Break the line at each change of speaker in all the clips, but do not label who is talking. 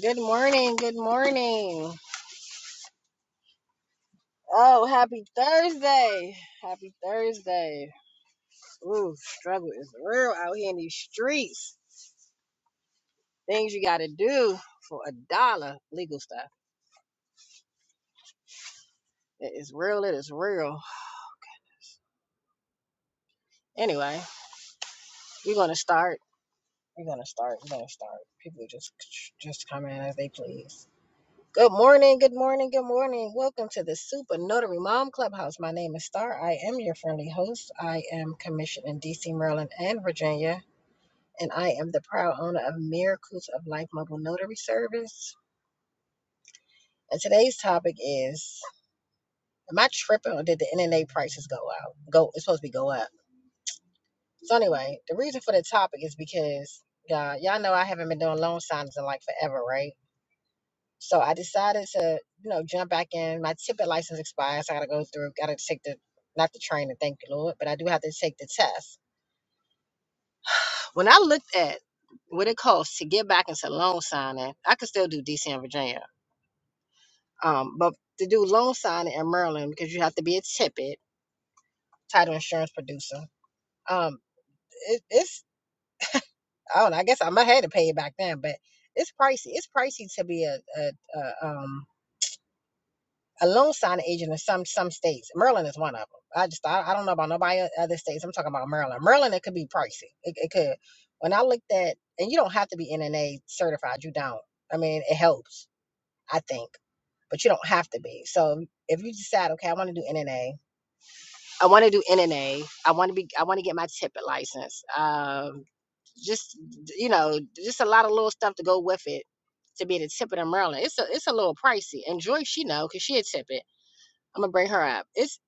Good morning. Good morning. Oh, happy Thursday. Happy Thursday. Ooh, struggle is real out here in these streets. Things you got to do for a dollar legal stuff. It is real. It is real. Anyway, we're going to start. We're going to start. We're going to start. People just just come in as they please. Good morning, good morning, good morning. Welcome to the Super Notary Mom Clubhouse. My name is Star. I am your friendly host. I am commissioned in DC, Maryland, and Virginia. and I am the proud owner of Miracles of Life Mobile Notary Service. And today's topic is Am I tripping or did the internet prices go out? Go it's supposed to be go up. So anyway, the reason for the topic is because y'all y'all know I haven't been doing loan signings in like forever, right? So I decided to, you know, jump back in. My tippet license expires, so I gotta go through, gotta take the not the training, thank you Lord, but I do have to take the test. When I looked at what it costs to get back into loan signing, I could still do DC and Virginia. Um, but to do loan signing in Maryland because you have to be a tippet title insurance producer. Um, it, it's I don't know. I guess I might have to pay it back then, but it's pricey. It's pricey to be a a, a um a loan signing agent in some some states. Maryland is one of them. I just I, I don't know about nobody o- other states. I'm talking about Maryland. Maryland it could be pricey. It, it could. When I looked at and you don't have to be NNA certified. You don't. I mean, it helps. I think but you don't have to be. So if you decide, okay, I want to do NNA, I want to do NNA. I want to be. I want to get my tippet license. Um, just you know, just a lot of little stuff to go with it to be the a tippet in Maryland. It's a it's a little pricey. And Joyce, she know because she a tippet. I'm gonna bring her up. It's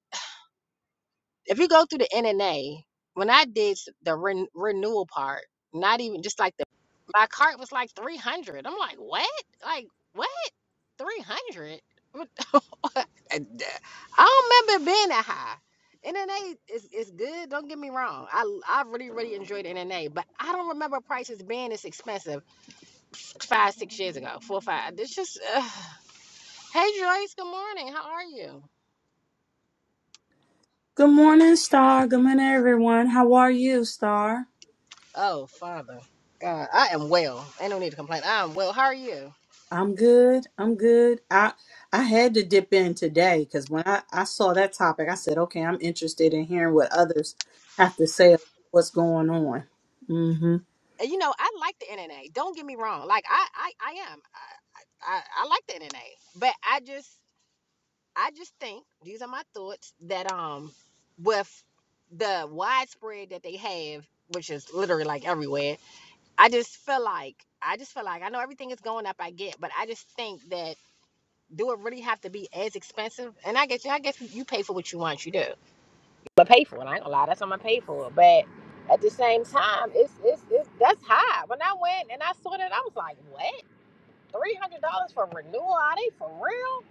if you go through the NNA. When I did the ren- renewal part, not even just like the my cart was like 300. I'm like, what? Like what? 300? I d- I don't remember it being that high. NNA is, is good. Don't get me wrong. I I really really enjoyed NNA, but I don't remember prices being this expensive five six years ago. Four five. It's just uh, hey Joyce. Good morning. How are you?
Good morning, Star. Good morning, everyone. How are you, Star?
Oh Father God, I am well. Ain't no need to complain. I am well. How are you?
I'm good. I'm good. I I had to dip in today because when I, I saw that topic, I said, okay, I'm interested in hearing what others have to say about what's going on. Mm-hmm.
And you know I like the NNA. Don't get me wrong. Like I I I am. I I, I like the NNA, but I just I just think these are my thoughts that um with the widespread that they have, which is literally like everywhere, I just feel like I just feel like I know everything is going up, I get, but I just think that do it really have to be as expensive? And I guess I guess you pay for what you want, you do. But pay for it, I ain't gonna lie, that's what I'm gonna pay for it. But at the same time, it's it's, it's that's high. When I went and I saw that, I was like, what? Three hundred dollars for renewal? Are they for real?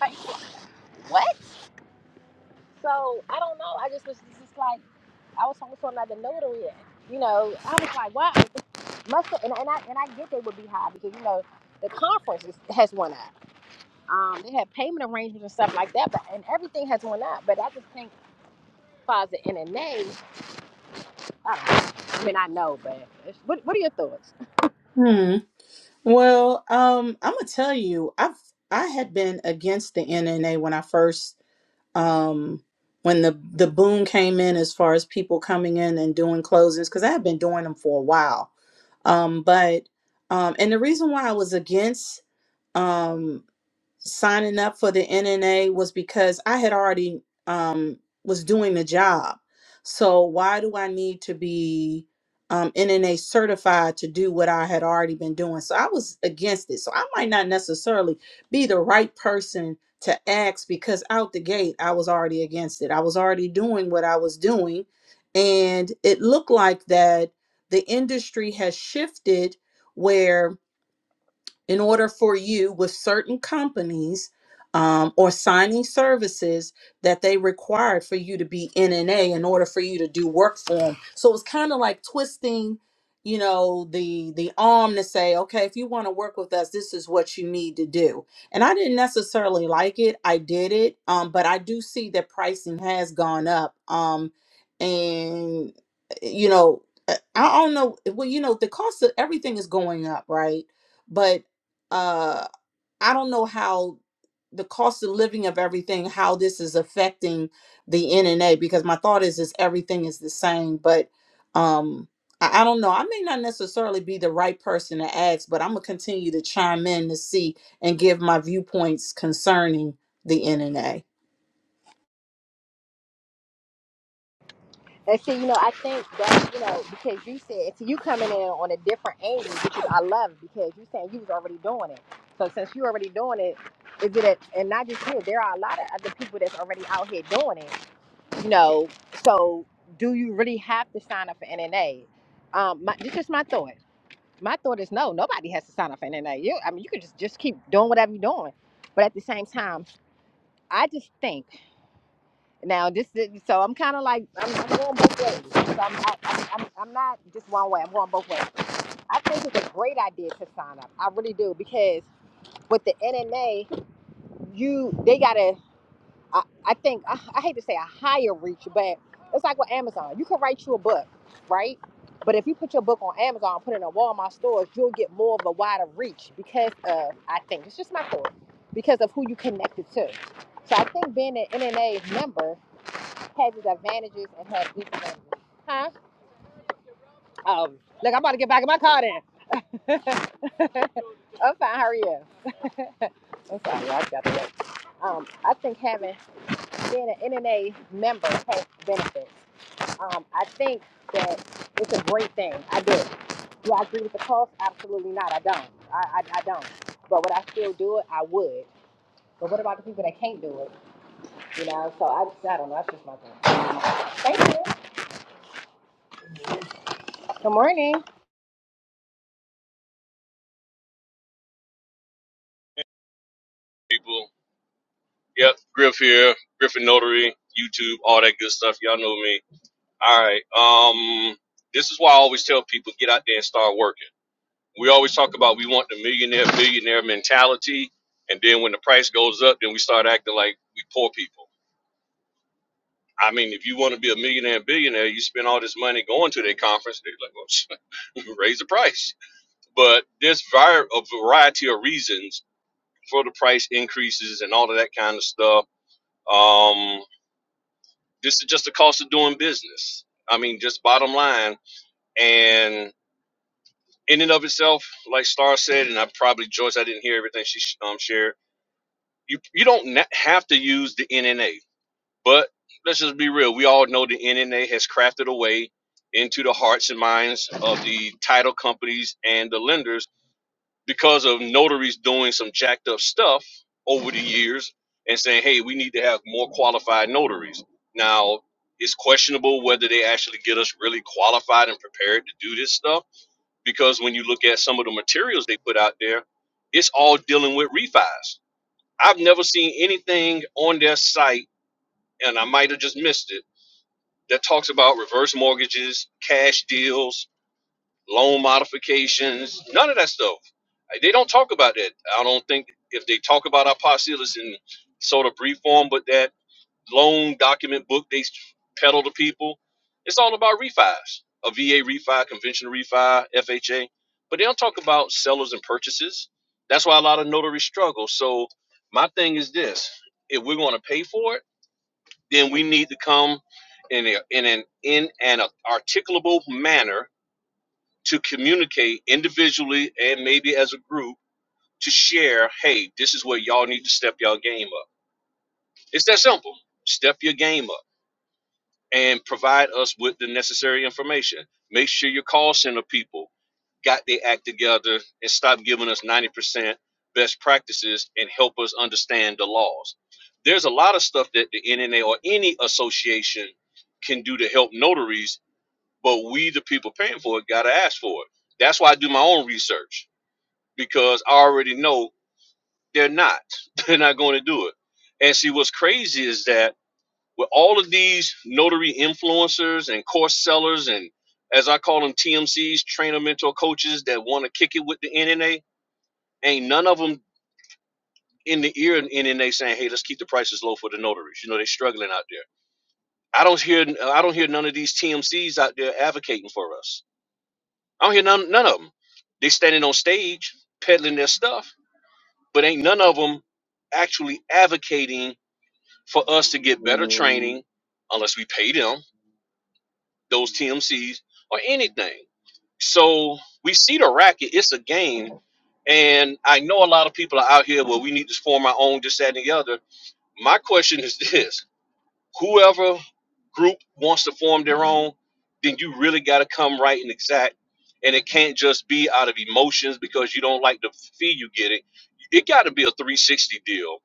Like what? So I don't know. I just was just like I was talking to another notary. and, You know, I was like, wow, this must have, and, and I and I get they would be high because you know the conference is, has went up. Um, they have payment arrangements and stuff like that, but and everything has went up. But I just think as far as the NNA, I, don't know. I mean, I know, but it's, what what are your thoughts?
Hmm. Well, um, I'm gonna tell you, I've I had been against the NNA when I first um when the the boom came in as far as people coming in and doing closings because i had been doing them for a while um but um and the reason why i was against um signing up for the NNA was because I had already um, was doing the job. So why do I need to be um, NNA certified to do what I had already been doing? So I was against it. So I might not necessarily be the right person to ask because out the gate I was already against it. I was already doing what I was doing, and it looked like that the industry has shifted where in order for you with certain companies um, or signing services that they required for you to be NNA in order for you to do work for them. So it's kind of like twisting, you know, the the arm to say, okay, if you want to work with us, this is what you need to do. And I didn't necessarily like it. I did it, um, but I do see that pricing has gone up. Um, and you know, I I don't know. Well, you know, the cost of everything is going up, right? but uh i don't know how the cost of living of everything how this is affecting the nna because my thought is is everything is the same but um I, I don't know i may not necessarily be the right person to ask but i'm gonna continue to chime in to see and give my viewpoints concerning the nna
And see, you know, I think that, you know, because you said, see, you coming in on a different angle, which is, I love because you saying you was already doing it. So since you already doing it, is it, a, and not just you, there are a lot of other people that's already out here doing it, you know. So do you really have to sign up for NNA? Um, my, this is my thought. My thought is no, nobody has to sign up for NNA. You, I mean, you could just, just keep doing whatever you're doing. But at the same time, I just think. Now this is so I'm kind of like I'm, I'm going both ways. So I'm, I, I'm I'm I'm not just one way. I'm going both ways. I think it's a great idea to sign up. I really do because with the NNA, you they got a I, I think I, I hate to say a higher reach, but it's like with Amazon. You can write you a book, right? But if you put your book on Amazon, and put it in a Walmart stores, you'll get more of a wider reach because of I think it's just my thought because of who you connected to. So I think being an NNA member had disadvantages and had disadvantages. Huh? Um, look, I'm about to get back in my car then. I'm fine. Hurry up. I'm sorry. I got to work. Um, I think having being an NNA member has benefits. Um, I think that it's a great thing. I do. Do I agree with the cost? Absolutely not. I don't. I, I, I don't. But would I still do it? I would. But what about the people that can't do it? You know, so I, I don't know. That's just my thing. Thank you. Good morning.
people. Yep, Griff here, Griffin Notary, YouTube, all that good stuff. Y'all know me. All right. Um, this is why I always tell people get out there and start working. We always talk about we want the millionaire billionaire mentality, and then when the price goes up, then we start acting like we poor people. I mean, if you want to be a millionaire and billionaire, you spend all this money going to their conference. They're like, well, raise the price. But there's var- a variety of reasons for the price increases and all of that kind of stuff. Um, This is just the cost of doing business. I mean, just bottom line. And in and of itself, like Star said, and I probably Joyce, I didn't hear everything she um, shared. You you don't have to use the NNA, but let's just be real. We all know the NNA has crafted a way into the hearts and minds of the title companies and the lenders because of notaries doing some jacked up stuff over the years and saying, hey, we need to have more qualified notaries. Now, it's questionable whether they actually get us really qualified and prepared to do this stuff because when you look at some of the materials they put out there, it's all dealing with refis. I've never seen anything on their site, and I might have just missed it, that talks about reverse mortgages, cash deals, loan modifications, none of that stuff. Like, They don't talk about that. I don't think if they talk about our policy, it's in sort of brief form, but that loan document book they peddle to people, it's all about refis, a VA refi, conventional refi, FHA, but they don't talk about sellers and purchases. That's why a lot of notaries struggle. So my thing is this: if we're going to pay for it, then we need to come in a, in an in an articulable manner to communicate individually and maybe as a group to share, hey, this is where y'all need to step y'all game up. It's that simple. Step your game up and provide us with the necessary information. Make sure your call center people got their act together and stop giving us 90% best practices and help us understand the laws. There's a lot of stuff that the NNA or any association can do to help notaries, but we, the people paying for it, got to ask for it. That's why I do my own research because I already know they're not. They're not going to do it. And see, what's crazy is that with all of these notary influencers and course sellers, and as I call them, TMCs, trainer mentor coaches that want to kick it with the NNA, ain't none of them in the ear of NNA saying, "Hey, let's keep the prices low for the notaries." You know, they're struggling out there. I don't hear I don't hear none of these TMCs out there advocating for us. I don't hear none none of them. They standing on stage peddling their stuff, but ain't none of them actually advocating for us to get better training unless we pay them those TMCs or anything. So we see the racket, it's a game. And I know a lot of people are out here, well, we need to form our own, this, that, and the other. My question is this whoever group wants to form their own, then you really got to come right and exact. And it can't just be out of emotions because you don't like the fee you get it. It got to be a 360 deal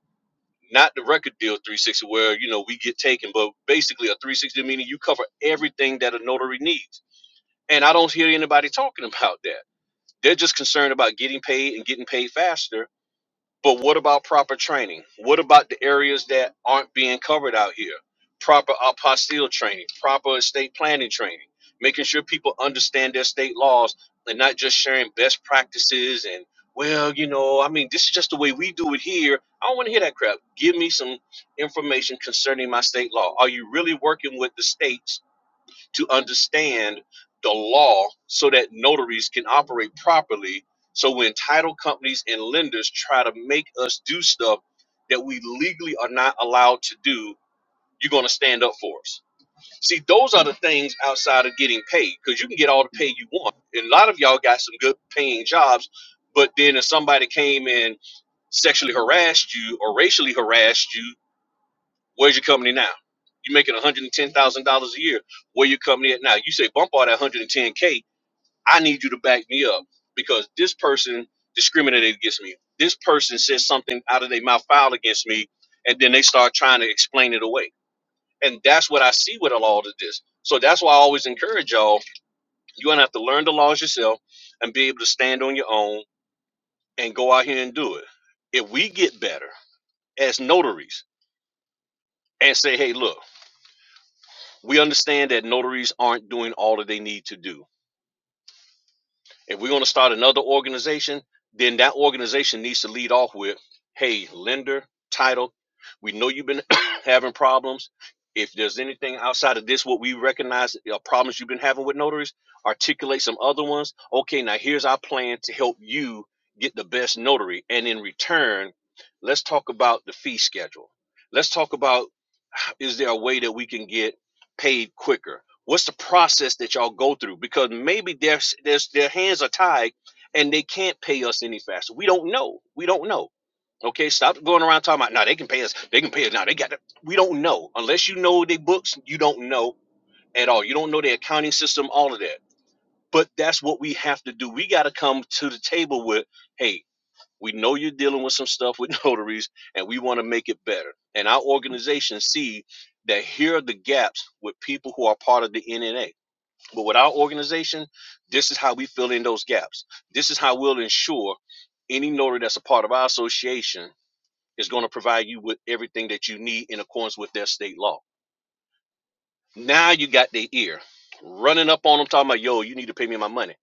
not the record deal 360 where you know we get taken but basically a 360 meaning you cover everything that a notary needs and i don't hear anybody talking about that they're just concerned about getting paid and getting paid faster but what about proper training? What about the areas that aren't being covered out here? Proper apostille training, proper estate planning training, making sure people understand their state laws and not just sharing best practices and, well, you know, I mean, this is just the way we do it here. I don't want to hear that crap. Give me some information concerning my state law. Are you really working with the states? to understand the law so that notaries can operate properly. So when title companies and lenders try to make us do stuff that we legally are not allowed to do, you're going to stand up for us. See, those are the things outside of getting paid because you can get all the pay you want. And a lot of y'all got some good paying jobs, but then if somebody came and sexually harassed you or racially harassed you, Where's your company now? You're making $110,000 a year. Where your company at now? You say bump all that 110K. I need you to back me up because this person discriminated against me. This person said something out of their mouth foul against me, and then they start trying to explain it away. And that's what I see with a lot of this. So that's why I always encourage y'all, you're gonna have to learn the laws yourself and be able to stand on your own and go out here and do it. If we get better as notaries and say, hey, look. We understand that notaries aren't doing all that they need to do. If we're going to start another organization, then that organization needs to lead off with, "Hey, lender, title, we know you've been having problems. If there's anything outside of this, what we recognize are problems you've been having with notaries, articulate some other ones. Okay, now here's our plan to help you get the best notary. And in return, let's talk about the fee schedule. Let's talk about is there a way that we can get paid quicker? What's the process that y'all go through? Because maybe their there's, their hands are tied and they can't pay us any faster. We don't know. We don't know. Okay, stop going around talking about no, they can pay us. They can pay us now. They got to. We don't know unless you know their books. You don't know at all. You don't know their accounting system. All of that. But that's what we have to do. We got to come to the table with, hey, we know you're dealing with some stuff with notaries, and we want to make it better. And our organization see that here are the gaps with people who are part of the NNA. But with our organization, this is how we fill in those gaps. This is how we'll ensure any notary that's a part of our association is going to provide you with everything that you need in accordance with their state law. Now you got their ear running up on them, talking about, yo, you need to pay me my money.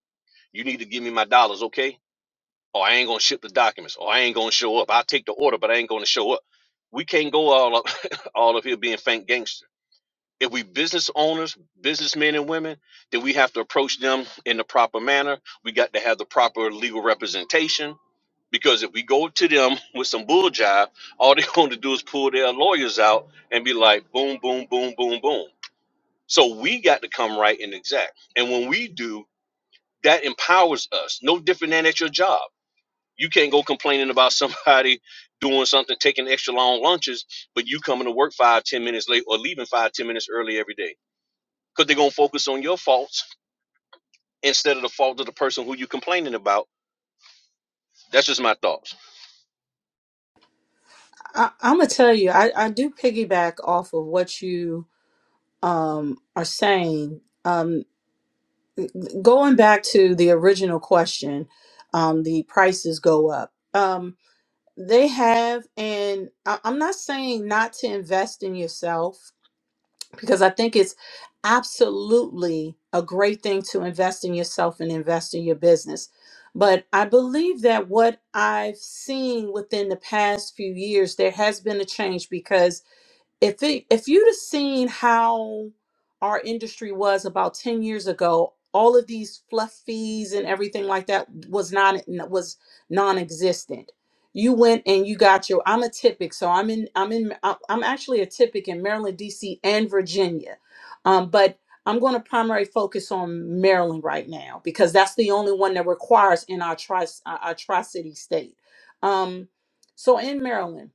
You need to give me my dollars, okay? or I ain't gonna ship the documents, or I ain't gonna show up. I'll take the order, but I ain't gonna show up. We can't go all up all of here being fake gangster. If we business owners, businessmen and women, then we have to approach them in the proper manner. We got to have the proper legal representation. Because if we go to them with some bull jive, all they're going to do is pull their lawyers out and be like, boom, boom, boom, boom, boom. So we got to come right and exact. And when we do, that empowers us, no different than at your job you can't go complaining about somebody doing something, taking extra long lunches, but you coming to work five, ten minutes late or leaving five, ten minutes early every day. Because they're gonna focus on your faults instead of the fault of the person who you are complaining about. That's just my thoughts.
I, i'm gonna tell you I, I do piggyback off of what you um are saying Um. Going back to the original question, um, the prices go up. Um, they have, and I- I'm not saying not to invest in yourself because I think it's absolutely a great thing to invest in yourself and invest in your business. But I believe that what I've seen within the past few years, there has been a change because if it, if you'd have seen how our industry was about 10 years ago all of these fluffies and everything like that was non was non-existent you went and you got your i'm a typic so i'm in i'm in i'm I'm actually a typic in maryland dc and virginia um, but i'm going to primary focus on maryland right now because that's the only one that requires in our tri our, our tri-city state um, so in maryland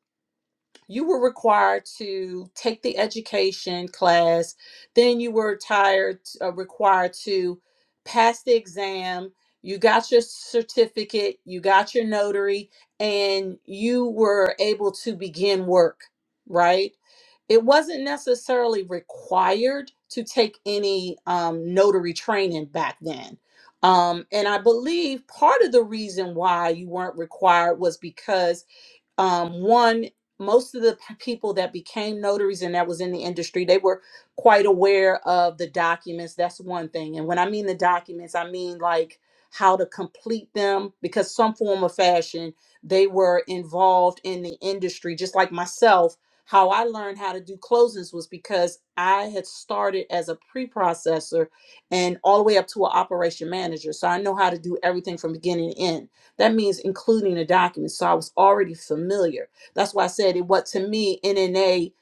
you were required to take the education class then you were tired uh, required to pass the exam you got your certificate you got your notary and you were able to begin work right it wasn't necessarily required to take any um, notary training back then um, and i believe part of the reason why you weren't required was because um, one most of the p- people that became notaries and that was in the industry they were quite aware of the documents that's one thing and when i mean the documents i mean like how to complete them because some form of fashion they were involved in the industry just like myself how i learned how to do closings was because i had started as a pre-processor and all the way up to an operation manager so i know how to do everything from beginning to end that means including a document. So I was already familiar. That's why I said it what to me NNA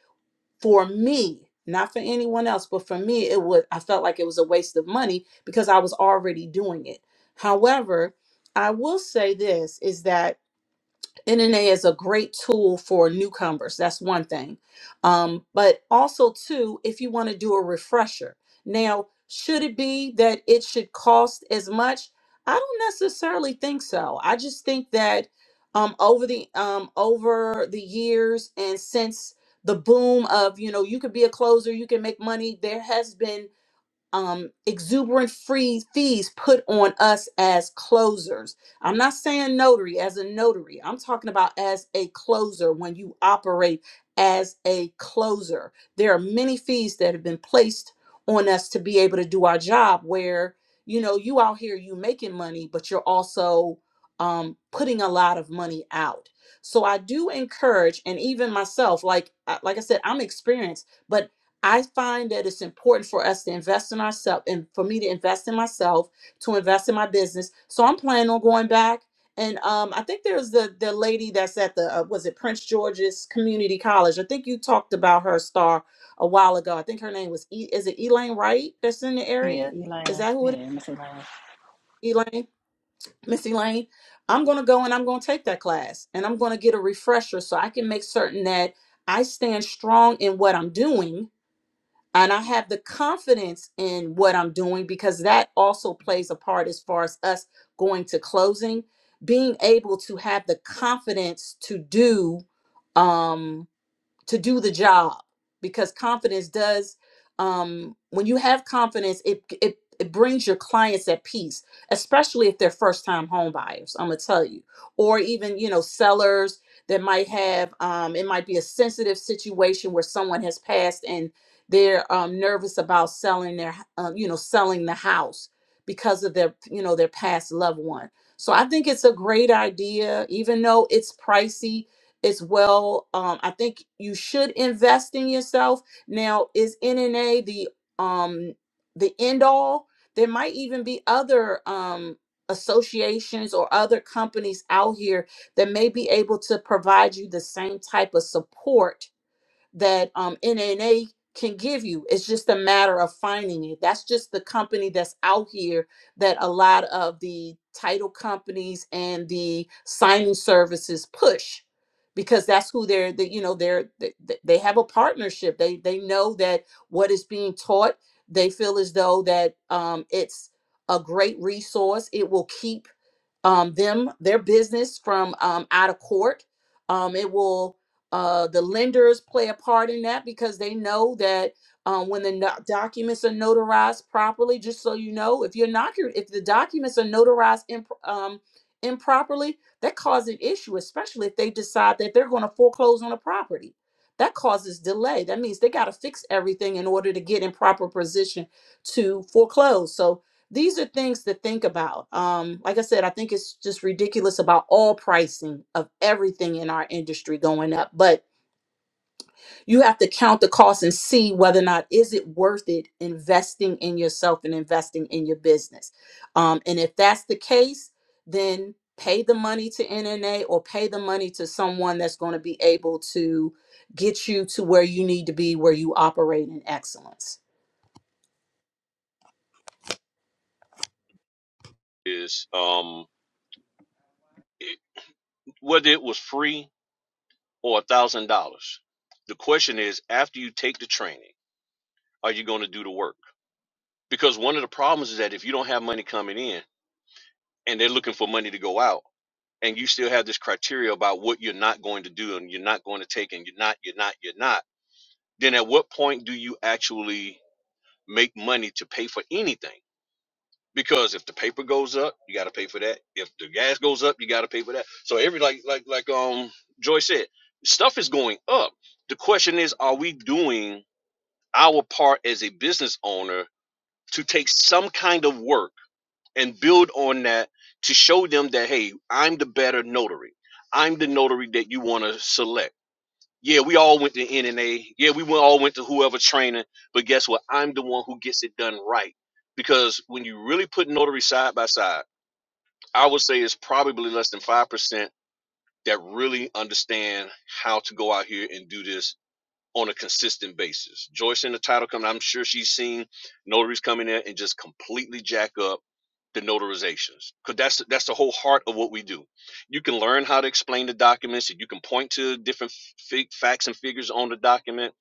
for me, not for anyone else, but for me, it would I felt like it was a waste of money because I was already doing it. However, I will say this is that NNA is a great tool for newcomers. That's one thing. Um, but also, too, if you want to do a refresher. Now, should it be that it should cost as much? I don't necessarily think so. I just think that um, over the um, over the years and since the boom of you know you could be a closer, you can make money. There has been um, exuberant free fees put on us as closers. I'm not saying notary as a notary. I'm talking about as a closer when you operate as a closer. There are many fees that have been placed on us to be able to do our job where, you know, you out here, you making money, but you're also um, putting a lot of money out. So I do encourage, and even myself, like uh, like I said, I'm experienced, but. I find that it's important for us to invest in ourselves and for me to invest in myself, to invest in my business. So I'm planning on going back. And um, I think there's the the lady that's at the uh, was it Prince George's Community College. I think you talked about her star a while ago. I think her name was e- is it Elaine Wright that's in the
Yeah,
area? Is
Elaine.
that who it
Yeah, Miss Elaine.
is? Elaine, Miss Elaine. I'm gonna go and I'm gonna take that class and I'm gonna get a refresher so I can make certain that I stand strong in what I'm doing and I have the confidence in what I'm doing because that also plays a part as far as us going to closing, being able to have the confidence to do um to do the job because confidence does um when you have confidence it it it brings your clients at peace especially if they're first time home buyers i'm gonna tell you or even you know sellers that might have um it might be a sensitive situation where someone has passed and they're um, nervous about selling their um, you know selling the house because of their you know their past loved one so i think it's a great idea even though it's pricey as well. Um, I think you should invest in yourself. Now, is NNA the um the end all? There might even be other um associations or other companies out here that may be able to provide you the same type of support that um, NNA can give you. It's just a matter of finding it. That's just the company that's out here that a lot of the title companies and the signing services push because that's who they're they, you know they're they, they they have a partnership they they know that what is being taught they feel as though that um, it's a great resource it will keep um, them their business from um, out of court. Um, it will uh, the lenders play a part in that because they know that um, when the no- documents are notarized properly. Just so you know, if you're not if the documents are notarized imp- um, improperly, that causes an issue, especially if they decide that they're going to foreclose on a property. That causes delay. That means they got to fix everything in order to get in proper position to foreclose. So these are things to think about. Um, like I said, I think it's just ridiculous about all pricing of everything in our industry going up. But you have to count the cost and see whether or not is it worth it investing in yourself and investing in your business. Um, and if that's the case, then pay the money to NNA or pay the money to someone that's going to be able to get you to where you need to be, where you operate in excellence.
Is um it- whether it was free or a thousand dollars. The question is, after you take the training, are you gonna do the work? Because one of the problems is that if you don't have money coming in and they're looking for money to go out, and you still have this criteria about what you're not going to do and you're not going to take and you're not you're not you're not then at what point do you actually make money to pay for anything because if the paper goes up you got to pay for that if the gas goes up you got to pay for that so every like like like um joy said stuff is going up the question is are we doing our part as a business owner to take some kind of work and build on that to show them that hey i'm the better notary i'm the notary that you want to select yeah we all went to nna yeah we all went to whoever training but guess what i'm the one who gets it done right because when you really put notary side by side i would say it's probably less than 5% that really understand how to go out here and do this on a consistent basis. Joyce in the title coming, I'm sure she's seen notaries coming in and just completely jack up the notarizations because that's that's the whole heart of what we do. You can learn how to explain the documents, and you can point to different f- facts and figures on the document,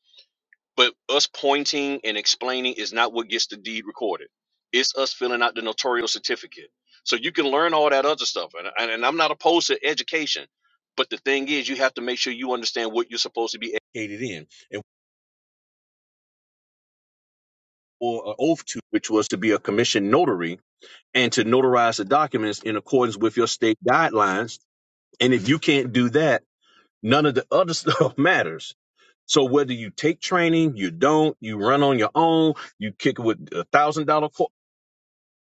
but us pointing and explaining is not what gets the deed recorded. It's us filling out the notarial certificate. So you can learn all that other stuff, and, and, and I'm not opposed to education, but the thing is, you have to make sure you understand what you're supposed to be educated in And or an oath to, which was to be a commissioned notary and to notarize the documents in accordance with your state guidelines. And if you can't do that, none of the other stuff matters. So whether you take training, you don't, you run on your own, you kick it with a thousand dollar course,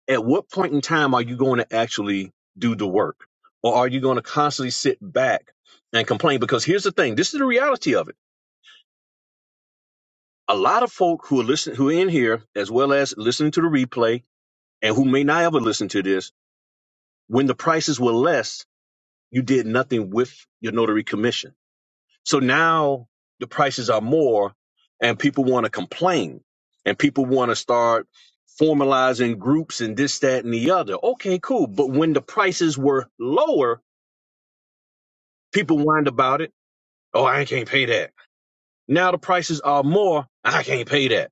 at what point in time are you going to actually do the work? Or are you going to constantly sit back and complain? Because here's the thing, this is the reality of it. A lot of folk who are listening who are in here, as well as listening to the replay, and who may not ever listen to this, When the prices were less, you did nothing with your notary commission. So now the prices are more and people want to complain and people want to start formalizing groups and this, that, and the other. Okay, cool. But when the prices were lower, people whined about it. Oh, I can't pay that. Now the prices are more. I can't pay that.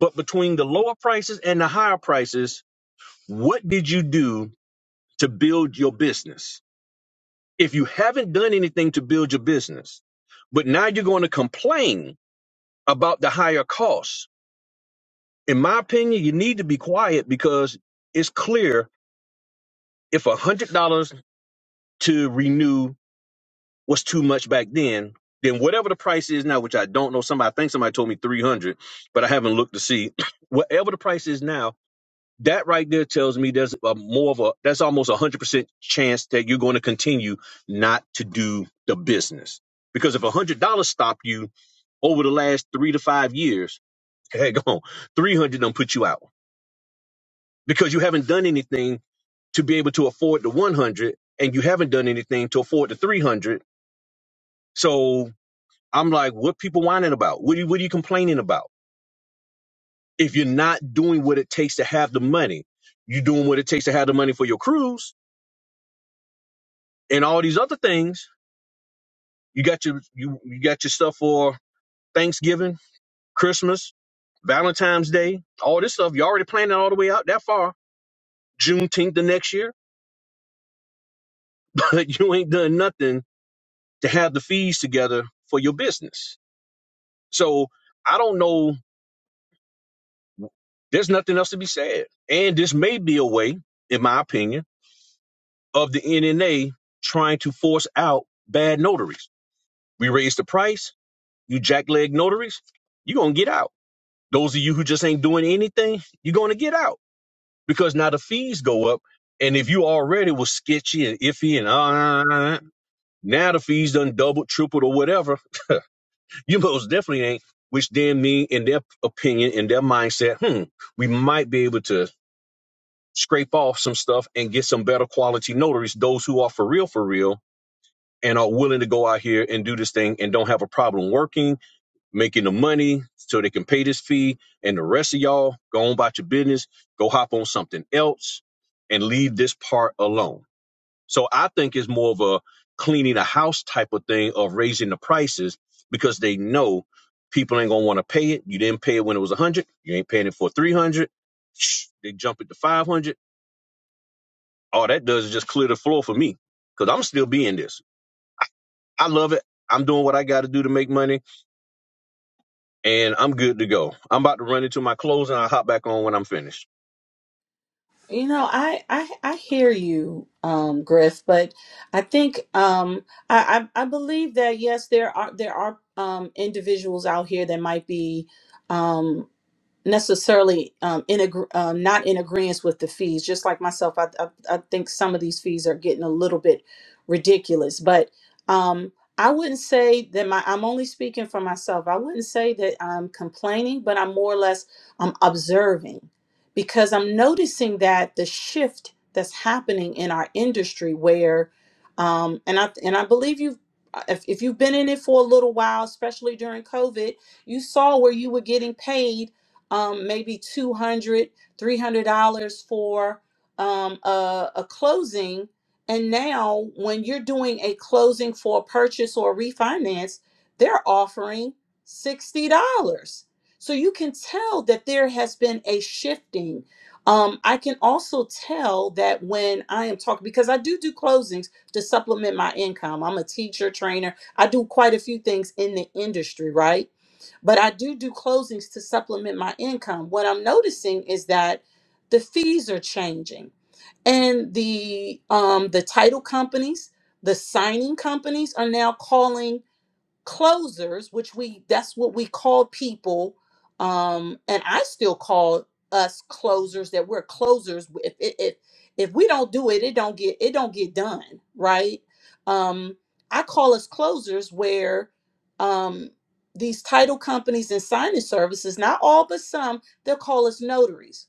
But between the lower prices and the higher prices, what did you do to build your business? If you haven't done anything to build your business, but now you're going to complain about the higher costs, in my opinion, you need to be quiet because it's clear if $100 to renew was too much back then, then whatever the price is now, which I don't know, somebody I think somebody told me 300, but I haven't looked to see whatever the price is now that right there tells me there's a more of a that's almost a hundred percent chance that you're going to continue not to do the business because if a hundred dollars stop you over the last three to five years heck on 300 done put you out because you haven't done anything to be able to afford the 100 and you haven't done anything to afford the 300 so i'm like what people whining about what are you, what are you complaining about if you're not doing what it takes to have the money you're doing what it takes to have the money for your cruise and all these other things. You got your you you got your stuff for Thanksgiving, Christmas, Valentine's Day, all this stuff. You already planning all the way out that far. Juneteenth the next year, but you ain't done nothing to have the fees together for your business. So I don't know. There's nothing else to be said. And this may be a way, in my opinion, of the NNA trying to force out bad notaries. We raise the price, you jackleg notaries, you're gonna get out. Those of you who just ain't doing anything, you're going to get out because now the fees go up. And if you already was sketchy and iffy and uh, now the fees done doubled, tripled, or whatever, you most definitely ain't. Which then mean, in their opinion, in their mindset, hmm, we might be able to scrape off some stuff and get some better quality notaries, those who are for real, for real, and are willing to go out here and do this thing and don't have a problem working making the money so they can pay this fee. And the rest of y'all go on about your business, go hop on something else and leave this part alone. So I think it's more of a cleaning a house type of thing of raising the prices because they know people ain't gonna want to pay it. You didn't pay it when it was 100. You ain't paying it for 300. Shh, They jump it to 500. All that does is just clear the floor for me because I'm still being this. I I love it. I'm doing what I got to do to make money. and I'm good to go. I'm about to run into my clothes and I'll hop back on when I'm finished.
You know, I I I hear you, um, Griff, but I think um, I, I I believe that yes, there are there are um, individuals out here that might be. um, necessarily um, in agree, um, not in agreement with the fees. Just like myself, I, I I think some of these fees are getting a little bit ridiculous. But um, I wouldn't say that my I'm only speaking for myself. I wouldn't say that I'm complaining, but I'm more or less I'm observing because I'm noticing that the shift that's happening in our industry where um, and I and I believe you've if, if you've been in it for a little while, especially during COVID, you saw where you were getting paid um, maybe 200 $300 for um, a, a closing and now when you're doing a closing for a purchase or a refinance they're offering $60 so you can tell that there has been a shifting um, i can also tell that when i am talking because i do do closings to supplement my income i'm a teacher trainer i do quite a few things in the industry right but I do do closings to supplement my income. What I'm noticing is that the fees are changing, and the um, the title companies, the signing companies are now calling closers, which we that's what we call people, um, and I still call us closers. That we're closers. If if if if we don't do it, it don't get it don't get done, right? Um, I call us closers where um, these title companies and signing services, not all but some, they'll call us notaries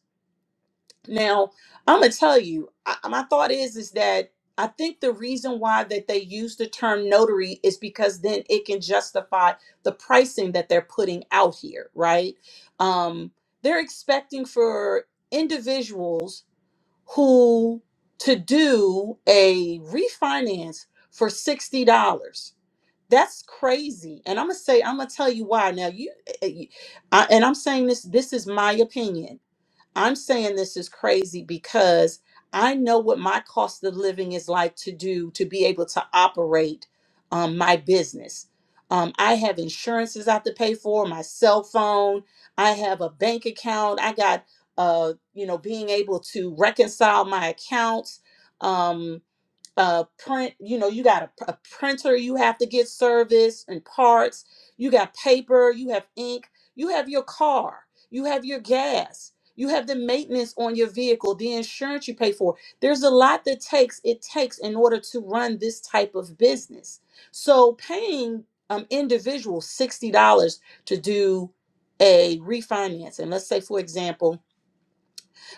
now, I'm gonna tell you, I, my thought is is that I think the reason why that they use the term notary is because then it can justify the pricing that they're putting out here, right? Um, they're expecting for individuals who to do a refinance for sixty dollars. That's crazy, and I'm gonna say I'm gonna tell you why. Now you, I, and I'm saying this. This is my opinion I'm saying this is crazy because I know what my cost of living is like to do to be able to operate um, my business. Um, I have insurances I have to pay for, my cell phone, I have a bank account, I got, uh, you know, being able to reconcile my accounts. Um, uh, print, you know, you got a, a printer, you have to get service and parts, you got paper, you have ink, you have your car, you have your gas, you have the maintenance on your vehicle, the insurance you pay for. There's a lot that takes it takes in order to run this type of business. So paying um individuals $60 to do a refinance, and let's say for example,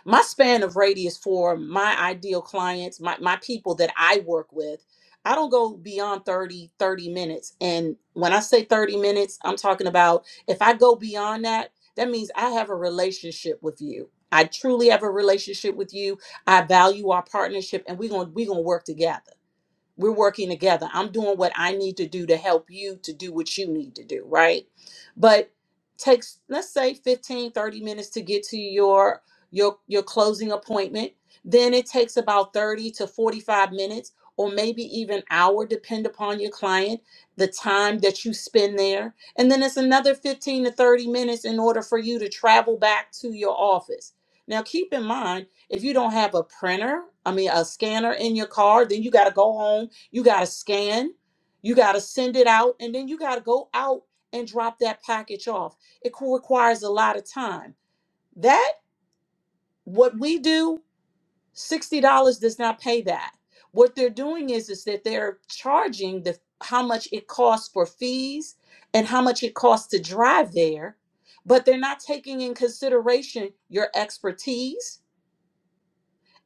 my span of radius for my ideal clients my, my people that i work with i don't go beyond 30 30 minutes and when i say 30 minutes i'm talking about if i go beyond that that means i have a relationship with you i truly have a relationship with you i value our partnership and we're going to we're going to work together we're working together. I'm doing what I need to do to help you to do what you need to do, right? But takes let's say 15 30 minutes to get to your your your closing appointment. Then it takes about 30 to 45 minutes or maybe even hour depend upon your client, the time that you spend there. And then it's another 15 to 30 minutes in order for you to travel back to your office. Now keep in mind if you don't have a printer, I mean a scanner in your car, then you got to go home you got to scan, you got to send it out, and then you got to go out and drop that package off. It co- requires a lot of time. That, what we do, $60 does not pay that. What they're doing is, is that they're charging the how much it costs for fees and how much it costs to drive there, but they're not taking in consideration your expertise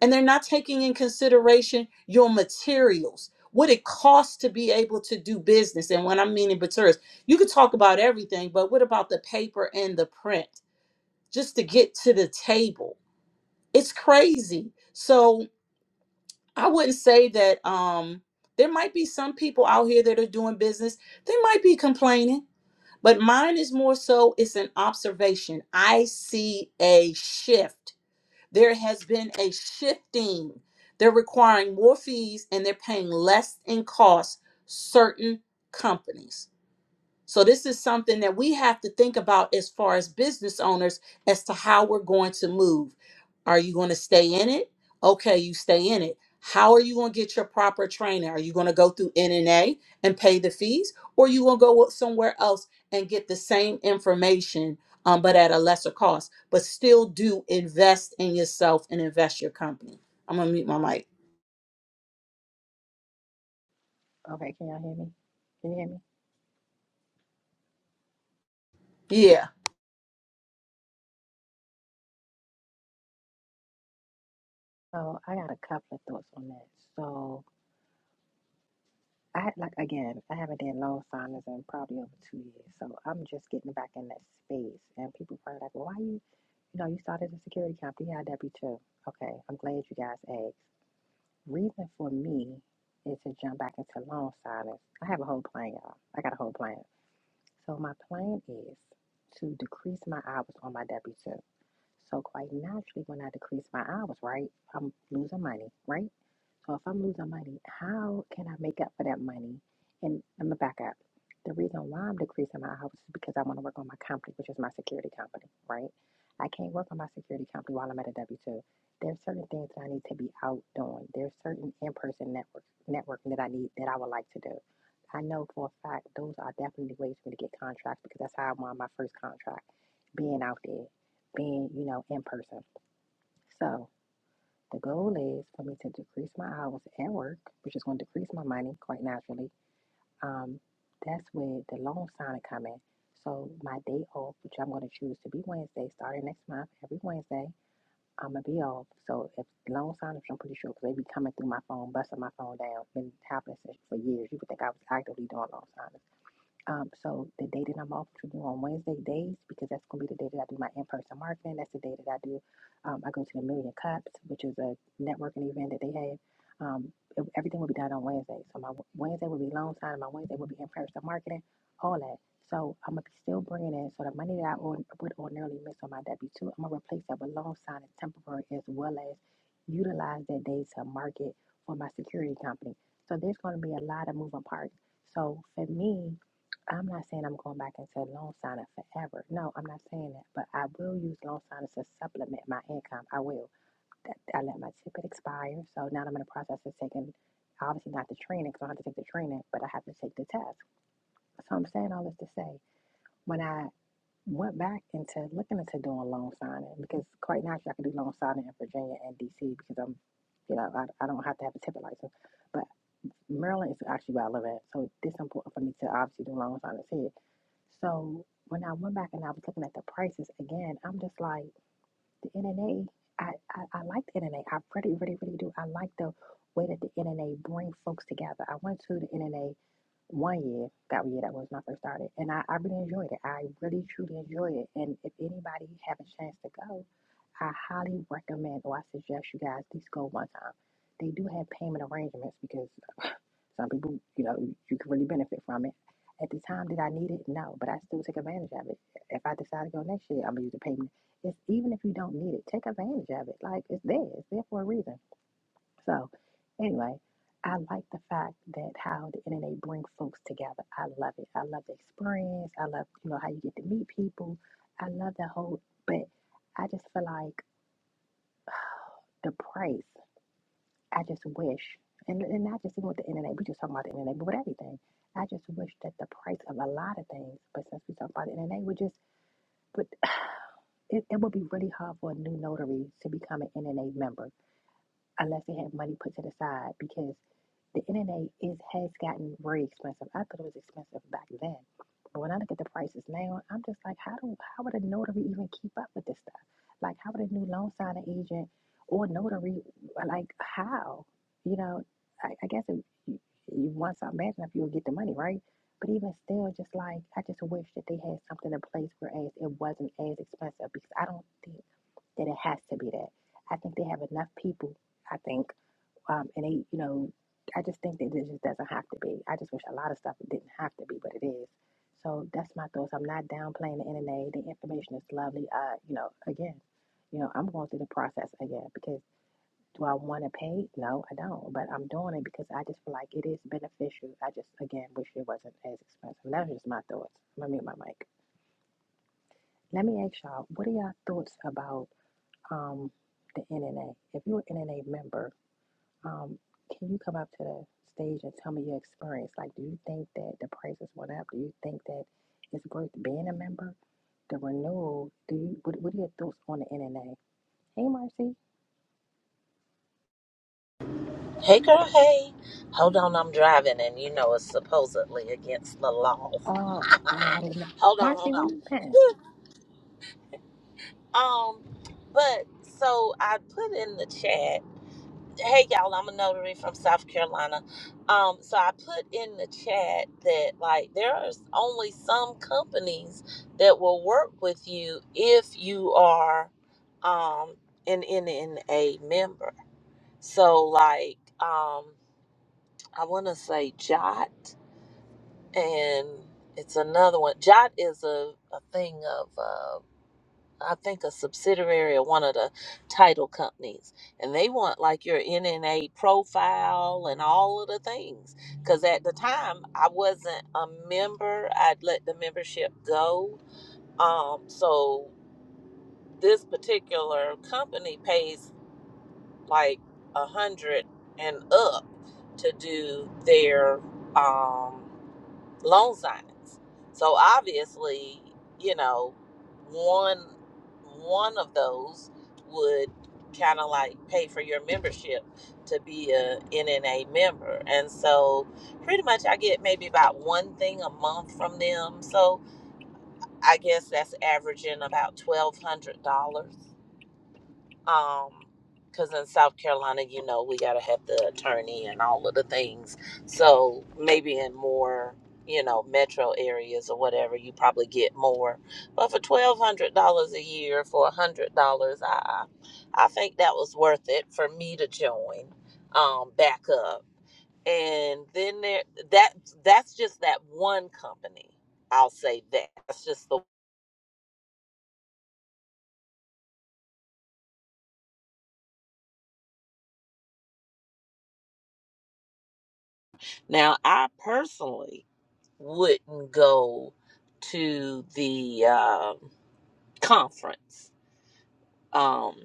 and they're not taking in consideration your materials what it costs to be able to do business and when i'm meaning materials you could talk about everything but what about the paper and the print just to get to the table it's crazy so i wouldn't say that um there might be some people out here that are doing business they might be complaining but mine is more so it's an observation i see a shift there has been a shifting. They're requiring more fees and they're paying less in cost certain companies. So this is something that we have to think about as far as business owners as to how we're going to move. Are you going to stay in it? Okay, you stay in it. How are you going to get your proper training? Are you going to go through NNA and pay the fees, or you going to go somewhere else and get the same information, um, but at a lesser cost? But still, do invest in yourself and invest your company. I'm gonna mute my mic.
Okay, can y'all hear me? Can you hear me?
Yeah.
So I got a couple of thoughts on that. So I like again, I haven't done loan signings in probably over two years. So I'm just getting back in that space. And people probably like, well, why you you know, you started a security company, how'd that be true? Okay, I'm glad you guys asked. Reason for me is to jump back into loan signings. I have a whole plan, y'all. I got a whole plan. So my plan is to decrease my hours on my W-2. So quite naturally, when I decrease my hours, right, I'm losing money, right? So if I'm losing money, how can I make up for that money? And I'm gonna back up. The reason why I'm decreasing my hours is because I want to work on my company, which is my security company, right? I can't work on my security company while I'm at a W two. There's certain things that I need to be out doing. There's certain in person network networking that I need that I would like to do. I know for a fact those are definitely ways for me to get contracts because that's how I won my first contract, being out there, being you know in person. So the goal is for me to decrease my hours at work, which is going to decrease my money quite naturally. Um, that's where the loan signing come in. So my day off, which I'm going to choose to be Wednesday, starting next month, every Wednesday, I'm gonna be off. So if loan signers, I'm pretty sure, because they be coming through my phone, busting my phone down, been happening for years. You would think I was actively doing loan signers. Um, so the day that I'm off, which will be on Wednesday days, because that's gonna be the day that I do my in-person marketing. That's the day that I do. Um, I go to the Million Cups, which is a networking event that they have. Um, ev- everything will be done on Wednesday. So my Wednesday will be loan signing. My Wednesday will be in-person marketing. All that. So I'm gonna be still bringing in. So the money that I ord- would ordinarily miss on my W two, I'm gonna replace that with loan signing temporary, as well as utilize that day to market for my security. So there are a lot of parts. So like I can say loan signing forever. No, I'm not saying that, but I will use loan signing to supplement my income. I will. That, I let my ticket expire, so now I'm in the process of taking, obviously not the training, because I don't have to take the training, but I have to take the test. So I'm sad to say, when I went back into looking into doing loan signing, because quite naturally I can do loan signing in Virginia and DC because I'm, you know, I, I don't have to have a ticket license, but Maryland is actually where I live at, so it's important for me to obviously do loan signers here. So when I went back and I was looking at the prices again, I'm just like the NNA. I, I, I like the NNA. I really, really, really do. I like the way that the NNA brings folks together. I went to the NNA one year, that year that was when I first started, and I, I really enjoyed it. I really, truly enjoyed it. And if anybody have a chance to go, I highly recommend or I suggest you guys at least go one time. They do have payment arrangements because some people, you know, you can really benefit from it. At the time, did I need it? No, but I still take advantage of it. If I decide to go next year, I'm gonna use the payment. It's even if you don't need it, take advantage of it. Like it's there, it's there for a reason. So, anyway, I like the fact that how the internet brings folks together. I love it. I love the experience. I love you know how you get to meet people. I love the whole, but I just feel like the price. I just wish, and, and not just even with the internet, we just talking about the internet, but with everything. I just wish that the price of a lot of things, but since we talk about the internet, we just, but it, it would be really hard for a new notary to become an NNA member unless they have money put to the side because the internet is has gotten very expensive. I thought it was expensive back then. But when I look at the prices now, I'm just like, how do how would a notary even keep up with this stuff? Like how would a new loan signing agent or notary like how? You know, I, I guess if you, you want something bad enough you'll get the money, right? But even still, just like I just wish that they had something in place whereas it wasn't as expensive because I don't think that it has to be that. I think they have enough people. I think, um, and they, you know, I just think that it just doesn't have to be. I just wish a lot of stuff it didn't have to be, but it is. So that's my thoughts. I'm not downplaying the NNA. The information is lovely. Uh, you know, again, you know, I'm going through the process again because do I want to pay? No, I don't. But I'm doing it because I just feel like it is beneficial. I just again wish it wasn't as expensive. That's just my thoughts. Let me mute my mic. Let me ask y'all, what are y'all thoughts about um, the NNA. If you're an NNA member, um, can you come up to the stage and tell me your experience? Like, do you think that the prices went up? Do you think that it's worth being a member? The renewal, do you, what, what are your thoughts on the NNA? Hey, Marcy.
Hey girl, hey. Hold on, I'm driving and you know it's supposedly against the law.
Oh, oh, I didn't know.
Hold on,
Marcy,
hold
where
on.
you been?
Um, but so I put in the chat, hey y'all, I'm a notary from South Carolina. Um, so I put in the chat that like there are only some companies that will work with you if you are um an NNA member. So like um I wanna say Jot and it's another one. Jot is a, a thing of, uh, I think, a subsidiary of one of the title companies, and they want like your NNA profile and all of the things. Because at the time, I wasn't a member. I'd let the membership go. Um, so this particular company pays like a hundred and up to do their um loan signs, So obviously, you know, one one of those would kind of like pay for your membership to be a NNA member. And so pretty much I get maybe about one thing a month from them. So I guess that's averaging about $1200 um because in south carolina you know we got to have the attorney and all of the things so maybe in more you know metro areas or whatever you probably get more but for $1200 a year for $100 i i think that was worth it for me to join um back up and then there that that's just that one company i'll say that that's just the now i personally wouldn't go to the um conference. Um,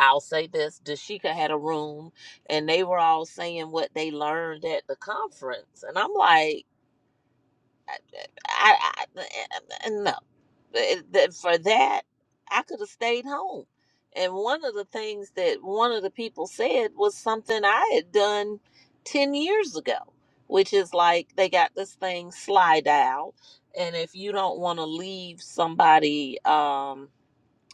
I'll say this: Dashika had a room, and they were all saying what they learned at the conference, and I'm like. I, I, no. But th- For that, I could have stayed home. And one of the things that one of the people said was something I had done 10 years ago, which is like they got this thing slide out. And if you don't want to leave somebody, um,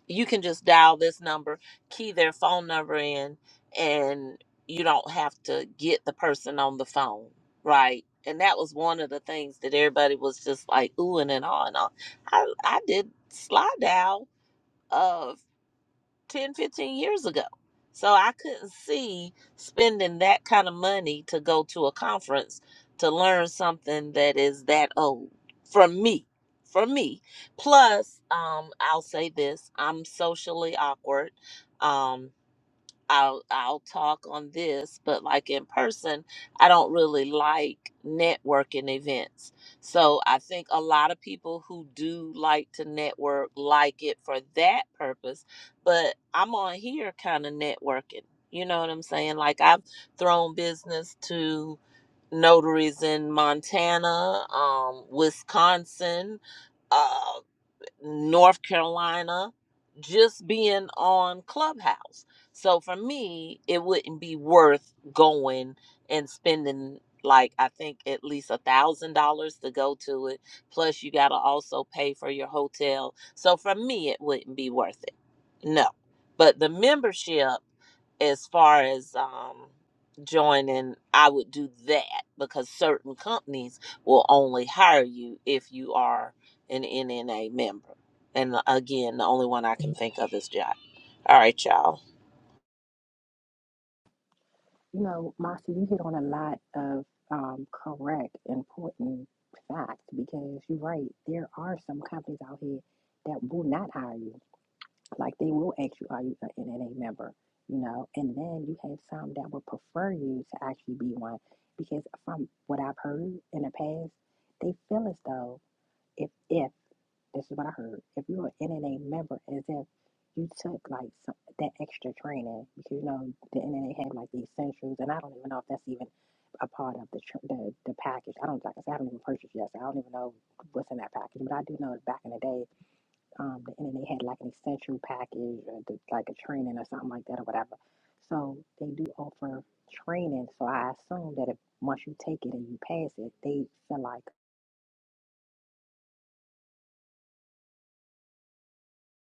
you can just dial this number, key their phone number in, and you don't have to get the person on the phone, right? And that was one of the things that everybody was just like oohing and on. I I did slide dial uh 10, 15 years ago. So I couldn't see spending that kind of money to go to a conference to learn something that is that old from me. For me. Plus, um, I'll say this I'm socially awkward. Um, I'll I'll talk on this, but like in person, I don't really like networking events. So I think a lot of people who do like to network like it for that purpose, but I'm on here kind of networking. You know what I'm saying? Like I've thrown business to notaries in Montana, um, Wisconsin, uh, North Carolina, just being on Clubhouse. So for me, it wouldn't be worth going and spending like I think at least a thousand dollars to go to it. Plus you gotta also pay for your hotel. So for me it wouldn't be worth it. No. But the membership as far as um joining i would do that because certain companies will only hire you if you are an NNA member. And uh, again, the only one I can think of is Jack. All right, y'all.
You know, Marcy, you hit on a lot of um, correct, important facts because you're right. There are some companies out here that will not hire you Like they will ask you, are you an NNA member? You know, and then you have some that would prefer you to actually be one because from what I've heard in the past, they feel as though if if this is what I heard, if you're an NNA member, as if you took like some, that extra training because you know the NNA had like the essentials, and I don't even know if that's even a part of the tr- the, the package. I don't like I said, I haven't even purchased yet, so I don't even know what's in that package. But I do know back in the day um, the- and then they had like an essential package or the, like a training or something like that or whatever. So they do offer training. So I assume that if once you take it and you pass it, they feel like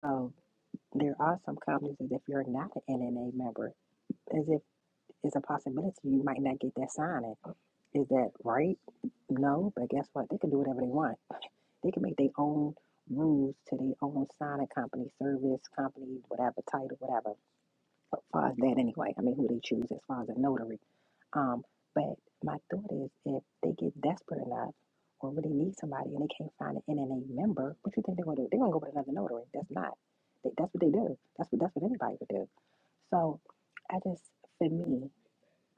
oh, there are some companies that if you're not an NNA member, as if it's a possibility you might not get that signing. Is that right? No, but guess what? They can do whatever they want. They can make their own rules to their own signing company, service company, whatever title, whatever. as far as that anyway. I mean, who they choose as far as a notary. Um, but my thought is if they get desperate enough or really need somebody and they can't find an NNA member, what you think they're gonna do? They're gonna go with another notary. That's not. They, that's what they do. That's what that's what anybody would do. So I just for me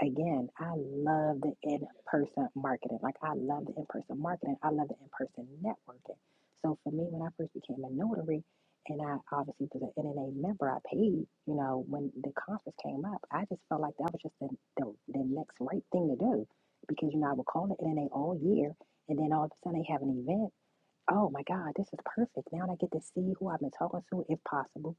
again, I love the in person marketing. Like, I love the in person marketing. I love the in person networking. So, for me, when I first became a notary, and I obviously was an NNA member, I paid, you know, when the conference came up, I just felt like that was just the, the, the next right thing to do because, you know, I would call the NNA all year, and then all of a sudden they have an event. Oh my God, this is perfect. Now I get to see who I've been talking to, if possible.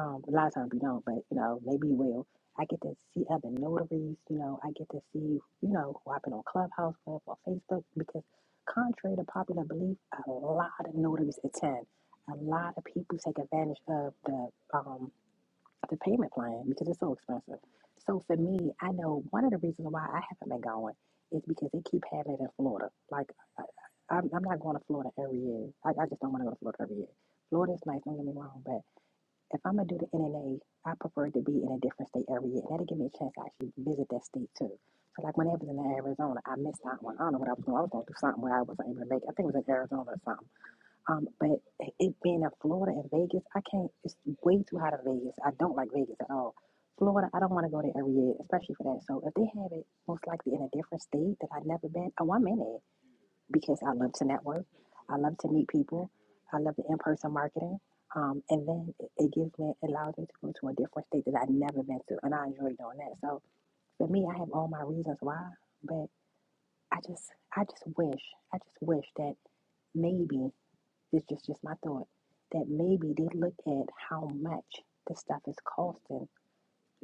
Um, a lot of times you don't, but you know, maybe you will. I get to see other notaries, you know, I get to see, you know, who I've been on Clubhouse with or Facebook because contrary to popular belief, a lot of notaries attend. A lot of people take advantage of the um the payment plan because it's so expensive. So for me, I know one of the reasons why I haven't been going is because they keep having it in Florida. Like I, I- I'm, I'm not going to Florida every year. I, I just don't want to go to Florida every year. Florida's nice, don't get me wrong, but if I'm gonna do the NNA, I prefer to be in a different state every year. That'll give me a chance to actually visit that state too. So like when I was in Arizona, I missed that one. I don't know what I was doing. I was going to do something where I wasn't able to make. it. I think it was in Arizona or something. Um, but it being in Florida and Vegas, I can't. It's way too hot in Vegas. I don't like Vegas at all. Florida, I don't want to go there every year, especially for that. So if they have it, most likely in a different state that I've never been, oh, I'm in it because I love to network. I love to meet people. I love the in-person marketing. Um, and then it it gives me, it allows me to go to a different state that I've never been to, and I enjoy doing that. So for me, I have all my reasons why, but I just, I just wish, I just wish that maybe this is just my thought, that maybe they look at how much this stuff is costing.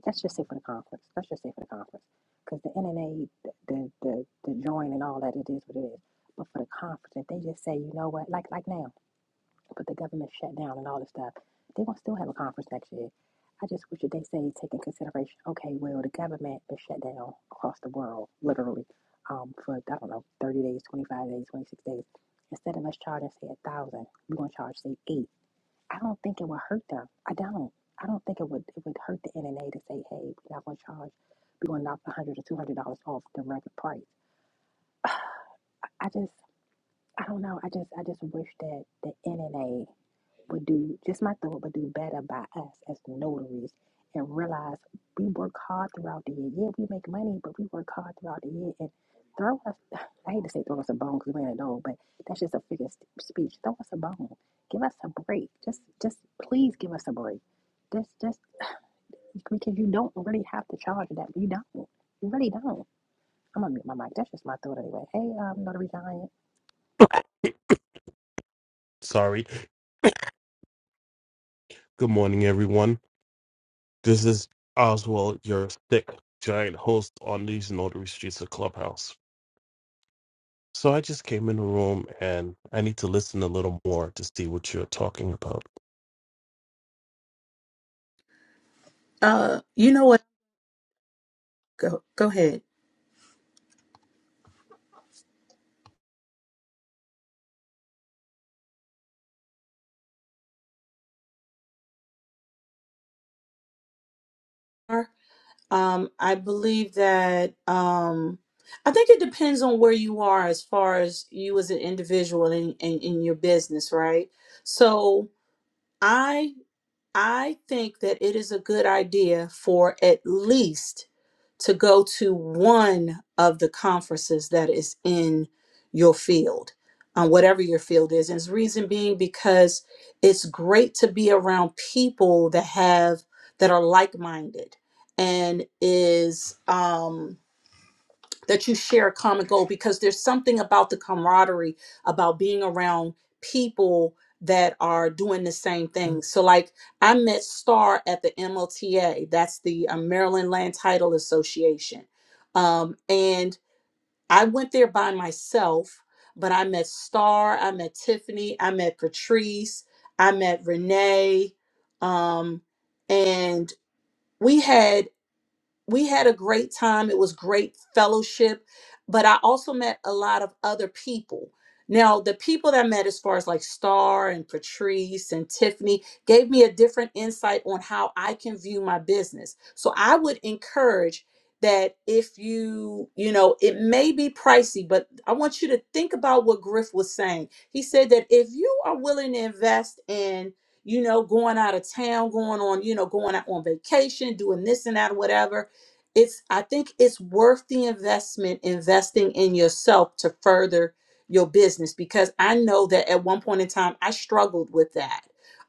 Let's just say for the conference. Let's just say for the conference. Because the NNA, the, the, the, the join and all that, it is what it is. But for the conference, if they just say, you know what, like like now but the government shut down and all this stuff. They won't still have a conference next year. I just wish that they say take in consideration, okay, well the government is shut down across the world, literally, um, for I don't know, thirty days, twenty five days, twenty six days. Instead of us charging say a thousand, we're gonna charge say eight. I don't think it would hurt them. I don't. I don't think it would it would hurt the NNA to say, hey, we're not gonna charge we're gonna knock a hundred dollars or two hundred dollars off the regular price. I just I don't know. I just I just wish that the NNA but do just my thought, but do better by us as notaries and realize we work hard throughout the year. Yeah, we make money, but we work hard throughout the year and throw us. I hate to say throw us a bone because we ain't old, but that's just a figure of st- speech. Throw us a bone. Give us a break. Just, just please give us a break. Just, just because you don't really have to charge that. You don't. You really don't. I'm gonna mute my mic. That's just my thought anyway. Hey, um, notary giant.
Sorry. Good morning, everyone. This is Oswald, your thick giant host on these notary streets of Clubhouse. So I just came in the room and I need to listen a little more to see what you're talking about.
Uh, you know what? Go go ahead. Um, I believe that um, I think it depends on where you are as far as you as an individual in, in, in your business, right? So I. I think that it is a good idea for at least to go to one of the conferences that is in your field, on whatever your field is. And its reason being because it's great to be around people that have that are like-minded and is um that you share a common goal because there's something about the camaraderie about being around people that are doing the same thing. So like I met Star at the MLTA, that's the uh, Maryland Land Title Association. Um, and I went there by myself, but I met Star, I met Tiffany, I met Patrice, I met Renee, um, and we had we had a great time. It was great fellowship, but I also met a lot of other people. Now, the people that I met, as far as like Star and Patrice and Tiffany, gave me a different insight on how I can view my business. So I would encourage that if you, you know, it may be pricey, but I want you to think about what Griff was saying. He said that if you are willing to invest in, you know, going out of town, going on, you know, going out on vacation, doing this and that, whatever, it's i think it's worth the investment investing in yourself to further your business because i know that at one point in time i struggled with that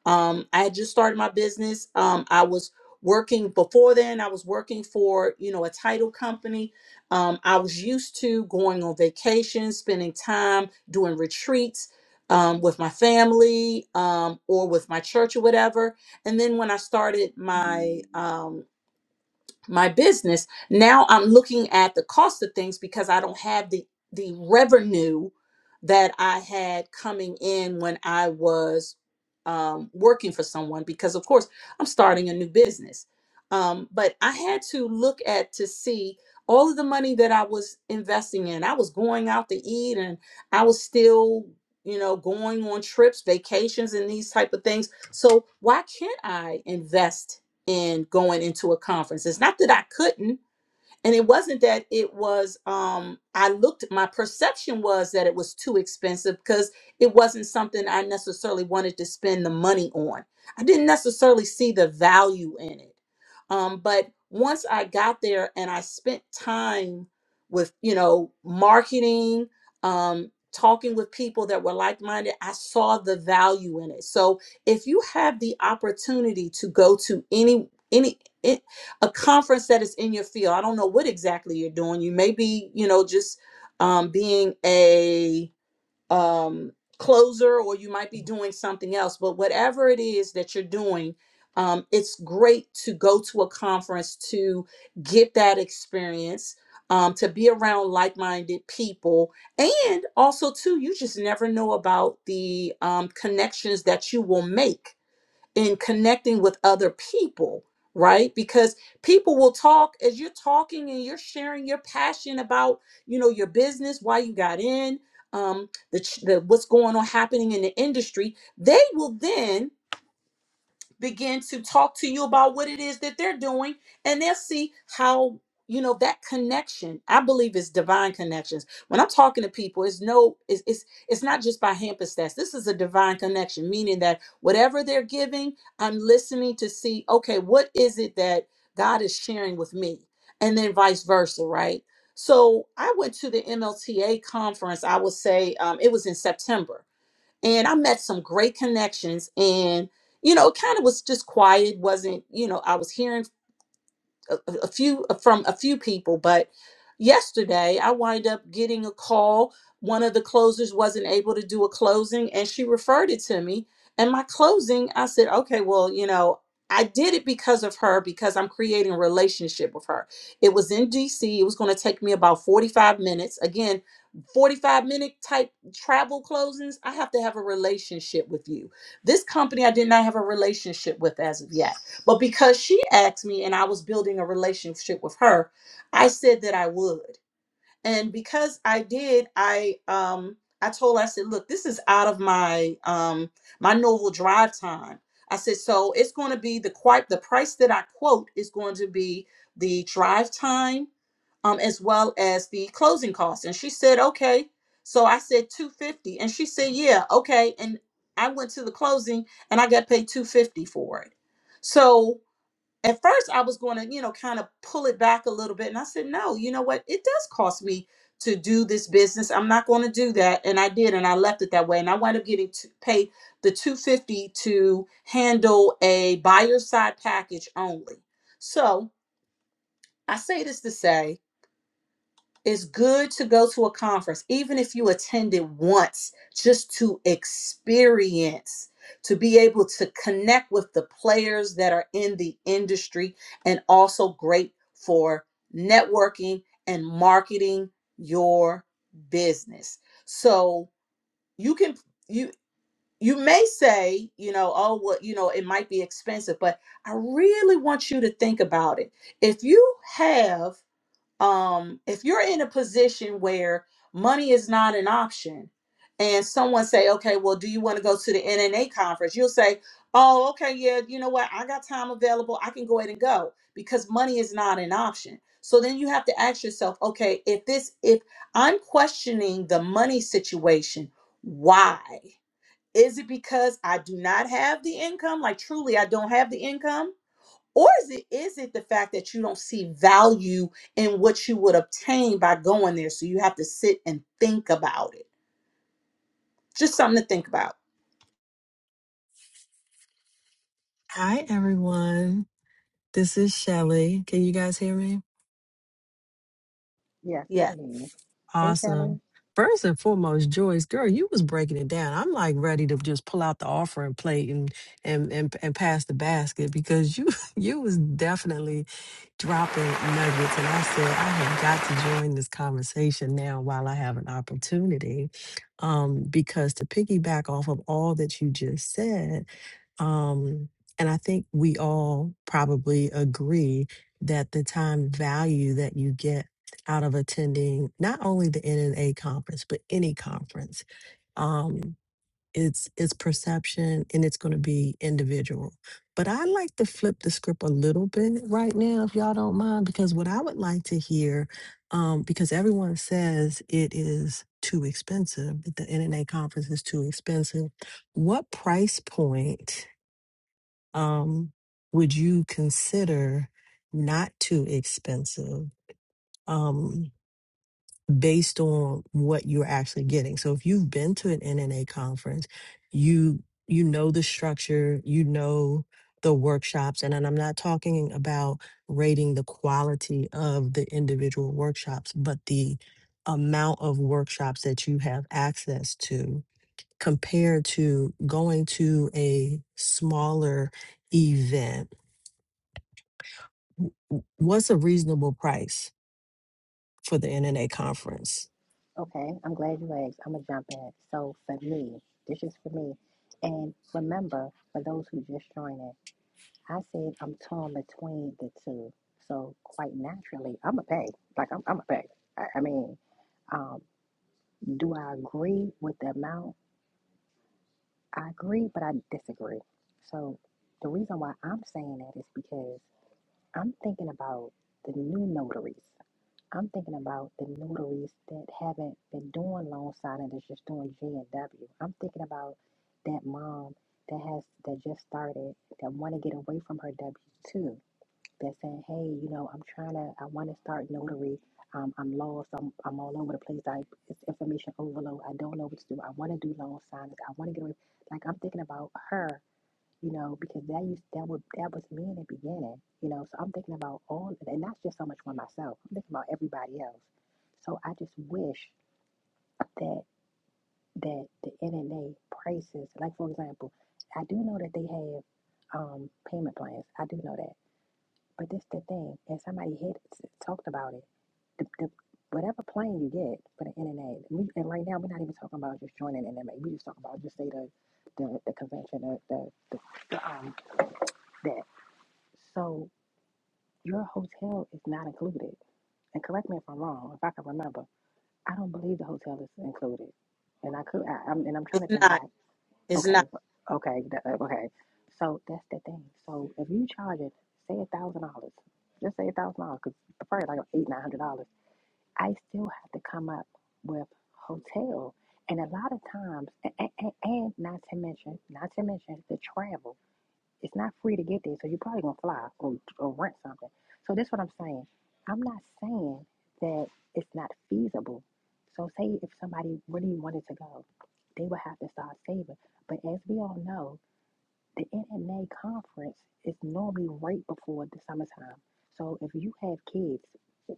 um, i had just started my business um, i was working before then i was working for you know a title company um, i was used to going on vacation spending time doing retreats um, with my family um, or with my church or whatever and then when i started my um, my business now i'm looking at the cost of things because i don't have the the revenue that i had coming in when i was um, working for someone because of course i'm starting a new business um, but i had to look at to see all of the money that i was investing in i was going out to eat and i was still you know going on trips vacations and these type of things so why can't i invest in going into a conference. It's not that I couldn't, and it wasn't that it was um i looked my perception was that it was too expensive because it wasn't something i necessarily wanted to spend the money on i didn't necessarily see the value in it um but once i got there and i spent time with you know marketing um talking with people that were like-minded i saw the value in it so if you have the opportunity to go to any any eh, a conference that is in your field. I don't know what exactly you're doing. You may be, you know, just um, being a um, closer, or you might be doing something else. But whatever it is that you're doing, um, it's great to go to a conference to get that experience. Um, to be around like-minded people and also too you just never know about the um, connections that you will make in connecting with other people, right? Because people will talk as you're talking and you're sharing your passion about, you know, your business, why you got in, um, the, ch- the what's going on happening in the industry. They will then begin to talk to you about what it is that they're doing and they'll see how you know that connection i believe is divine connections when i'm talking to people it's no it's it's, it's not just by hampstead this is a divine connection meaning that whatever they're giving i'm listening to see okay what is it that god is sharing with me and then vice versa right so i went to the mlta conference i would say um, it was in september and I met some great connections and you know it kind of was just quiet wasn't you know I was hearing a, a few uh, from a few people, but yesterday I wind up getting a call. One of the closers wasn't able to do a closing, and she referred it to me. And my closing, I said, okay, well, you know, I did it because of her because I'm creating a relationship with her. It was in DC. It was going to take me about 45 minutes. Again, 45 minute type travel closings. I have to have a relationship with you. This company, I did not have a relationship with as of yet. But because she asked me and I was building a relationship with her, I said that I would. And because I did, I um I told her, I said, look, this is out of my um my novel drive time. I said, so it's going to be the quite the price that I quote is going to be the drive time um as well as the closing costs. And she said, okay. So I said 250 and she said, yeah, okay. And I went to the closing and I got paid 250 for it. So at first I was going to, you know, kind of pull it back a little bit. And I said, no, you know what? It does cost me to do this business. I'm not going to do that. And I did. And I left it that way. And I wound up getting to paid the 250 to handle a buyer side package only. So I say this to say it's good to go to a conference, even if you attend it once, just to experience, to be able to connect with the players that are in the industry, and also great for networking and marketing your business. So you can you you may say, you know, oh well, you know, it might be expensive, but I really want you to think about it. If you have um if you're in a position where money is not an option and someone say okay well do you want to go to the nna conference you'll say oh okay yeah you know what i got time available i can go ahead and go because money is not an option so then you have to ask yourself okay if this if i'm questioning the money situation why is it because i do not have the income like truly i don't have the income or is it is it the fact that you don't see value in what you would obtain by going there? So you have to sit and think about it. Just something to think about.
Hi, everyone. This is Shelly. Can you guys hear me?
Yes, we
Yeah,
can hear you. Hey, Shelly.
Awesome. First and foremost, Joyce, girl, you was breaking it down. I'm like ready to just pull out the offering plate and and and, and pass the basket because you you was definitely dropping nuggets. And I said, I have got to join this conversation now while I have an opportunity. Um, because to piggyback off of all that you just said, um, and I think we all probably agree that the time value that you get out of attending not only the NNA conference, but any conference um, it's it's perception and it's going to be individual. But I like to flip the script a little bit right now, if y'all don't mind, because what I would like to hear, um, because everyone says it is too expensive, that the NNA conference is too expensive. What price point um, would you consider not too expensive? Um, based on what you're actually getting. So if you've been to an NNA conference, you you know the structure, you know the workshops, and, and I'm not talking about rating the quality of the individual workshops, but the amount of workshops that you have access to compared to going to a smaller event. W- w- What's a reasonable price for the NNA conference?
Okay, I'm glad you asked. I'm gonna jump in. So for me, this is for me. And remember, for those who just joining, I said I'm torn between the two. So quite naturally, I'm a pay. Like I'm, I'm a pay. I, I mean, um, do I agree with the amount? I agree, but I disagree. So the reason why I'm saying that is because I'm thinking about the new notaries. I'm thinking about the notaries that haven't been doing loan signing that's just doing G and W. I'm thinking about that mom that has that just started that want to get away from her W two. That's saying, hey, you know, I'm trying to, I want to start notary. Um, I'm lost. I'm, I'm all over the place. I it's information overload. I don't know what to do. I want to do loan signings. I want to get away. Like I'm thinking about her you know, because that used that would that was me in the beginning, you know. So I'm thinking about all, and not just so much for myself. I'm thinking about everybody else. So I just wish that that the NNA prices, like for example, I do know that they have um, payment plans. I do know that, but this the thing, and somebody had talked about it. The, the whatever plan you get for the NNA, we, and right now we're not even talking about just joining NNA. We just talking about just say the the, the convention, the the the, the um that. So your hotel is not included. And correct me if I'm wrong, if I can remember, I don't believe the hotel is included. And I could, I, I'm, and I'm trying
it's
to think
not.
back.
It's
Okay,
not.
okay, that- uh, okay. So that's the thing. So if you charge it, say a thousand dollars, just say a thousand dollars, because probably like eight, nine hundred dollars. I still have to come up with hotel, and a lot of times, and, and, and not to mention, not to mention the travel. It's not free to get there, so you're probably gonna fly or, or rent something. So that's what I'm saying. I'm not saying that it's not feasible. So say if somebody really wanted to go, they would have to start saving. But as we all know, the NNA conference is normally right before the summertime. So if you have kids,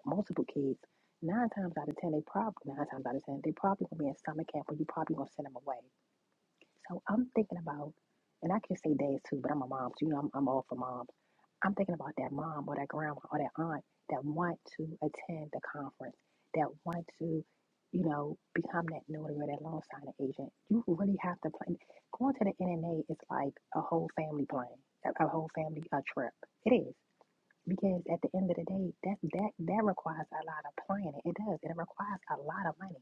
multiple kids, nine times out of ten, they probably nine times out of ten, they probably gonna be in summer camp, or you probably gonna send them away. So I'm thinking about, and I can say dads too, but I'm a mom, so you know I'm, I'm all for moms. I'm thinking about that mom or that grandma or that aunt that want to attend the conference, that want to, you know, become that notary or that loan signing agent. You really have to plan. Going to the NNA is like a whole family plan, a, a whole family uh, trip. It is. Because at the end of the day, that that that requires a lot of planning. It does. It requires a lot of money.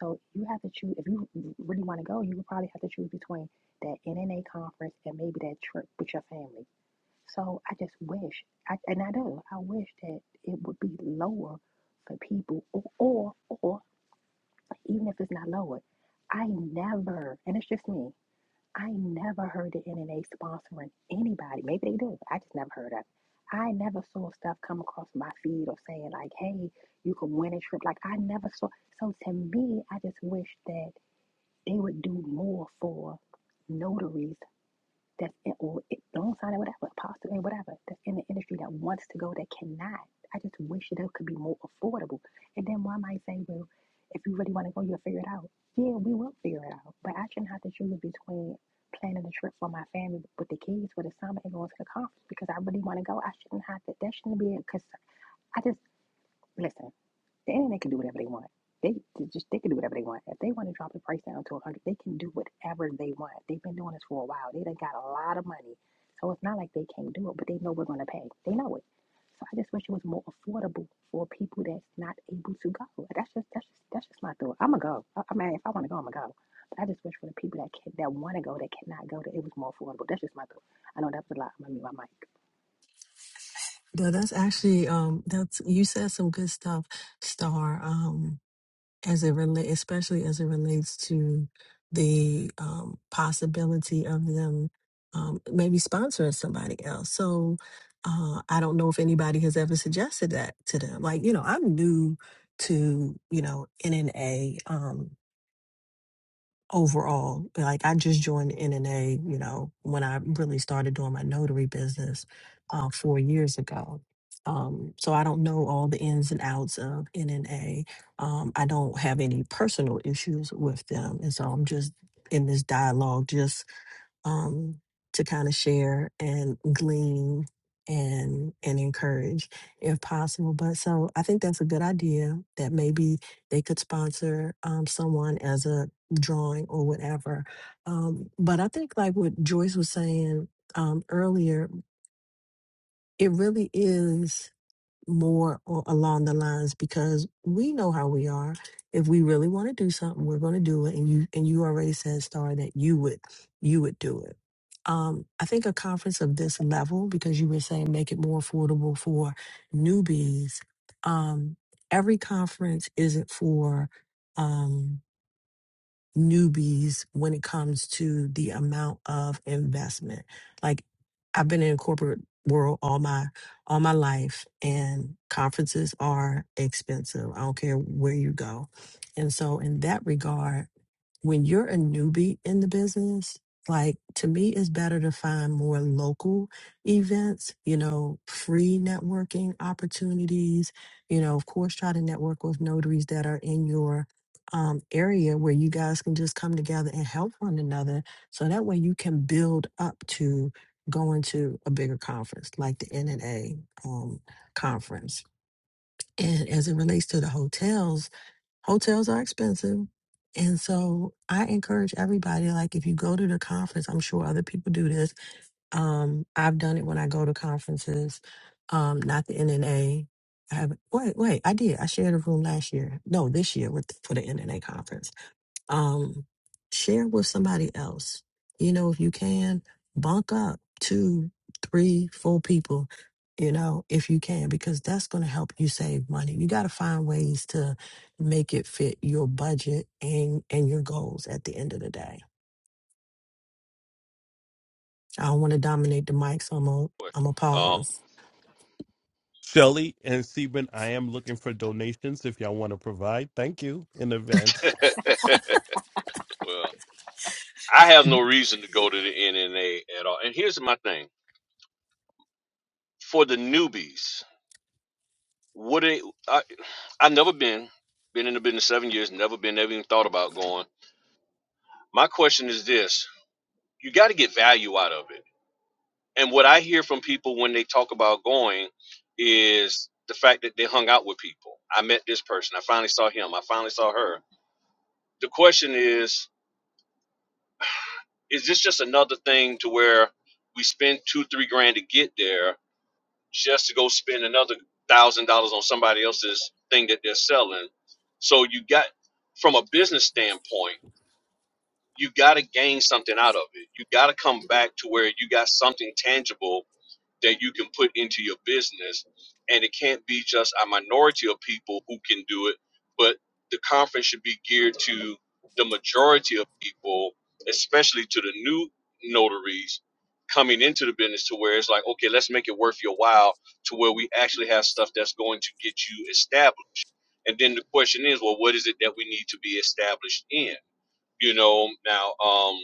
So you have to choose if you really want to go, you would probably have to choose between that NNA conference and maybe that trip with your family. So I just wish, I, and I do, I wish that it would be lower for people, or, or or even if it's not lower, I never, and it's just me. I never heard of NNA sponsoring anybody. Maybe they do. I just never heard of it. I never saw stuff come across my feed or saying like, "Hey, you can win a trip." Like I never saw. So to me, I just wish that they would do more for notaries that's in, or it, loan signing, whatever, apostle, and whatever, that's in the industry that wants to go that cannot. I just wish it could be more affordable. And then one might say, well, if you really want to go, you'll figure it out. Yeah, we will figure it out. But I shouldn't have to choose between planning the trip for my family with the kids for the summer and going to the conference because I really want to go. I shouldn't have to. That shouldn't be it. Because I just, listen, and they can do whatever they want. They they just they can do whatever they want. If they want to drop the price down to a hundred, they can do whatever they want. They've been doing this for a while. They done got a lot of money, so it's not like they can't do it. But they know we're gonna pay. They know it. So I just wish it was more affordable for people that's not able to go. That's just that's just that's just my thought. I'ma go. I, I mean, if I want to go, I'ma go. But I just wish for the people that can, that want to go that cannot go that it was more affordable. That's just my thought. I know that was a lot. I'm gonna mute my mic.
No, that's actually um that's you said some good stuff, Star, um, as it relate especially as it relates to the um possibility of them um maybe sponsoring somebody else. So uh I don't know if anybody has ever suggested that to them. Like, you know, I'm new to, you know, NNA. Um overall. Like I just joined NNA, you know, when I really started doing my notary business uh, four years ago. Um, so I don't know all the ins and outs of NNA. Um, I don't have any personal issues with them, and so I'm just in this dialogue, just um, to kind of share and glean and and encourage if possible. But so I think that's a good idea that maybe they could sponsor um, someone as a drawing or whatever. Um, but I think like what Joyce was saying um, earlier, it really is more or along the lines because we know how we are. If we really want to do something, we're going to do it. And you and you already said, Star, that you would you would do it. Um, I think a conference of this level, because you were saying make it more affordable for newbies. Um, every conference isn't for. Um, newbies when it comes to the amount of investment. Like I've been in corporate world all my all my life and conferences are expensive. I don't care where you go. And so in that regard, when you're a newbie in the business, like to me, it's better to find more local events, you know, free networking opportunities. You know, of course, try to network with notaries that are in your um, area where you guys can just come together and help one another. So that way you can build up to going to a bigger conference like the NNA um, conference. And as it relates to the hotels, hotels are expensive. And so I encourage everybody, like if you go to the conference, I'm sure other people do this. Um, I've done it when I go to conferences, um, not the NNA. have wait, wait, I did. I shared a room last year. No, this year with for the NNA conference um, share with somebody else. You know, if you can, bunk up two, three, four people, you know, if you can, because that's going to help you save money. You got to find ways to make it fit your budget and, and your goals at the end of the day. I don't want to dominate the mic, so I'm going to I'm going to
Um,
pause.
Shelly and Seben, I am looking for donations if y'all want to provide. Thank you in advance.
well, I have no reason to go to the NNA at all. And here's my thing for the newbies. Would it? I, I've never been been in the business seven years. Never been. Never even thought about going. My question is this: You got to get value out of it. And what I hear from people when they talk about going is the fact that they hung out with people. I met this person. I finally saw him. I finally saw her. The question is, is this just another thing to where we spend two, three grand to get there just to go spend another thousand dollars on somebody else's thing that they're selling? So you got from a business standpoint, you gotta gain something out of it. You gotta come back to where you got something tangible that you can put into your business. And it can't be just a minority of people who can do it, but the conference should be geared to the majority of people, especially to the new notaries coming into the business to where it's like, okay, let's make it worth your while to where we actually have stuff that's going to get you established. And then the question is, well, what is it that we need to be established in? You know, now, um,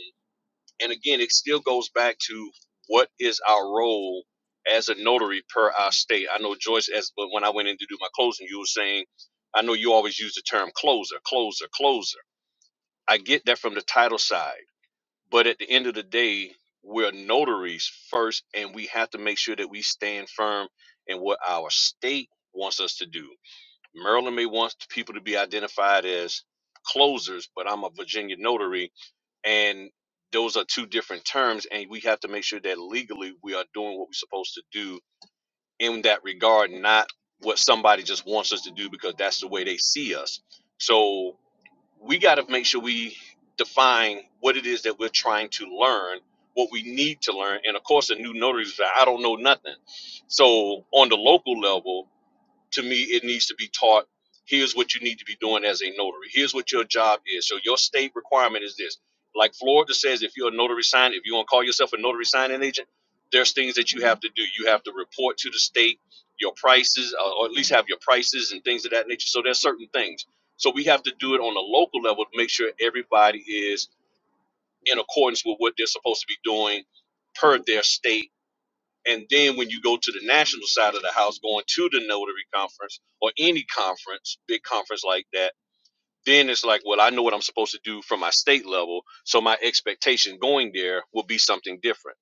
and again, it still goes back to what is our role as a notary per our state. I know Joyce, as but when I went in to do my closing, you were saying, I know you always use the term closer, closer, closer. I get that from the title side, but at the end of the day, we're notaries first, and we have to make sure that we stand firm in what our state wants us to do. Maryland may want people to be identified as closers, but I'm a Virginia notary and those are two different terms and we have to make sure that legally we are doing what we're supposed to do in that regard not what somebody just wants us to do because that's the way they see us so we got to make sure we define what it is that we're trying to learn what we need to learn and of course a new notary is like, i don't know nothing so on the local level to me it needs to be taught here's what you need to be doing as a notary here's what your job is so your state requirement is this like florida says if you're a notary sign if you want to call yourself a notary signing agent there's things that you have to do you have to report to the state your prices uh, or at least have your prices and things of that nature so there's certain things so we have to do it on a local level to make sure everybody is in accordance with what they're supposed to be doing per their state and then when you go to the national side of the house, going to the notary conference or any conference, big conference like that, then it's like, well, I know what I'm supposed to do from my state level. So my expectation going there will be something different.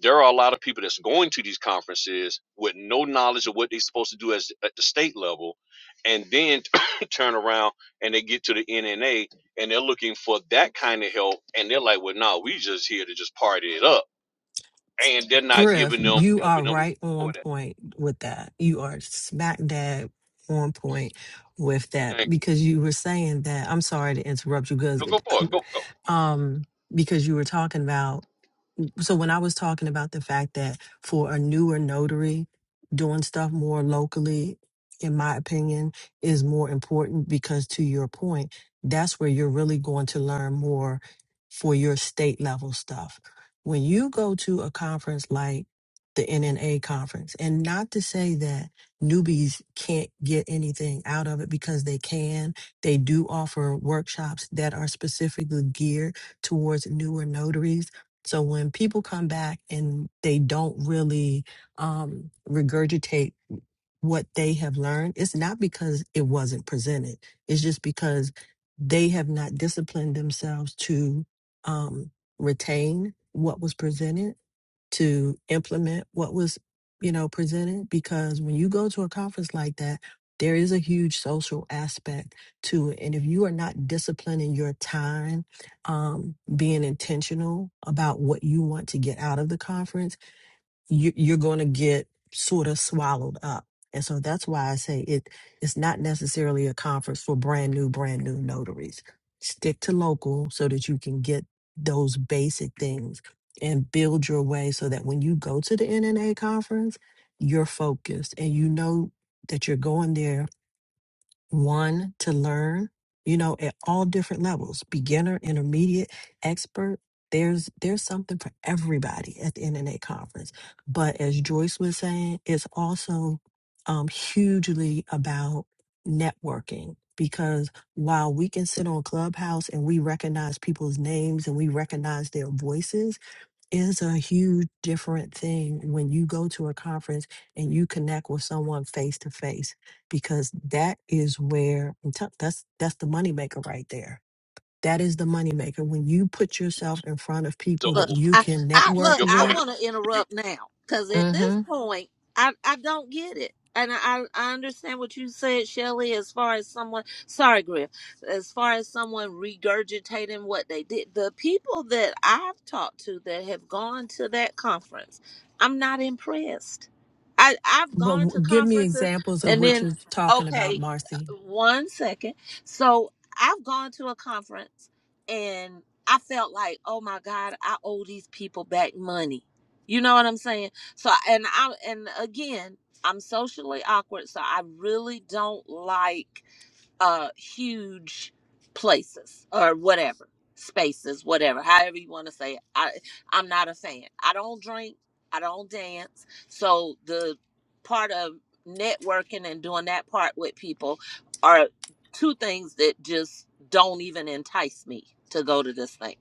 There are a lot of people that's going to these conferences with no knowledge of what they're supposed to do as at the state level. And then turn around and they get to the NNA and they're looking for that kind of help. And they're like, well, no, we just here to just party it up. And they're not
Griff,
giving them,
you are
helping them
right
for that.
on point with that. You are smack dab on point with that
Thank
because you were saying that. I'm sorry to interrupt you, because
you. No, go for it. Go.
um, because you were talking about so when I was talking about the fact that for a newer notary, doing stuff more locally, in my opinion, is more important because to your point, that's where you're really going to learn more for your state level stuff. When you go to a conference like the NNA conference, and not to say that newbies can't get anything out of it because they can. They do offer workshops that are specifically geared towards newer notaries so when people come back and they don't really um, regurgitate what they have learned, it's not because it wasn't presented. It's just because they have not disciplined themselves to um, retain what was presented, to implement what was, you know, presented. Because when you go to a conference like that, there is a huge social aspect to it. And if you are not disciplining your time um, being intentional about what you want to get out of the conference, you, you're going to get sort of swallowed up. And so that's why I say it, it's not necessarily a conference for brand new, brand new notaries. Stick to local so that you can get those basic things and build your way so that when you go to the NNA conference, you're focused and you know that you're going there one to learn you know at all different levels beginner intermediate expert there's there's something for everybody at the internet conference but as joyce was saying it's also um, hugely about networking because while we can sit on clubhouse and we recognize people's names and we recognize their voices is a huge different thing when you go to a conference and you connect with someone face to face because that is where I'm tell- that's that's the moneymaker right there. That is the moneymaker when you put yourself in front of
So
people
Look,
that you
I,
can
I
to
look.
network
your
I
point,
with.
want to
to your
interrupt now because at this
Mm-hmm.
point, I I don't get it, and I I understand what you said, Shelley. As far as someone, sorry, Griff, as far as someone regurgitating what they did, the people that I've talked to that have gone to that conference, I'm not impressed. I I've
But
gone to
w- give me
conferences,
examples of
and
what
then
you're talking about,
okay,
Marcy.
one second. So I've gone to a conference. and. I felt like, oh my God, I owe these people back money. You know what I'm saying? So and I and again, I'm socially awkward, so I really don't like uh huge places or whatever spaces, whatever, however you want to say it. I I'm not a fan. I don't drink, I don't dance. So the part of networking and doing that part with people are two things that just don't even entice me to go to this thing.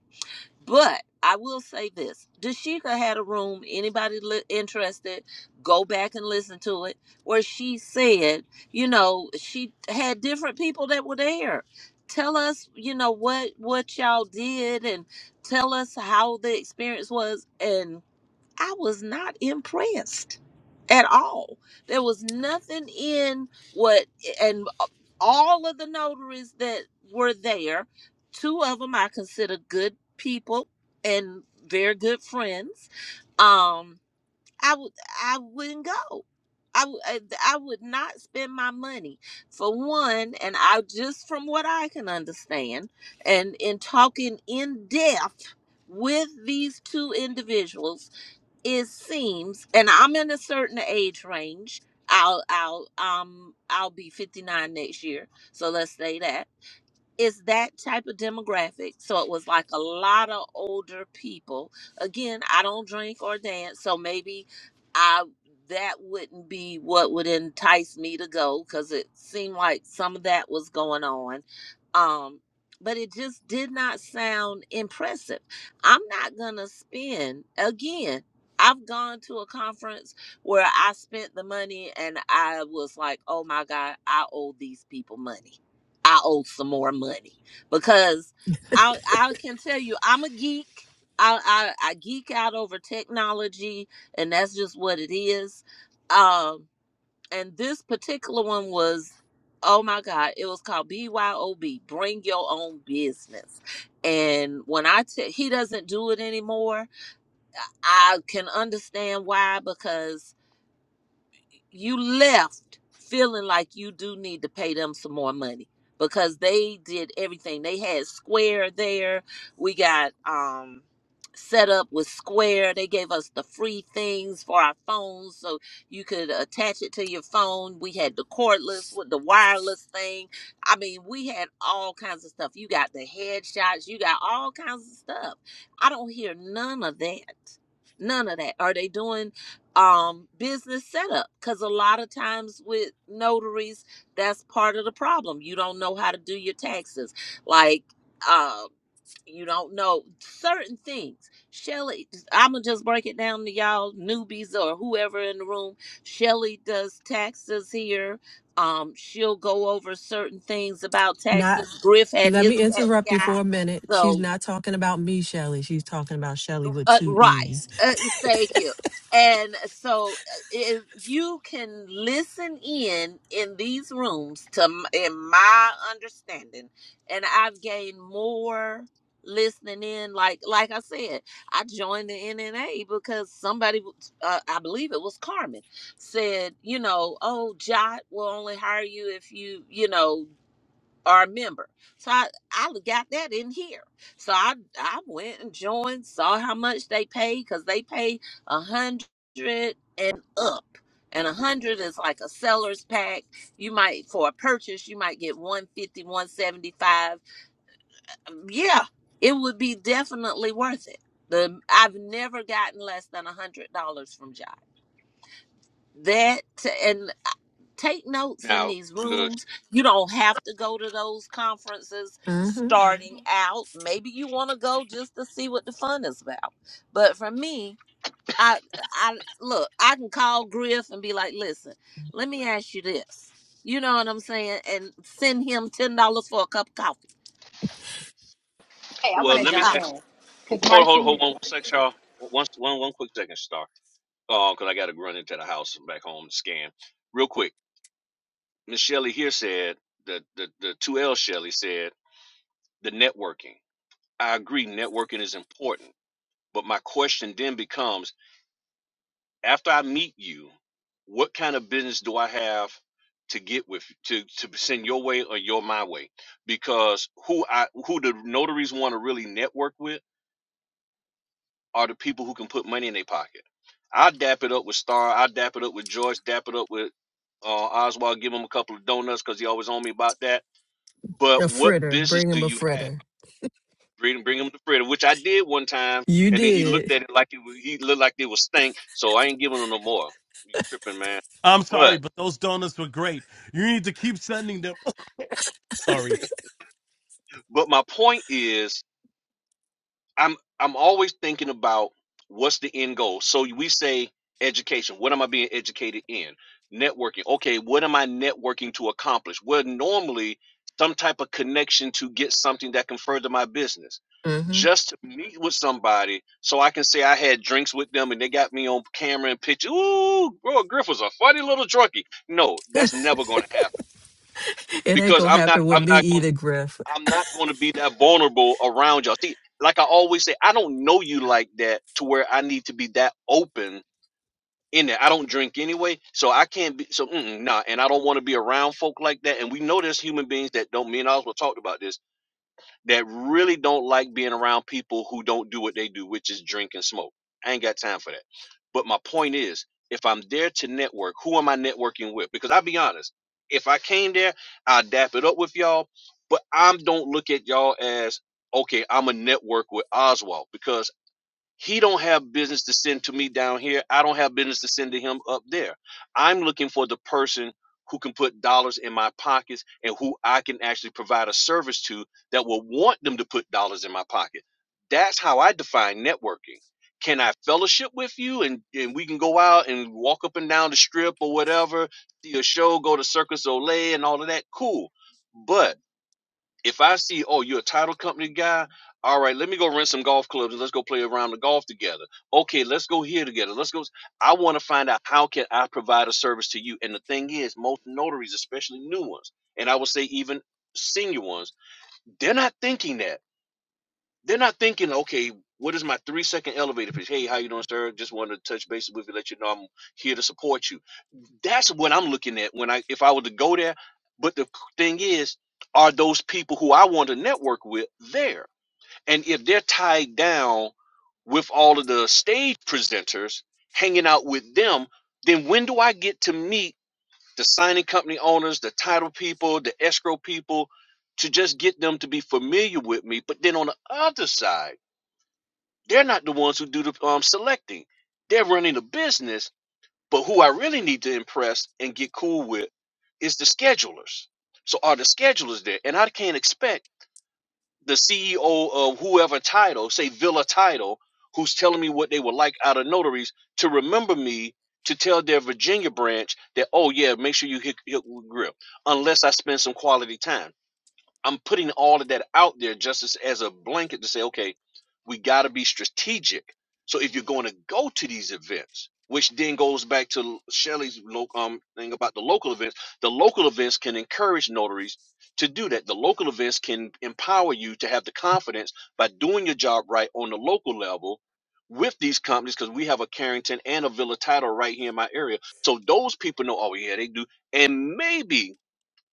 But I will say this: Dashika had a room. Anybody li- interested, go back and listen to it, where she said, you know, she had different people that were there. Tell us, you know, what what y'all did, and tell us how the experience was, and I was not impressed at all. There was nothing in what, and all of the notaries that were there, two of them I consider good people and very good friends. Um, I would, I wouldn't go. I, w- I I would not spend my money for one, and I just from what I can understand, and in talking in depth with these two individuals it seems and i'm in a certain age range i'll i'll um i'll be 59 next year so let's say that is that type of demographic. So it was like a lot of older people. Again, I don't drink or dance, so maybe I that wouldn't be what would entice me to go because it seemed like some of that was going on. Um, but it just did not sound impressive. I'm not gonna spend again. I've gone to a conference where I spent the money and I was like, oh my God, I owe these people money I owe some more money because I I can tell you I'm a geek. I I, I geek out over technology, and that's just what it is. Um, and this particular one was, oh my God, it was called BYOB, Bring Your Own Business. And when I tell he doesn't do it anymore, I can understand why because you left feeling like you do need to pay them some more money because they did everything. They had Square there. We got um set up with Square. They gave us the free things for our phones so you could attach it to your phone. We had the cordless with the wireless thing. I mean, we had all kinds of stuff. You got the headshots, you got all kinds of stuff. I don't hear none of that. None of that. Are they doing um business setup because a lot of times with notaries that's part of the problem you don't know how to do your taxes like uh you don't know certain things shelly i'ma just break it down to y'all newbies or whoever in the room shelly does taxes here um she'll go over certain things about
Not
taxes griff had
let
his
me
tax
interrupt you
guy
for a minute. She's
so
not talking about me, Shelly. She's talking about Shelly with
uh,
two
right.
E's.
Uh, thank you. And so, uh, if you can listen in in these rooms, to m- in my understanding, and I've gained more listening in. Like like I said, I joined the NNA because somebody, w- uh, I believe it was Carmen, said, you know, oh, Jot will only hire you if you, you know or a member. So I, I got that in here. So I I went and joined, saw how much they pay because they pay a hundred and up. And a hundred is like a seller's pack. You might for a purchase, you might get one fifty, one seventy five. Yeah, it would be definitely worth it. The I've never gotten less than a hundred dollars from Jot that and uh, take notes in
now
these
to the
rooms. You don't have to go to those conferences
Mm-hmm.
starting Mhm. out. Maybe you want to go just to see what the fun is about. But for me, I I look, I can call Griff and be like, "Listen, let
yes,
me
ma'am.
ask you this." You know what I'm saying? And send him $10 for a cup of coffee.
Hey, I
Well,
want to
let me
jump
ask.
in because
Hold, hold,
Marcy,
hold on one sec, y'all. One, one, one quick second, Star. Oh, because I got to run into the house and back home to scan. Real quick, Miss Shelley here said the the the two L Shelley said the networking. I agree, networking is important. But my question then becomes. after I meet you, what kind of business do I have to get with to to send your way or your my way? Because who I who the notaries want to really network with are the people who can put money in their pocket. I dap it up with Star. I dap it up with Joyce. Dap it up with uh, Oswald. Give him a couple of donuts because he always on me about that. But
A
what
fritter.
business
Bring
do
him a
you have?
fritter.
Bring bring him to Fred, which I did one time,
You
and then he looked
did.
at it like it was, he looked like it was stink. So I ain't giving him no more. You tripping, man?
I'm
But
sorry, but those donuts were great. You need to keep sending them. sorry.
But my point is, I'm I'm always thinking about what's the end goal. So we say education. What am I being educated in? Networking. Okay, what am I networking to accomplish? Well, normally some type of connection to get something that can further my business.
hmm
Just to meet with somebody so I can say I had drinks with them and they got me on camera and picture. Ooh, bro, Griff was a funny little drunkie. No, that's never going to happen
It ain't
because
gonna
I'm not.
happen with
I'm
me
not going.
either, Griff.
I'm not going to be that vulnerable around y'all. See, like I always say, I don't know you like that to where I need to be that open in there. I don't drink anyway, so I can't be so mm-mm, nah. And I don't want to be around folk like that. And we know there's human beings that don't. Me and Oz will talked about this that really don't like being around people who don't do what they do, which is drink and smoke. I ain't got time for that. But my point is, if I'm there to network, who am I networking with? Because I'll be honest, if I came there, I'll dap it up with y'all, but I don't look at y'all as, okay, I'm a network with Oswald because he don't have business to send to me down here. I don't have business to send to him up there. I'm looking for the person who can put dollars in my pockets and who I can actually provide a service to that will want them to put dollars in my pocket. That's how I define networking. Can I fellowship with you and, and we can go out and walk up and down the strip or whatever, see a show, go to Circus Olay and all of that? Cool. But if I see, oh, you're a title company guy, all right, let me go rent some golf clubs and let's go play around the golf together. Okay, let's go here together. Let's go. I want to find out how can I provide a service to you. And the thing is, most notaries, especially new ones, and I would say even senior ones, they're not thinking that. They're not thinking, okay, what is my three second elevator pitch? Hey, how you doing, sir? Just wanted to touch base with you, let you know I'm here to support you. That's what I'm looking at when I if I were to go there. But the thing is, are those people who I want to network with there? And if they're tied down with all of the stage presenters, hanging out with them, then when do I get to meet the signing company owners, the title people, the escrow people, to just get them to be familiar with me? But then on the other side they're not the ones who do the um, selecting. They're running the business, but who I really need to impress and get cool with is the schedulers. So are the schedulers there? And I can't expect the CEO of whoever title, say Villa Title, who's telling me what they would like out of notaries, to remember me to tell their Virginia branch that, oh yeah, make sure you hit, hit with grip, unless I spend some quality time. I'm putting all of that out there just as, as a blanket to say, okay, we got to be strategic. So if you're going to go to these events, which then goes back to Shelley's um, thing about the local events, the local events can encourage notaries to do that. The local events can empower you to have the confidence by doing your job right on the local level with these companies because we have a Carrington and a Villa title right here in my area. So those people know, oh, yeah, they do. And maybe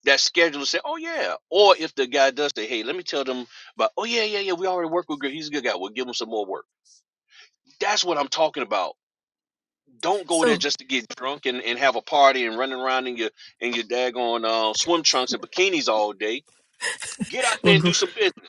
that scheduler say, "Oh yeah," or if the guy does say, "Hey, let me tell them about," "Oh yeah, yeah, yeah, we already work with Greg. He's a good guy. We'll give him some more work." That's what I'm talking about. Don't go there
So,
just to get drunk and, and have a party and running around in your in your daggone uh, swim trunks and bikinis all day. Get out
well,
there and
Gr-
do some business.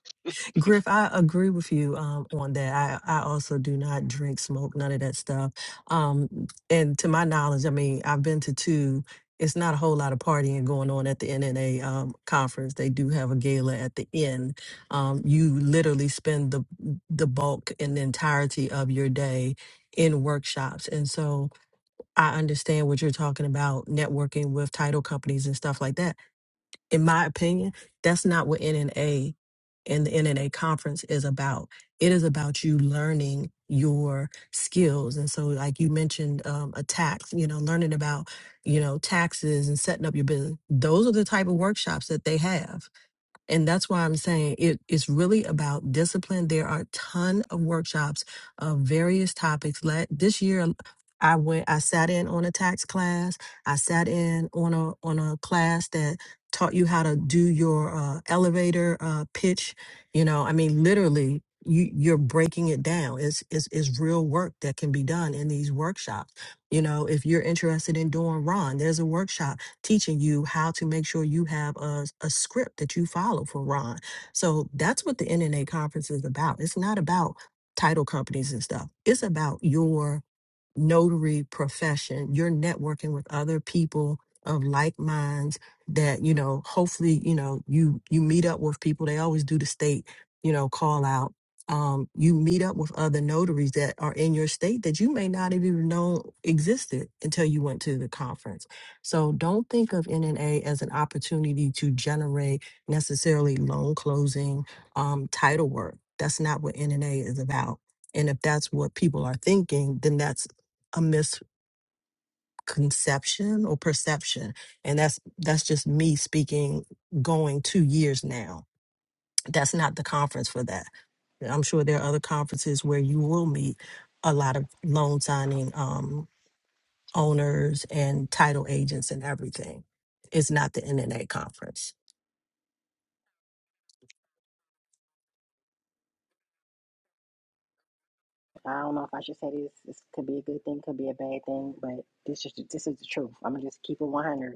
Griff, I agree with you um, on that. I, I also do not drink, smoke, none of that stuff. Um, and to my knowledge, I mean, I've been to two. It's not a whole lot of partying going on at the NNA um, conference. They do have a gala at the end. Um, you literally spend the the bulk and the entirety of your day in workshops, and so I understand what you're talking about, networking with title companies and stuff like that. In my opinion, that's not what NNA and the NNA conference is about. It is about you learning your skills. And so, like you mentioned, um, a tax, you know, learning about, you know, taxes and setting up your business. Those are the type of workshops that they have. And that's why I'm saying it is really about discipline. There are a ton of workshops of various topics. Let this year I went I sat in on a tax class. I sat in on a on a class that taught you how to do your uh, elevator uh, pitch. You know, I mean literally you you're breaking it down. It's it's it's real work that can be done in these workshops. You know, if you're interested in doing Ron, there's a workshop teaching you how to make sure you have a, a script that you follow for Ron. So that's what the NNA conference is about. It's not about title companies and stuff. It's about your notary profession you're networking with other people of like minds that you know hopefully you know you you meet up with people they always do the state you know call out um you meet up with other notaries that are in your state that you may not have even know existed until you went to the conference so don't think of nna as an opportunity to generate necessarily loan closing um title work that's not what nna is about and if that's what people are thinking, then that's a misconception or perception and that's that's just me speaking going 2 years now that's not the conference for that i'm sure there are other conferences where you will meet a lot of loan signing um, owners and title agents and everything. It's not the NNA conference.
I don't know if I should say this. This could be a good thing, could be a bad thing, but this is this is the truth. I'm gonna just keep it 100.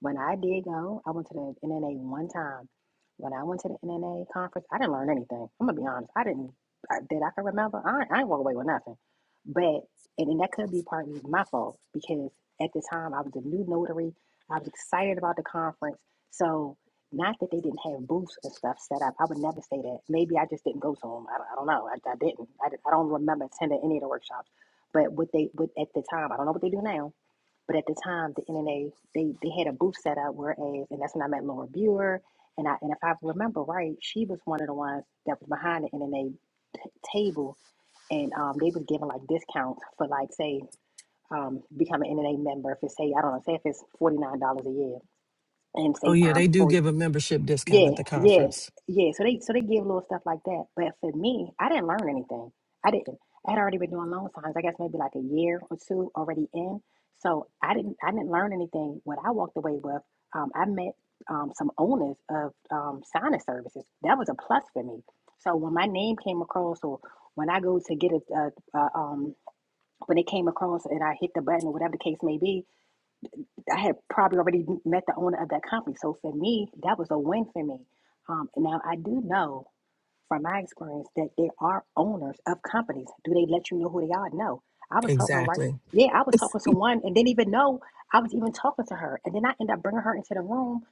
When I did go, I went to the NNA one time. When I went to the NNA conference, I didn't learn anything. I'm gonna be honest. I didn't that I can remember. I I ain't walk away with nothing. But and, and that could be partly my fault because at the time I was a new notary. I was excited about the conference. So not that they didn't have booths and stuff set up. I would never say that. Maybe I just didn't go to them. I don't, I don't know. I, I didn't. I, I don't remember attending any of the workshops. But what they, what at the time, I don't know what they do now but at the time, the NNA they they had a booth set up whereas, and that's when I met Laura Buer. And I and if I remember right, she was one of the ones that was behind the NNA table, and um, they was giving like discounts for like say um, become an NNA member if it's say I don't know say if it's forty nine dollars a year and
Oh
say
yeah,
time
they do
for
give a membership discount
yeah,
at the
yeah,
conference.
yeah. So they so they give little stuff like that. But for me, I didn't learn anything. I didn't. I had already been doing loan signs, I guess maybe like a year or two already in. So I didn't I didn't learn anything. What I walked away with, um, I met um, some owners of um, signing services. That was a plus for me. So when my name came across, or when I go to get a, a, a um, when it came across and I hit the button or whatever the case may be, I had probably already met the owner of that company. So for me, that was a win for me. Um, now I do know from my experience that there are owners of companies. Do they let you know who they are? No. I was talking right.
Exactly.
Yeah, I was talking to one and didn't even know I was even talking to her. And then I ended up bringing her into the room.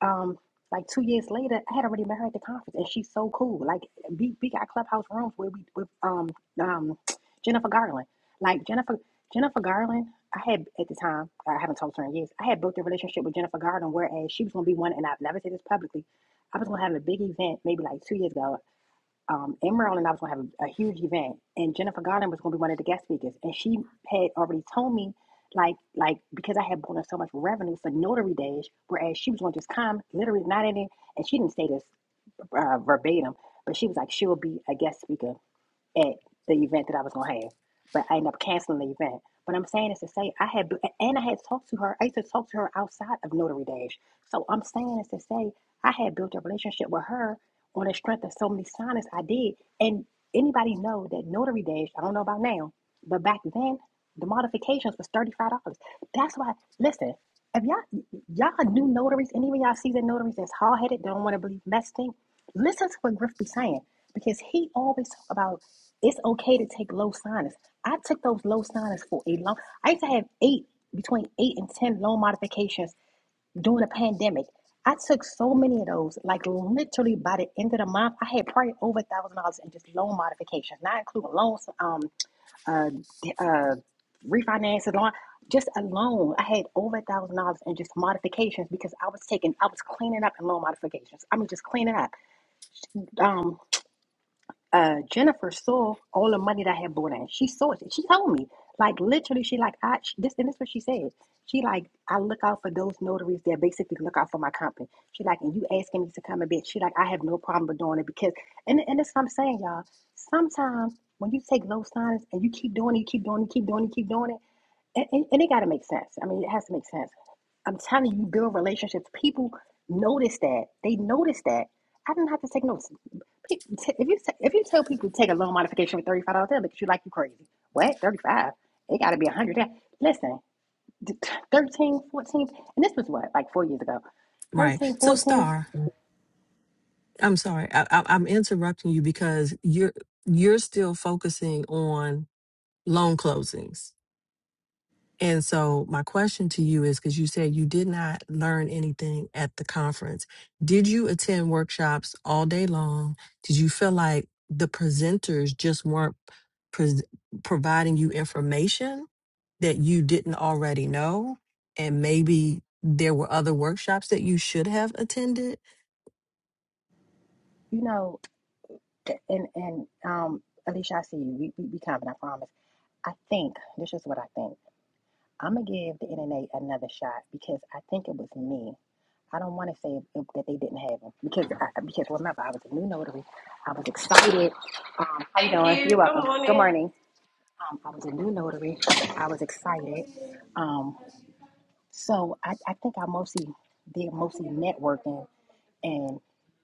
Um, like two years later, I had already met her at the conference, and she's so cool. Like we, we got clubhouse rooms where we with um um Jennifer Garland. Like Jennifer Jennifer Garland, I had at the time I haven't talked to her in years. I had built a relationship with Jennifer Garland, whereas she was gonna be one, and I've never said this publicly. I was gonna have a big event maybe like two years ago um, in Maryland, I was going to have a, a huge event, and Jennifer Garner was going to be one of the guest speakers. And she had already told me, like, like because I had bonus so much revenue for notary days, whereas she was going to just come, literally not in it. And she didn't say this uh, verbatim, but she was like, she'll be a guest speaker at the event that I was gonna have, but I ended up canceling the event. But I'm saying is to say I had and I had talked to her. I used to talk to her outside of Notary Dash. So I'm saying is to say I had built a relationship with her on the strength of so many signings I did. And anybody know that Notary Dash? I don't know about now, but back then the modifications was thirty five dollars. That's why. Listen, if y'all y'all new notaries, and even y'all seasoned notaries that's hard headed, don't want to believe mess thing, listen to what Griff be saying because he always talk about it's okay to take low sinus. I took those low sinus for a long. I used to have eight between eight and ten loan modifications during the pandemic. I took so many of those. Like literally by the end of the month, I had probably over a thousand dollars in just loan modifications, not including loans, um, uh, uh, refinances, loan. Just a loan, I had over a thousand dollars in just modifications because I was taking, I was cleaning up in loan modifications. I mean, just cleaning up. Um, uh, Jennifer saw all the money that I had brought in. She saw it. She told me, like literally, she like I she, this and this is what she said. She like I look out for those notaries that basically look out for my company. She like and you asking me to come and bitch. She like I have no problem with doing it because and and that's what I'm saying, y'all. Sometimes when you take those signs and you keep doing it, you keep doing it, you keep doing it, you keep doing it, and, and, and it got to make sense. I mean, it has to make sense. I'm telling you, you build relationships. People notice that. They notice that. I didn't have to take notes. Pe- t- If you t- if you tell people take a loan modification for thirty five dollars, they'll look at you like you crazy. What thirty five? It got to be a hundred. dollars. Listen, 13, 14, and this was what like four years ago.
Right.
13,
So
14.
Star, I'm sorry. I, I, I'm interrupting you because you're you're still focusing on loan closings. And so, my question to you is because you said you did not learn anything at the conference, did you attend workshops all day long? Did you feel like the presenters just weren't pres providing you information that you didn't already know? And maybe there were other workshops that you should have attended?
You know, and and um, Alicia, I see you. We we, we coming. I promise. I think this is what I think. I'm gonna give the NNA another shot because I think it was me. I don't want to say it, that they didn't have them because I, because remember I was a new notary. I was excited. Um, how you doing? you. You're welcome. Good morning. Good morning. Um, I was a new notary. I was excited. Um, so I, I think I mostly did mostly networking and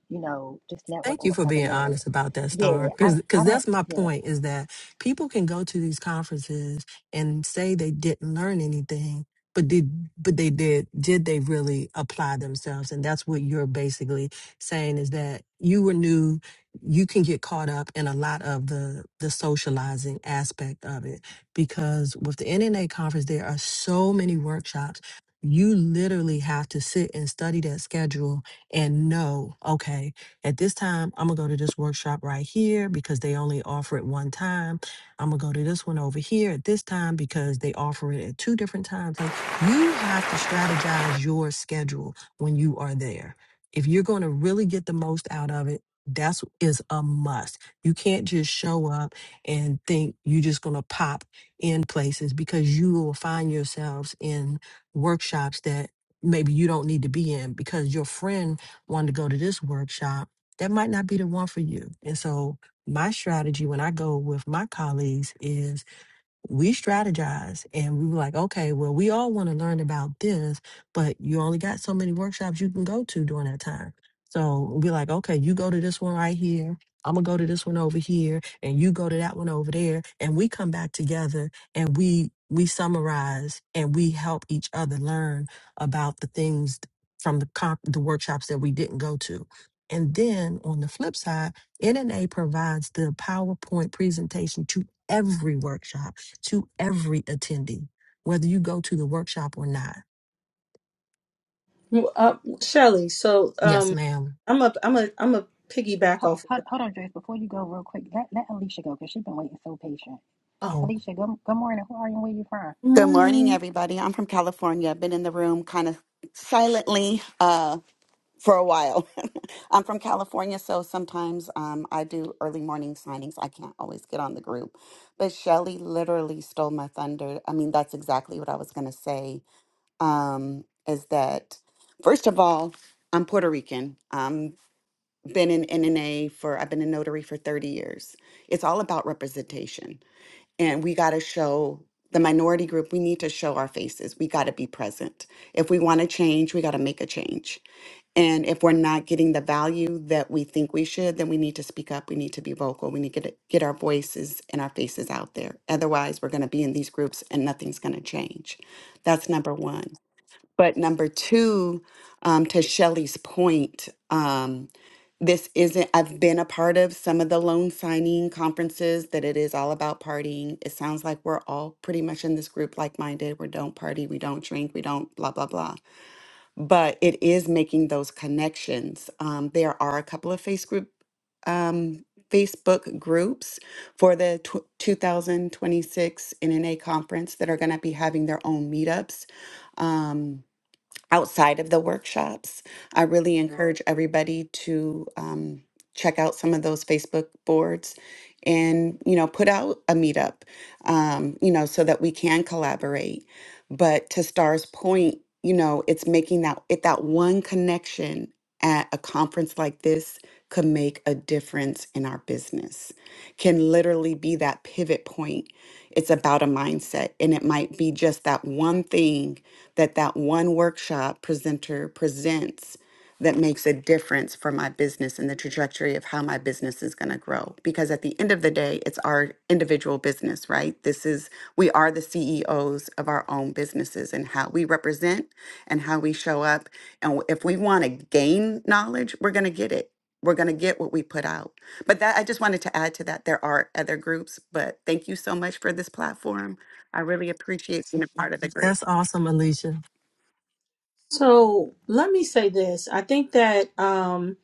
you know just
Thank
networking
you
with
for
other
being
notaries.
honest about that,
Yeah,
Star.
I I
Because
don't.
that's my
Yeah,
point is that people can go to these conferences and say they didn't learn anything, but did but they did did they really apply themselves? And that's what you're basically saying is that you were new. You can get caught up in a lot of the the socializing aspect of it because with the NNA conference, there are so many workshops. You literally have to sit and study that schedule and know, okay, at this time, I'm going to go to this workshop right here because they only offer it one time. I'm going to go to this one over here at this time because they offer it at two different times. Like you have to strategize your schedule when you are there. If you're going to really get the most out of it, that's is a must. You can't just show up and think you're just going to pop in places because you will find yourselves in workshops that maybe you don't need to be in because your friend wanted to go to this workshop that might not be the one for you. And so my strategy when I go with my colleagues is we strategized and we were like, okay, well, we all want to learn about this, but you only got so many workshops you can go to during that time. So we're like, okay, you go to this one right here. I'm gonna go to this one over here, and you go to that one over there, and we come back together and we we summarize and we help each other learn about the things from the comp- the workshops that we didn't go to. And then on the flip side, NNA provides the PowerPoint presentation to every workshop to every attendee, whether you go to the workshop or not.
Well, Uh, Shelley, so
Yes,
um,
ma'am.
I'm a I'm a I'm a piggyback
hold,
off. Of
hold,
what,
hold on, Joyce. Before you go, real quick, let, let Alicia go because she's been waiting so patient.
oh,
Oh,
Alicia, good, good morning. Who are you? and Where you from?
good
Good morning,
morning.
everybody. I'm from California. I've been in the room kind of silently uh, for a while. I'm from California, so sometimes um, I do early morning signings. I can't always get on the group. But Shelly literally stole my thunder. I mean, that's exactly what I was going to say um, is that, first of all, I'm Puerto Rican. I've been in NNA for, I've been a notary for 30 years. It's all about representation and we got to show the minority group we need to show our faces we got to be present if we want to change we got to make a change and if we're not getting the value that we think we should then we need to speak up we need to be vocal we need to get, get our voices and our faces out there otherwise we're going to be in these groups and nothing's going to change that's number one but number two, um, to Shelly's point, um, this isn't, I've been a part of some of the loan signing conferences that it is all about partying. It sounds like we're all pretty much in this group like minded. We don't party, we don't drink, we don't blah, blah, blah. But it is making those connections. Um, there are a couple of face group, um, Facebook groups for the tw 2026 NNA conference that are going to be having their own meetups. Um, outside of the workshops. I really Mhm. encourage everybody to um, check out some of those Facebook boards and you know put out a meetup um, you know so that we can collaborate but to star's point you know it's making that it that one connection at a conference like this could make a difference in our business can literally be that pivot point it's about a mindset and it might be just that one thing that that one workshop presenter presents that makes a difference for my business and the trajectory of how my business is going to grow because at the end of the day it's our individual business right this is we are the CEOs of our own businesses and how we represent and how we show up and if we want to gain knowledge we're going to get it we're going to get what we put out but that I just wanted to add to that there are other groups but thank you so much for this platform I really appreciate being a part of the group
that's awesome, Alicia.
So let me say this. I think that um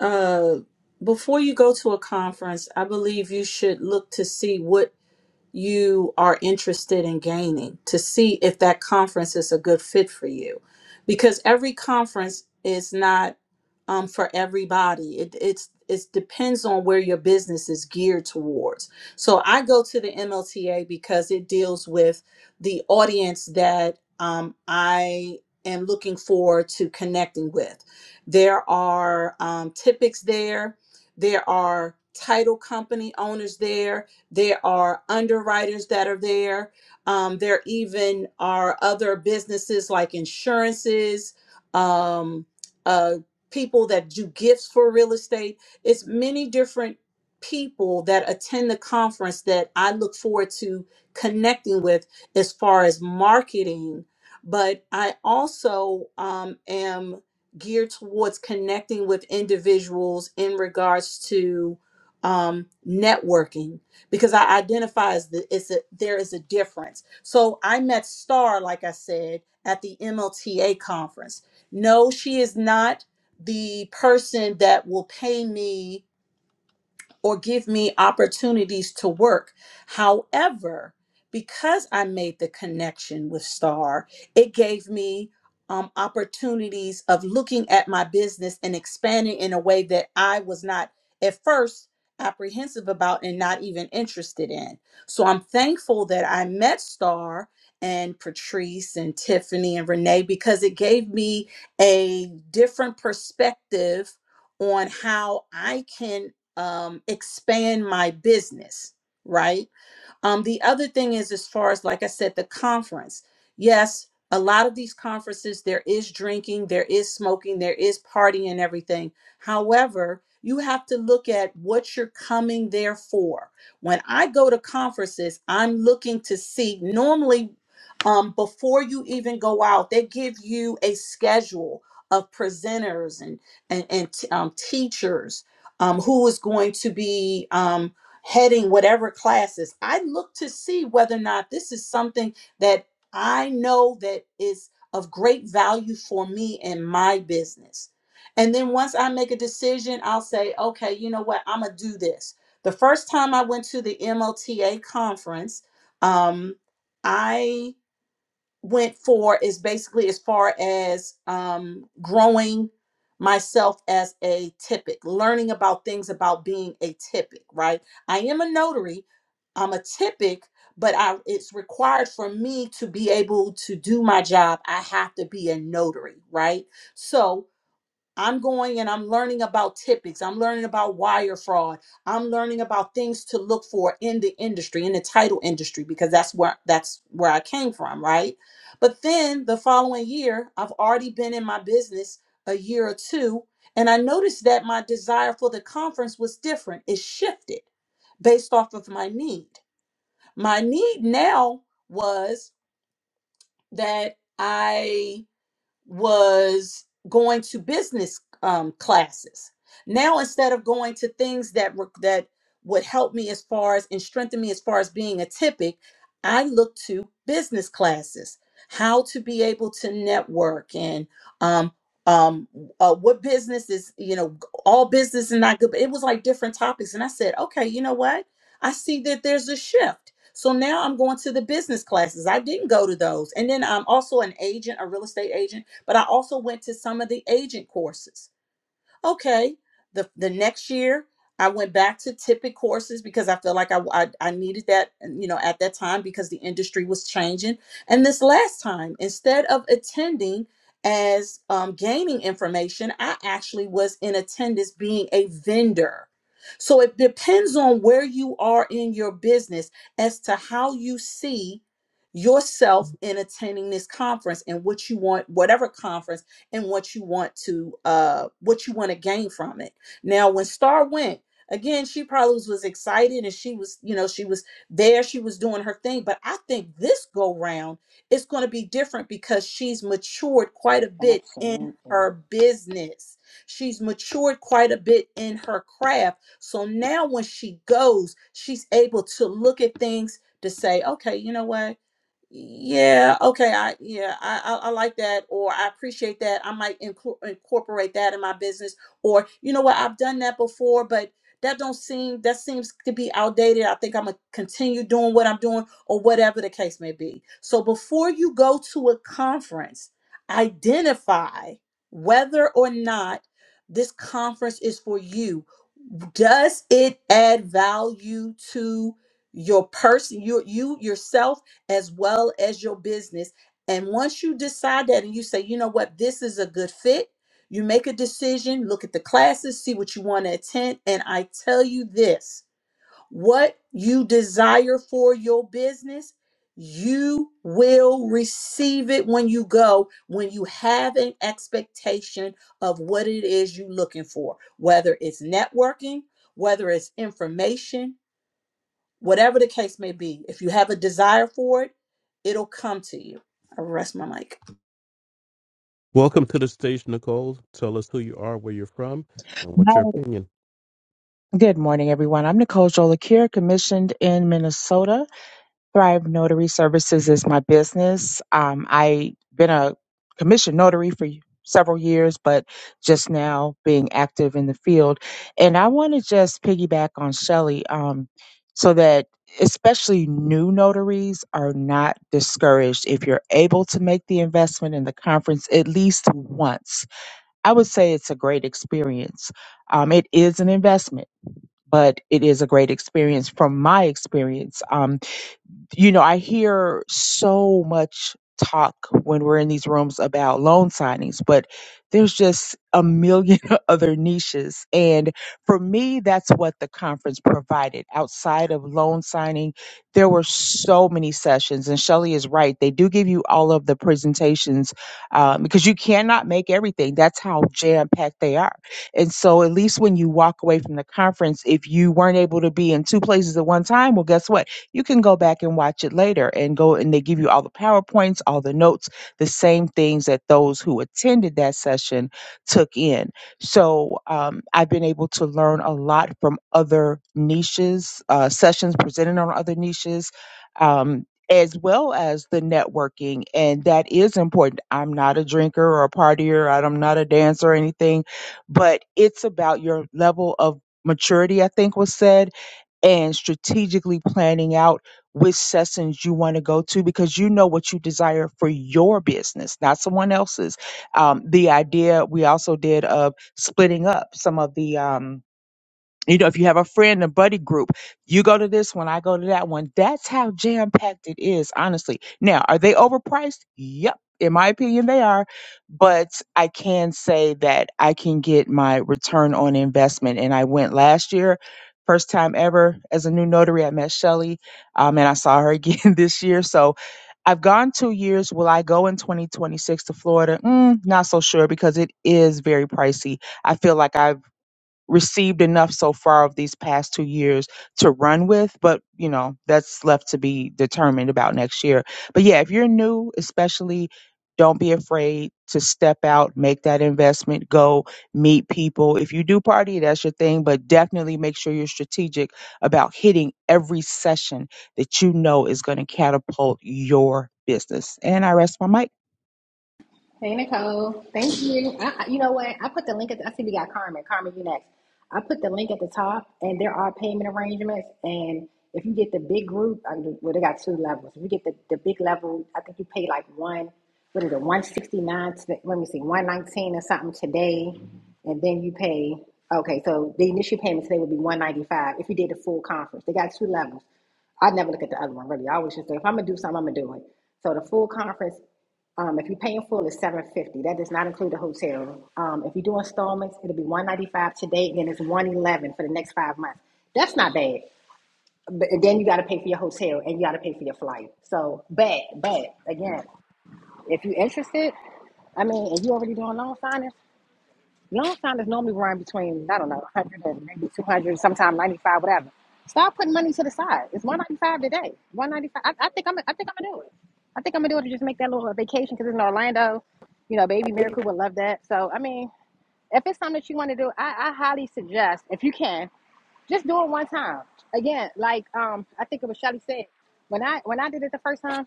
uh before you go to a conference, I believe you should look to see what you are interested in gaining to see if that conference is a good fit for you because every conference is not um, for everybody it, it's it depends on where your business is geared towards so i go to the mlta because it deals with the audience that um, i am looking forward to connecting with there are um, typics there there are title company owners there there are underwriters that are there. Um, there even are other businesses like insurances, um, uh, people that do gifts for real estate. It's many different people that attend the conference that I look forward to connecting with as far as marketing. But I also um, am geared towards connecting with individuals in regards to um, networking because I identify as the it's a there is a difference. So I met Star, like I said, at the MLTA conference. No, she is not the person that will pay me or give me opportunities to work. However, because I made the connection with Star, it gave me um, opportunities of looking at my business and expanding in a way that I was not at first apprehensive about and not even interested in. So I'm thankful that I met Star and Patrice and Tiffany and Renee because it gave me a different perspective on how I can um, expand my business, right? Um, the other thing is, as far as like I said, the conference. Yes, a lot of these conferences, there is drinking, there is smoking, there is partying and everything. However, you have to look at what you're coming there for. When I go to conferences, I'm looking to see normally um, before you even go out, they give you a schedule of presenters and and, and um, teachers um, who is going to be. um, heading whatever classes, I look to see whether or not this is something that I know that is of great value for me and my business. And then once I make a decision, I'll say, okay, you know what? I'm going to do this. The first time I went to the MOTA conference, um, I went for is basically as far as um, growing myself as a typic, learning about things about being a typic, right? I am a notary, I'm a typic, but I it's required for me to be able to do my job. I have to be a notary, right? So I'm going and I'm learning about typics. I'm learning about wire fraud. I'm learning about things to look for in the industry, in the title industry, because that's where that's where I came from, right? But then the following year, I've already been in my business a year or two, and I noticed that my desire for the conference was different. It shifted based off of my need. My need now was that I was going to business um, classes. Now instead of going to things that were that would help me as far as and strengthen me as far as being a typic, I look to business classes, how to be able to network and um, um, uh, what business is you know all business is not good. But it was like different topics, and I said, okay, you know what? I see that there's a shift. So now I'm going to the business classes. I didn't go to those. And then I'm also an agent, a real estate agent. But I also went to some of the agent courses. Okay, the the next year I went back to Tippett courses because I felt like I, I I needed that you know at that time because the industry was changing. And this last time, instead of attending as um, gaining information, I actually was in attendance being a vendor. So it depends on where you are in your business as to how you see yourself in attending this conference and what you want, whatever conference and what you want to uh what you want to gain from it now when star went again she probably was, was excited and she was you know she was there she was doing her thing but i think this go round is going to be different because she's matured quite a bit in
Absolutely.
her business she's matured quite a bit in her craft so now when she goes she's able to look at things to say okay you know what yeah, okay. I yeah, I, I I like that or I appreciate that. I might incor- incorporate that in my business or you know what, I've done that before, but that don't seem that seems to be outdated. I think I'm gonna continue doing what I'm doing or whatever the case may be. So before you go to a conference, identify whether or not this conference is for you does it add value to your person your you yourself as well as your business and once you decide that and you say you know what this is a good fit you make a decision look at the classes see what you want to attend and i tell you this what you desire for your business, you will receive it when you go, when you have an expectation of what it is you're looking for, whether it's networking, whether it's information, whatever the case may be. If you have a desire for it, it'll come to you. I rest my mic.
Welcome to the stage, Nicole. Tell us who you are, where you're from, and what's your opinion.
Good morning, everyone. I'm Nicole Jolakir, commissioned in Minnesota. Thrive Notary Services is my business. Um, I've been a commissioned notary for several years, but just now being active in the field. And I want to just piggyback on Shelley, um, so that especially new notaries are not discouraged. If you're able to make the investment in the conference at least once, I would say it's a great experience. Um, it is an investment but it is a great experience from my experience. Um, you know, I hear so much talk when we're in these rooms about loan signings, but there's just a million other niches. And for me, that's what the conference provided. Outside of loan signing, there were so many sessions. And Shelley is right. They do give you all of the presentations um, because you cannot make everything. That's how jam packed they are. And so, at least when you walk away from the conference, if you weren't able to be in two places at one time, well, guess what? you can go back and watch it later and go and they give you all the PowerPoints, all the notes, the same things that those who attended that session took in. So um, I've been able to learn a lot from other niches, uh, sessions presented on other niches. Um, as well as the networking, and that is important. I'm not a drinker or a partier, I- I'm not a dancer or anything, but it's about your level of maturity, I think was said and strategically planning out which sessions you want to go to because you know what you desire for your business, not someone else's. Um, the idea we also did of splitting up some of the. Um, you know, if you have a friend, a buddy group, you go to this one, I go to that one. That's how jam packed it is, honestly. Now, are they overpriced? Yep. In my opinion, they are. But I can say that I can get my return on investment. And I went last year, first time ever as a new notary. I met Shelly um, and I saw her again this year. So I've gone two years. Will I go in 2026 to Florida? Mm, not so sure because it is very pricey. I feel like I have received enough so far of these past two years to run with, but you know, that's left to be determined about next year. But yeah, if you're new, especially don't be afraid to step out, make that investment, go meet people. If you do party, that's your thing, but definitely make sure you're strategic about hitting every session that you know is going to catapult your business. And I rest my mic.
Hey Nicole, thank you. I, I- you know what? I put the link at. The, I see we got Carmen. Carmen, you next. I put the link at the top, and there are payment arrangements. And if you get the big group, I, mean, well, they got two levels. If you get the, the big level, I think you pay like one. What is it? One sixty nine. Let me see. One nineteen or something today, and then you pay. Okay, so the initial payment today would be one ninety five if you did the full conference. They got two levels. I never look at the other one really. I always just say if I'm gonna do something, I'm gonna do it. So the full conference, um, if you pay in full, is seven fifty. That does not include the hotel room. Um, if you do installments, it'll be one ninety five today, and then it's one eleven for the next five months. That's not bad. But then you got to pay for your hotel and you got to pay for your flight. So bad, bad. Again, if you're interested, I mean, and you already doing loan signings. Youngstown is normally run between, I don't know, 100 and maybe 200, sometimes 95, whatever. Start putting money to the side. It's 195 today. 195. I, I think I'm. I think I'm gonna do it. I think I'm gonna do it to just make that little vacation because it's in Orlando. You know, baby Miracle would love that. So I mean, if it's something that you want to do, I, I highly suggest if you can, just do it one time. Again, like um, I think it was Shelly said when I when I did it the first time.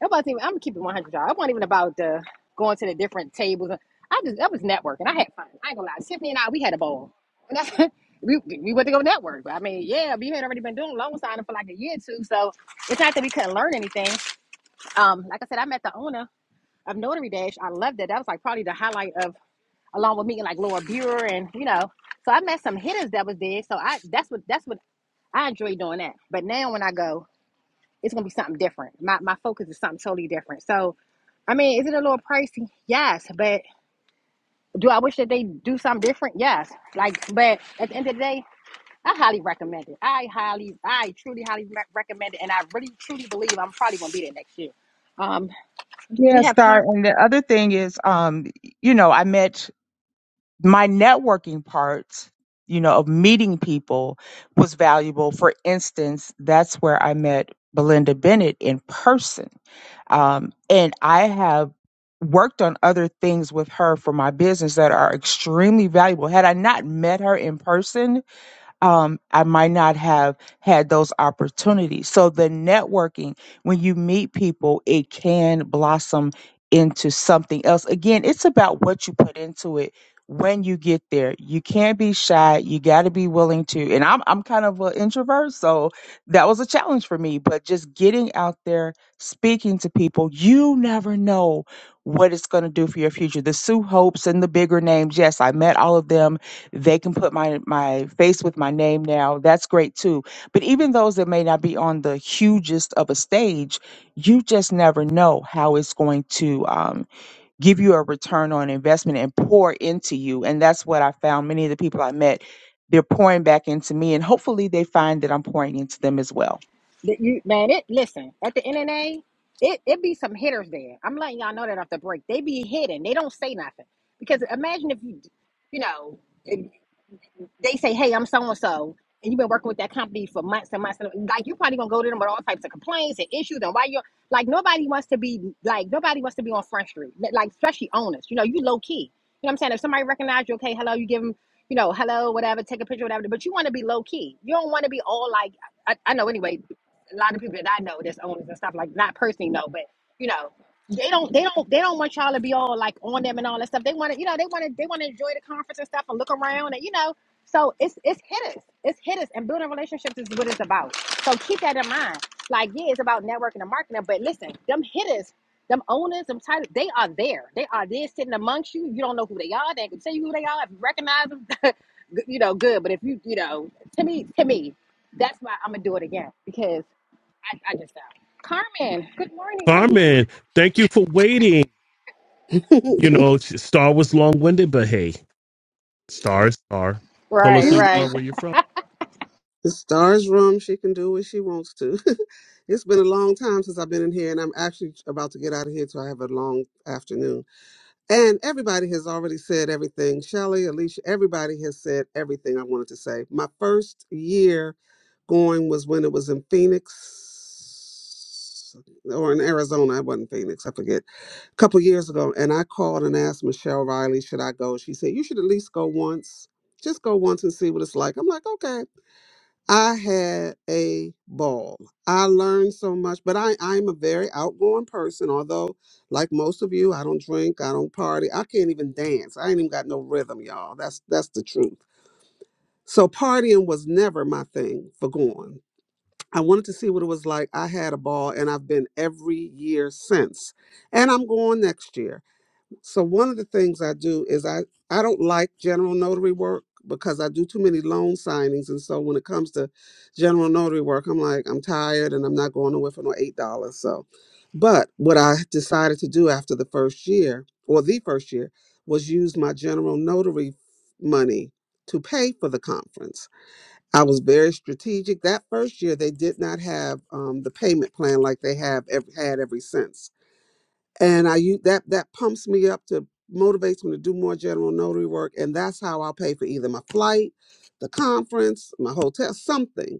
Nobody. I'm gonna keep it 100. Y'all. It wasn't even about the going to the different tables. I just that was networking. I had fun. I ain't gonna lie. Tiffany and I we had a ball. And that's, we we went to go network. I mean, yeah, we had already been doing loan signing for like a year or two, so it's not that we couldn't learn anything. Um, like I said, I met the owner of Notary Dash. I loved it. That was like probably the highlight of along with meeting like Laura Buer and you know. So I met some hitters that was there. So I that's what that's what I enjoy doing that. But now when I go, it's gonna be something different. My my focus is something totally different. So I mean, is it a little pricey? Yes, but do I wish that they do something different? Yes. Like, but at the end of the day, I highly recommend it. I highly, I truly highly re- recommend it, and I really truly believe I'm probably gonna be there next year. Um,
Yeah,
we have
Star.
con
And the other thing is, um, you know, I met my networking part, you know, of meeting people was valuable. For instance, that's where I met Belinda Bennett in person. Um, and I have worked on other things with her for my business that are extremely valuable. Had I not met her in person, um, I might not have had those opportunities. So the networking, when you meet people, it can blossom into something else. Again, it's about what you put into it when you get there. You can't be shy. You got to be willing to. And I'm I'm kind of an introvert, so that was a challenge for me. But just getting out there, speaking to people, you never know what it's going to do for your future. The Sue Hopes and the bigger names, yes, I met all of them they can put my my face with my name now that's great too but even those that may not be on the hugest of a stage you just never know how it's going to um, give you a return on investment and pour into you and that's what i found many of the people i met they're pouring back into me and hopefully they find that i'm pouring into them as well
that you man. It listen at the NNA, it it be some hitters there. I'm letting y'all know that off the break, they be hitting. They don't say nothing because imagine if you, you know. they say, "Hey, I'm so and so," and you've been working with that company for months and months, and like you're probably gonna go to them with all types of complaints and issues, and why you're like nobody wants to be like nobody wants to be on front street, like especially owners. You know, you low key. You know what I'm saying? If somebody recognizes, you, okay, hello, you give them, you know, hello, whatever, take a picture, whatever. But you want to be low key. You don't want to be all like I, I know anyway. A lot of people that I know that's owners and stuff like not personally know, but you know, they don't they don't they don't want y'all to be all like on them and all that stuff. They want to you know they want to they want to enjoy the conference and stuff and look around and you know so it's it's hit us. It's hit us. And building relationships is what it's about. So keep that in mind. Like, yeah, it's about networking and marketing, but listen, them hitters, them owners, them titles, they are there. They are there sitting amongst you. You don't know who they are. They can tell you who they are. If you recognize them, you know, good. But if you, you know, to me, to me, that's why I'm gonna do it again because I, I just found. Carmen, good morning. Thank you.
Carmen, thank you for waiting. You know, Star was long winded, but hey, Star is Star. Tell us
Right,
who you
the
are,
right.
where you're from.
stars room she can do what she wants to it's been a long time since i've been in here and i'm actually about to get out of here so i have a long afternoon and everybody has already said everything shelly alicia everybody has said everything i wanted to say my first year going was when it was in phoenix or in arizona it wasn't phoenix i forget a couple years ago and i called and asked michelle riley should i go she said you should at least go once just go once and see what it's like i'm like okay I had a ball. I learned so much, but I, I'm a very outgoing person. Although, like most of you, I don't drink, I don't party, I can't even dance. I ain't even got no rhythm, y'all. That's that's the truth. So partying was never my thing for going. I wanted to see what it was like. I had a ball, and I've been every year since. And I'm going next year. So one of the things I do is I I don't like general notary work because I do too many loan signings, and so when it comes to general notary work, I'm like I'm tired and I'm not going nowhere for no eight dollars. So, but what I decided to do after the first year or the first year was use my general notary money to pay for the conference. I was very strategic. That first year, they did not have um, the payment plan like they have ev- had every since and I use that that pumps me up to motivates me to do more general notary work, and that's how I'll pay for either my flight, the conference, my hotel, something.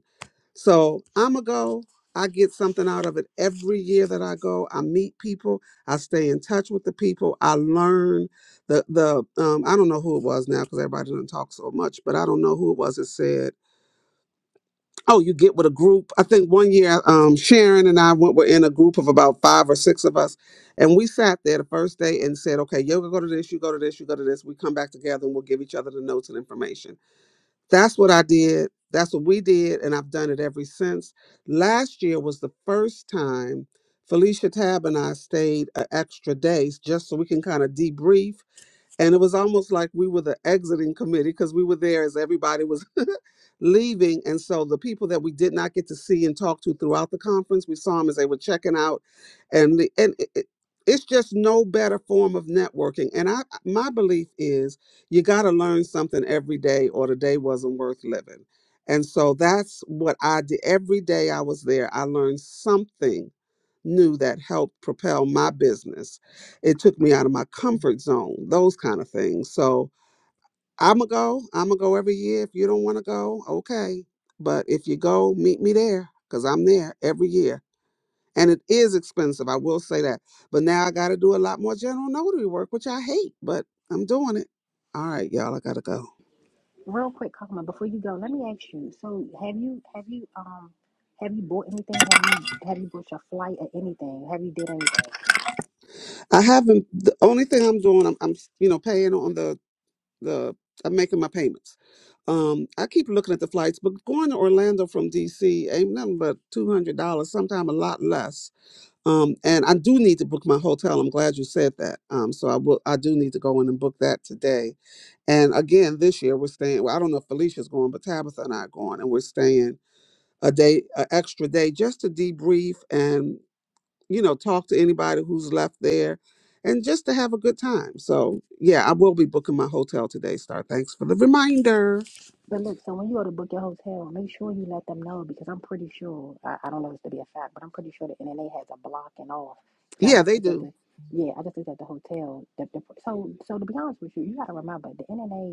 So I'ma go. I get something out of it every year that I go. I meet people. I stay in touch with the people. I learn the the. Um, I don't know who it was now because everybody doesn't talk so much, but I don't know who it was that said Oh, you get with a group. I think one year, um, Sharon and I went, were in a group of about five or six of us, and we sat there the first day and said, "Okay, you go to this, you go to this, you go to this." We come back together and we'll give each other the notes and information. That's what I did. That's what we did, and I've done it ever since. Last year was the first time Felicia Tab and I stayed an extra day just so we can kind of debrief and it was almost like we were the exiting committee because we were there as everybody was leaving and so the people that we did not get to see and talk to throughout the conference we saw them as they were checking out and the, and it, it- it's just no better form of networking and i my belief is you got to learn something every day or the day wasn't worth living and so that's what i did every day i was there i learned something knew that helped propel my business. It took me out of my comfort zone, those kind of things. So I'm going to go. I'm going to go every year. If you don't want to go, okay. But if you go, meet me there because I'm there every year. And it is expensive, I will say that. But now I got to do a lot more general notary work, which I hate, but I'm doing it. All right, y'all, I got to go.
real quick, Kakma, before you go, let me ask you. So, have you have you um have you bought anything? Have you have you booked your flight or anything? Have you did anything?
I haven't, the only thing I'm doing, I'm, I'm you know, paying on the the I'm making my payments. Um, I keep looking at the flights, but going to Orlando from DC ain't nothing but two hundred dollars, sometimes a lot less. Um, and I do need to book my hotel. I'm glad you said that. Um, so I will. I do need to go in and book that today. And again, this year we're staying. Well, I don't know if Felicia's going, but Tabitha and I are going, and we're staying a day, an extra day, just to debrief and you know, talk to anybody who's left there and just to have a good time. So, yeah, I will be booking my hotel today, Star. Thanks for the reminder.
But look, so when you go to book your hotel, make sure you let them know because I'm pretty sure I, I don't know this to be a fact, but I'm pretty sure the NNA has a blocking off. Because I
Yeah,
just
they
looked at
do.
the yeah, I just looked at the hotel. The, the, so so to be honest with you, you got to remember the NNA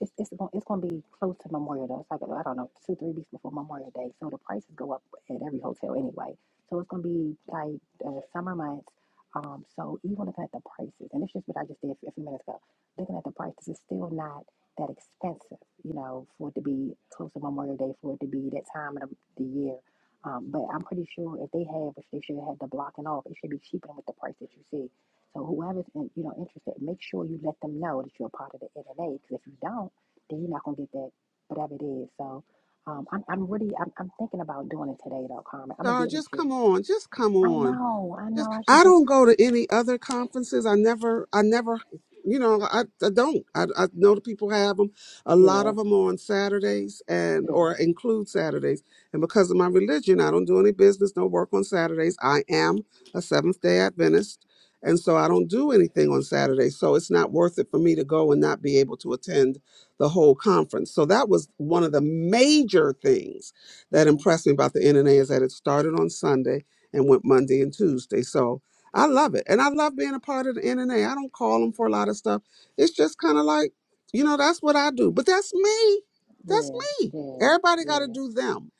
It's it's going it's going to be close to Memorial Day. It's like I don't know two three weeks before Memorial Day, so the prices go up at every hotel anyway. So it's going to be like uh, summer months. Um, so even looking at the prices, and it's just what I just did a few minutes ago. Looking at the prices, it's still not that expensive, you know, for it to be close to Memorial Day, for it to be that time of the, the year. Um, but I'm pretty sure if they have, if they should have the blocking off, it should be cheaper than with the price that you see. So whoever's in, you know interested, make sure you let them know that you're a part of the NNA. Because if you don't, then you're not gonna get that whatever it is. So um, I'm I'm really I'm, I'm thinking about doing it today though, Carmen. I'm gonna
Star,
get with
just
you.
come on. Just come
I
on.
know, I
just
know. I should
I
just
don't go to any other conferences. I never, I never, you know, I, I don't. I, I know the people have them. A lot
yeah,
of them are on Saturdays and
yeah,
or include Saturdays. And because of my religion, I don't do any business, no work on Saturdays. I am a Seventh Day Adventist, and so I don't do anything on Saturdays. So it's not worth it for me to go and not be able to attend the whole conference. So that was one of the major things that
hmm
impressed me about the NNA is that it started on Sunday and went Monday and Tuesday. So I love it. And I love being a part of the NNA. I don't call them for a lot of stuff. It's just kind of like, you know, that's what I do. But that's me. That's
yeah,
me.
yeah,
Everybody
yeah,
got to do them.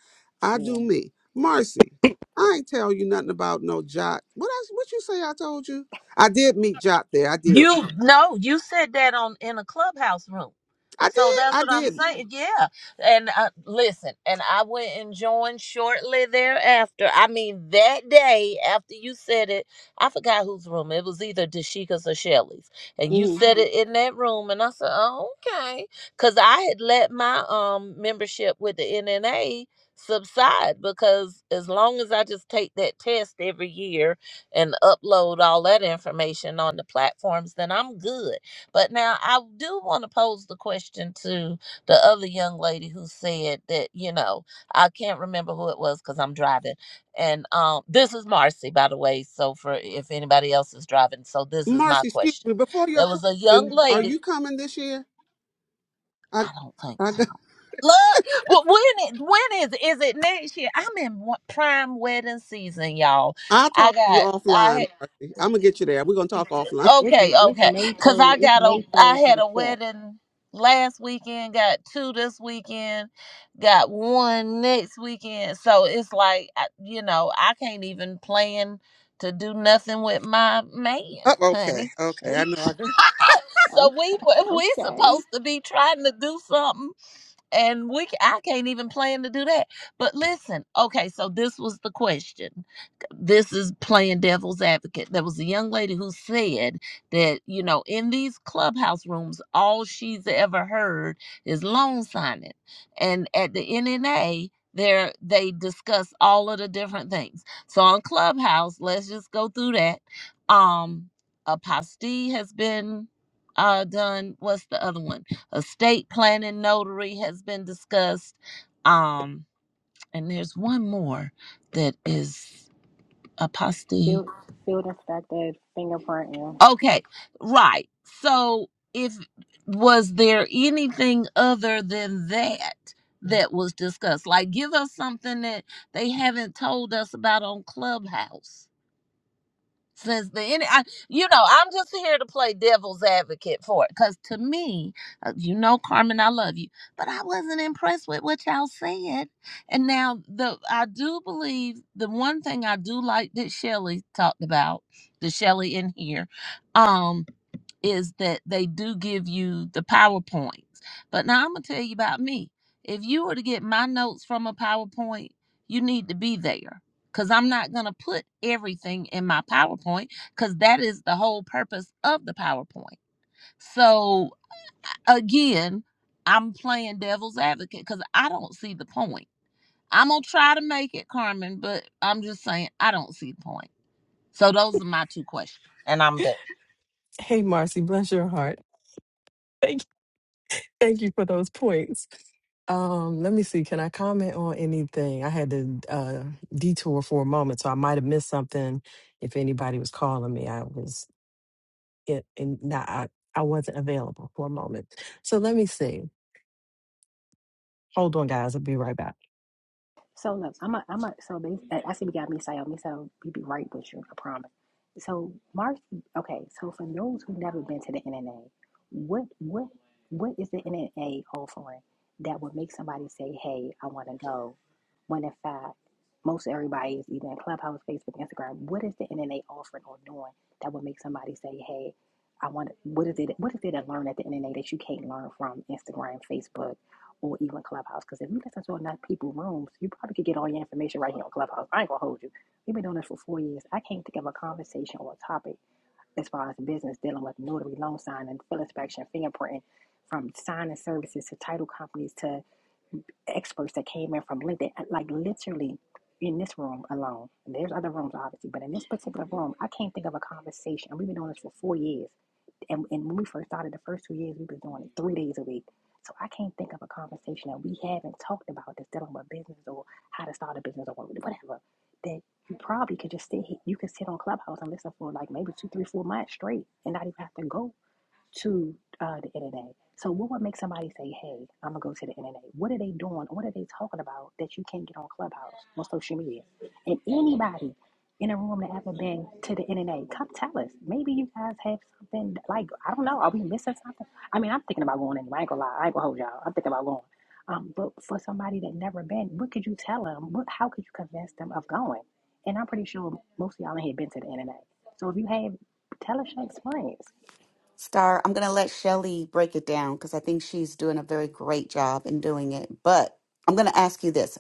I
yeah.
do me. Marcy, I ain't tell you nothing about no Jot. What I, what you say I told you? I did meet Jot there. I did.
You no, you said that on in a clubhouse room.
I
So
did.
that's
I
what I'm
did.
saying. Yeah. And uh, listen, and I went and joined shortly thereafter. I mean, that day after you said it, I forgot whose room. It was either Dashika's or Shelly's. And you
hmm
said it in that room. And I said, oh, okay. Because I had let my um membership with the NNA subside because as long as I just take that test every year and upload all that information on the platforms, then I'm good. But now I do want to pose the question to the other young lady who said that, you know, I can't remember who it was because I'm driving. And um, this is Marcy, by the way. So for if anybody else is driving, so this is my
Marcy, excuse
question.
me. Before your
There was a young
question, are
lady.
you coming this year? I
I don't think.
I
so.
got.
Look, well, when it, when is is it next year? I'm in wa- prime wedding season, y'all.
I'll
I
talk to you
got I had
offline, Marcy. I'm gonna get you there. We're gonna talk offline.
It's
Okay,
it's
okay.
May
Cause I got a I
third through
had
the
a
fifth.
wedding last weekend, got two this weekend, got one next weekend. So it's like I- you know, I can't even plan to do nothing with my
Oh,
man,
okay,
honey.
okay. I
We
know I got
so
Okay,
we we
okay.
supposed to be trying to do something and we I I can't even plan to do that. But listen, okay, so this was the question. This is playing devil's advocate. There was a young lady who said that, you know, in these clubhouse rooms, all she's ever heard is loan signing. And at the NNA, there they discuss all of the different things. So on Clubhouse, let's just go through that. Um apostille has been uh done. What's the other one? Estate planning notary has been discussed. Um, and there's one more that is apostille.
Field field inspector fingerprinting.
Okay, right. So if was there anything other than that that was discussed? Like give us something that they haven't told us about on Clubhouse. since the any, I, you know i'm just here to play devil's advocate for it because to me uh, you know carmen i love you but i wasn't impressed with what y'all said and now the i do believe the one thing i do like that Shelley talked about the Shelley in here um, is that they do give you the PowerPoints. But now I'm going to tell you about me. If you were to get my notes from a PowerPoint, you need to be there because I'm not going to put everything in my PowerPoint because that is the whole purpose of the PowerPoint. So again, I'm playing devil's advocate because I don't see the point. I'm going to try to make it, Carmen, but I'm just saying I don't see the point. So those are my two questions. And I'm done.
Hey, Marcy, bless your heart. Thank you. Thank you for those points. Um, let me see. Can I comment on anything? I had to uh, detour for a moment, so I might have missed something. If anybody was calling me, I was it, and not I, I wasn't available for a moment. So let me see. Hold on, guys. I'll be right back.
So look, I'm a, I'm a, so bas- I see we got Misael. Misael, we be right with you, I promise. So Marcy, okay. So for those who've never been to the NNA, what, what, what is the NNA offering that would make somebody say, "Hey, I want to go," when in fact most everybody is either in Clubhouse, Facebook, Instagram. What is the NNA offering or doing that would make somebody say, "Hey, I want"? What is it? What is it to learn at the NNA that you can't learn from Instagram, Facebook? or even Clubhouse. Because if you listen to enough people rooms, you probably could get all your information right here on Clubhouse. I ain't gonna hold you. We've been doing this for four years. I can't think of a conversation or a topic as far as business dealing with notary loan signing, fill inspection, fingerprinting, from signing services to title companies to experts that came in from LinkedIn. Like literally in this room alone. There's other rooms obviously, but in this particular room, I can't think of a conversation. And we've been doing this for four years and, and when we first started the first two years, we have been doing it three days a week. So I can't think of a conversation that we haven't talked about that's dealing with business or how to start a business or whatever. That you probably could just sit here, you could sit on Clubhouse and listen for like maybe two, three, four months straight and not even have to go to uh, the internet. So, what would make somebody say, "Hey, I'm gonna go to the internet"? What are they doing? What are they talking about that you can't get on Clubhouse on social media? And anybody in a room that ever been to the internet, come tell us. Maybe you guys have something like I don't know. Are we missing something? I mean, I'm thinking about going anyway. I ain't gonna lie. I ain't gonna hold y'all. I'm thinking about going. Um, but for somebody that never been, what could you tell them? What, how could you convince them of going? And I'm pretty sure most of y'all in here been to the internet. So if you have, tell us your experience.
Star, I'm going to let Shelly break it down because I think she's doing a very great job in doing it. But I'm going to ask you this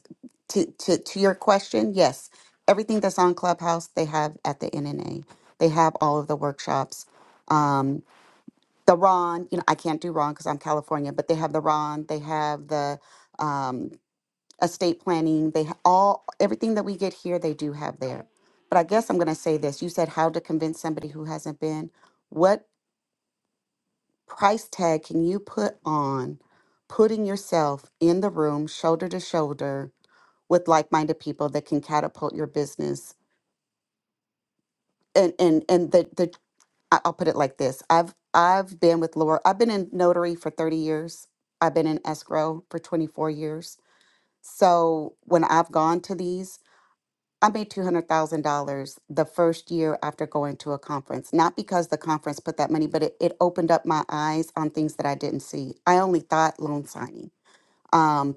to, to, to your question yes, everything that's on Clubhouse, they have at the NNA, they have all of the workshops. Um, the Ron, you know, I can't do Ron because I'm California, but they have the Ron, they have the um, estate planning, they ha- all everything that we get here, they do have there. But I guess I'm going to say this you said how to convince somebody who hasn't been. What price tag can you put on putting yourself in the room shoulder to shoulder with like-minded people that can catapult your business and and and the the I- I'll put it like this I've I've been with Laura I've been in notary for 30 years I've been in escrow for 24 years so when I've gone to these I made $200,000 the first year after going to a conference. Not because the conference put that money, but it, it opened up my eyes on things that I didn't see. I only thought loan signing. um,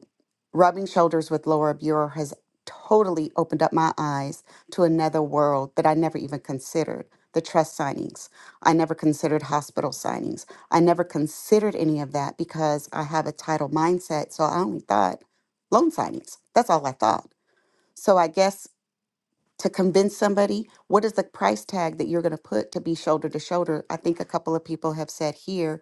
rubbing shoulders with Laura Buer has totally opened up my eyes to another world that I never even considered the trust signings. I never considered hospital signings. I never considered any of that because I have a title mindset. So I only thought loan signings. That's all I thought. So I guess to convince somebody what is the price tag that you're going to put to be shoulder to shoulder i think a couple of people have said here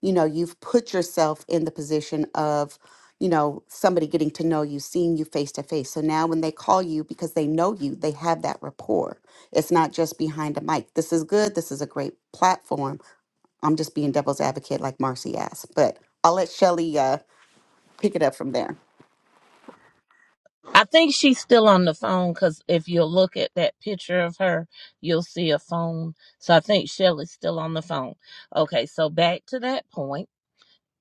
you know you've put yourself in the position of you know somebody getting to know you seeing you face to face so now when they call you because they know you they have that rapport it's not just behind a mic this is good this is a great platform i'm just being devil's advocate like marcy asked but i'll let shelly uh, pick it up from there
I think she's still on the phone because if you look at that picture of her, you'll see a phone. So I think Shelly's still on the phone. Okay, so back to that point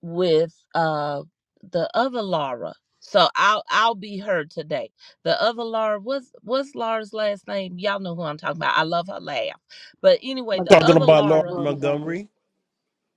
with uh the other Laura. So I'll I'll be her today. The other Laura was what's what's Laura's last name? Y'all know who I'm talking about. I love her laugh. But anyway, the
Talking
other
McGarry,
about Laura
Laura
Laura McGarry.
Montgomery.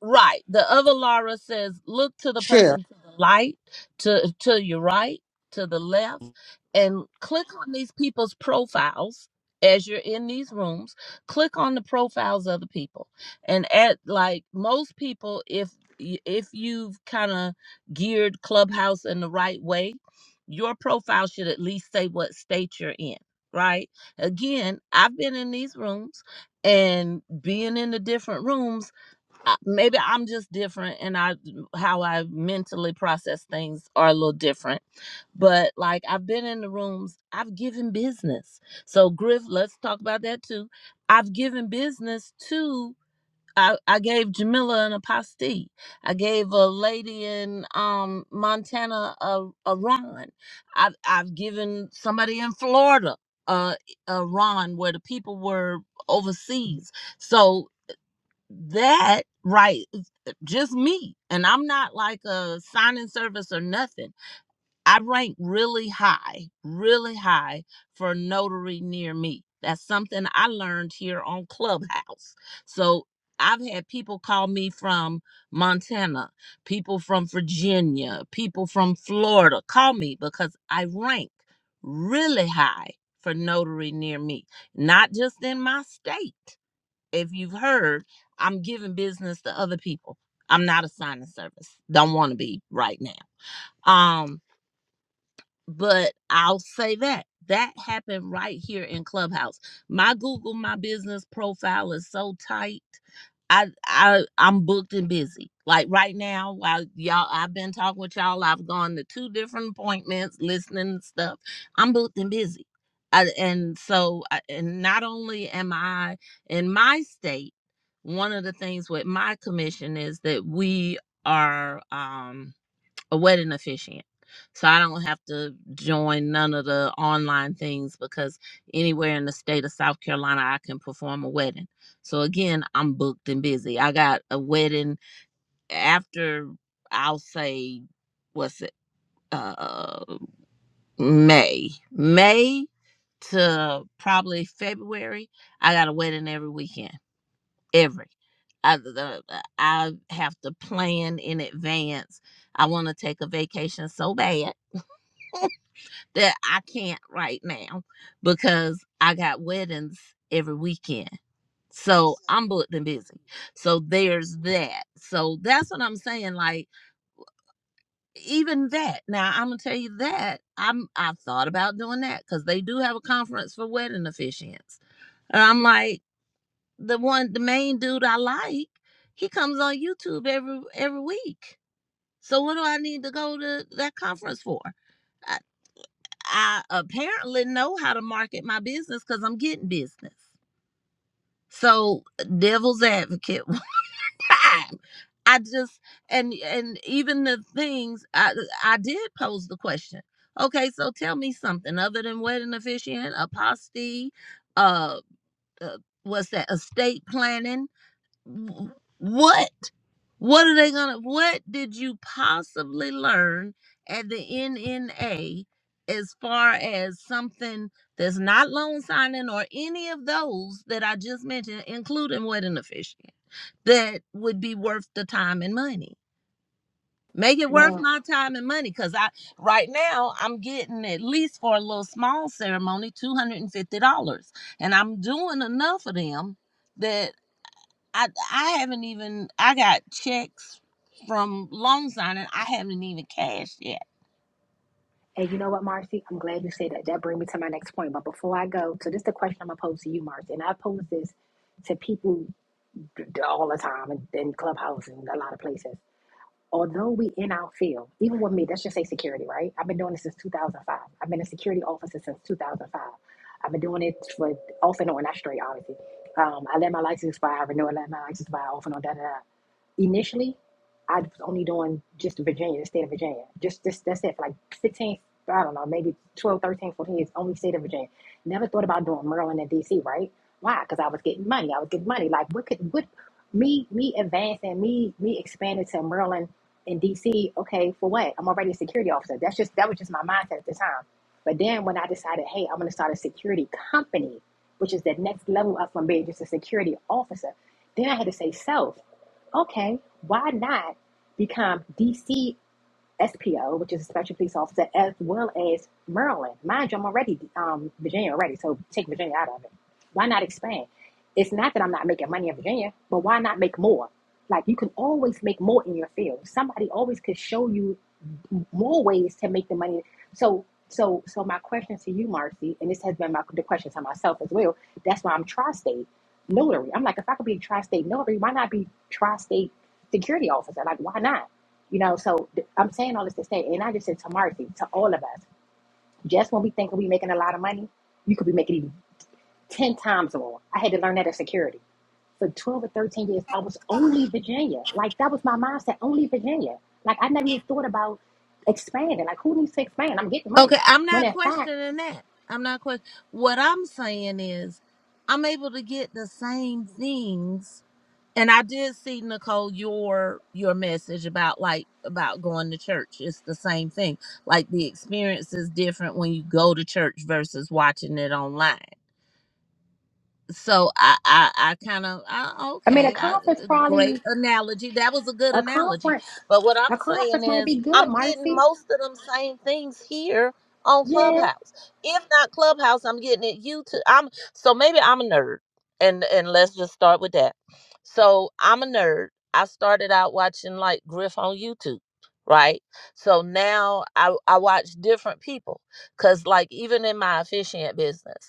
Right. The other Laura says, look to the
share.
person to the light, to to your right, to the left, and click on these people's profiles as you're in these rooms. Click on the profiles of the people, and at like most people, if y- if you've kind of geared Clubhouse in the right way, your profile should at least say what state you're in. Right. Again, I've been in these rooms and being in the different rooms I- maybe I'm just different and I how I mentally process things are a little different. But like I've been in the rooms, I've given business. So Griff, let's talk about that too. I've given business to I, I gave Jamila an apostille. I gave a lady in um, Montana a, a Ron. I've, I've given somebody in Florida a, a Ron where the people were overseas. So that right just me. And I'm not like a signing service or nothing. I rank really high, really high for a notary near me. That's something I learned here on Clubhouse. So I've had people call me from Montana, people from Virginia, people from Florida call me because I rank really high for notary near me, not just in my state if you've heard, I'm giving business to other people. I'm not assigning service. Don't want to be right now. Um, but I'll say that that happened right here in Clubhouse. My Google My Business profile is so tight. I I I'm booked and busy. Like right now, while y'all I've been talking with y'all, I've gone to two different appointments, listening and stuff. I'm booked and busy. I, and so I- and not only am I in my state, one of the things with my commission is that we are um a wedding officiant. So I don't have to join none of the online things because anywhere in the state of South Carolina I can perform a wedding. So again, I'm booked and busy. I got a wedding after I'll say what's it uh May. May to probably February, I got a wedding every weekend. Every I, the, I have to plan in advance. I want to take a vacation so bad that I can't right now because I got weddings every weekend. So I'm booked and busy. So there's that. So that's what I'm saying. Like even that. Now I'm gonna tell you that I'm I've thought about doing that because they do have a conference for wedding officiants. And I'm like the one the main dude I like. He comes on YouTube every every week. So what do I need to go to that conference for? I apparently know how to market my business because I'm getting business. So uh, devil's advocate one time. I just and and even the things I I did pose the question. Okay, so tell me something other than wedding officiant, apostasy, uh, uh what's that, estate planning what what are they gonna what did you possibly learn at the nna as far as something that's not loan signing or any of those that i just mentioned including wedding officiant that would be worth the time and money make it worth
Now,
my time and money because i right now i'm getting at least for a little small ceremony $250 and fifty dollars, and i'm doing enough of them that. I I haven't even I got checks from loan signing. I haven't even cashed yet.
and you know what, Marcy? I'm glad you said that. That brings me to my next point. But before I go, so this is the question I'm going to pose to you, Marcy. And I pose this to people all the time in, in clubhouse and a lot of places. although we in our field, even with me, let's just say security, right? I've been doing this since 2005. I've been a security officer since 2005. I've been doing it for off and on, not straight, obviously. Um, I let my license expire, I renew, I let my license expire, off and on, da da da. Initially, I was only doing just Virginia, the state of Virginia. Just, just that's it for like 15, I don't know, maybe twelve, thirteen, fourteen. 13, years, only state of Virginia. Never thought about doing Maryland and DC, right? Why? Because I was getting money. I was getting money. Like, what could, what, me, me advancing, me, me expanding to Maryland in DC, okay, for what? I'm already a security officer. That's just that was just my mindset at the time. But then when I decided, hey, I'm gonna start a security company, which is the next level up from being just a security officer, then I had to say self, okay, why not become DC SPO, which is a special police officer, as well as Maryland. Mind you, I'm already um, Virginia already, so take Virginia out of it. Why not expand? It's not that I'm not making money in Virginia, but why not make more? Like you can always make more in your field. Somebody always could show you more ways to make the money. So, so, so my question to you, Marcy, and this has been my the question to myself as well. That's why I'm tri-state notary. I'm like, if I could be a tri-state notary, why not be tri-state security officer? Like, why not? You know, so th- I'm saying all this to say, and I just said to Marcy, to all of us, just when we think we making a lot of money, you could be making even 10 times more. I had to learn that as security. For 12 or 13 years, I was only Virginia. Like, that was my mindset, only Virginia. Like, I never even thought about expanding. Like, who needs to expand? I'm getting money.
Okay, I'm
When
not
in fact,
questioning that. I'm not question. What I'm saying is, I'm able to get the same things. And I did see Nicole your your message about like about going to church. It's the same thing. Like the experience is different when you go to church versus watching it online. so I I, I kind of I,
I mean, a
okay, I,
conference
a
probably,
great analogy. That was a good
a
analogy.
conference,
But what
a
I'm saying
conference might
is,
be good,
I'm getting
Marcy.
most of them same things here on
Yeah.
Clubhouse. If not Clubhouse, I'm getting it YouTube. I'm so maybe I'm a nerd, and and let's just start with that. So I'm a nerd. I started out watching like Griff on YouTube. Right. So now I, I watch different people because like even in my officiant business.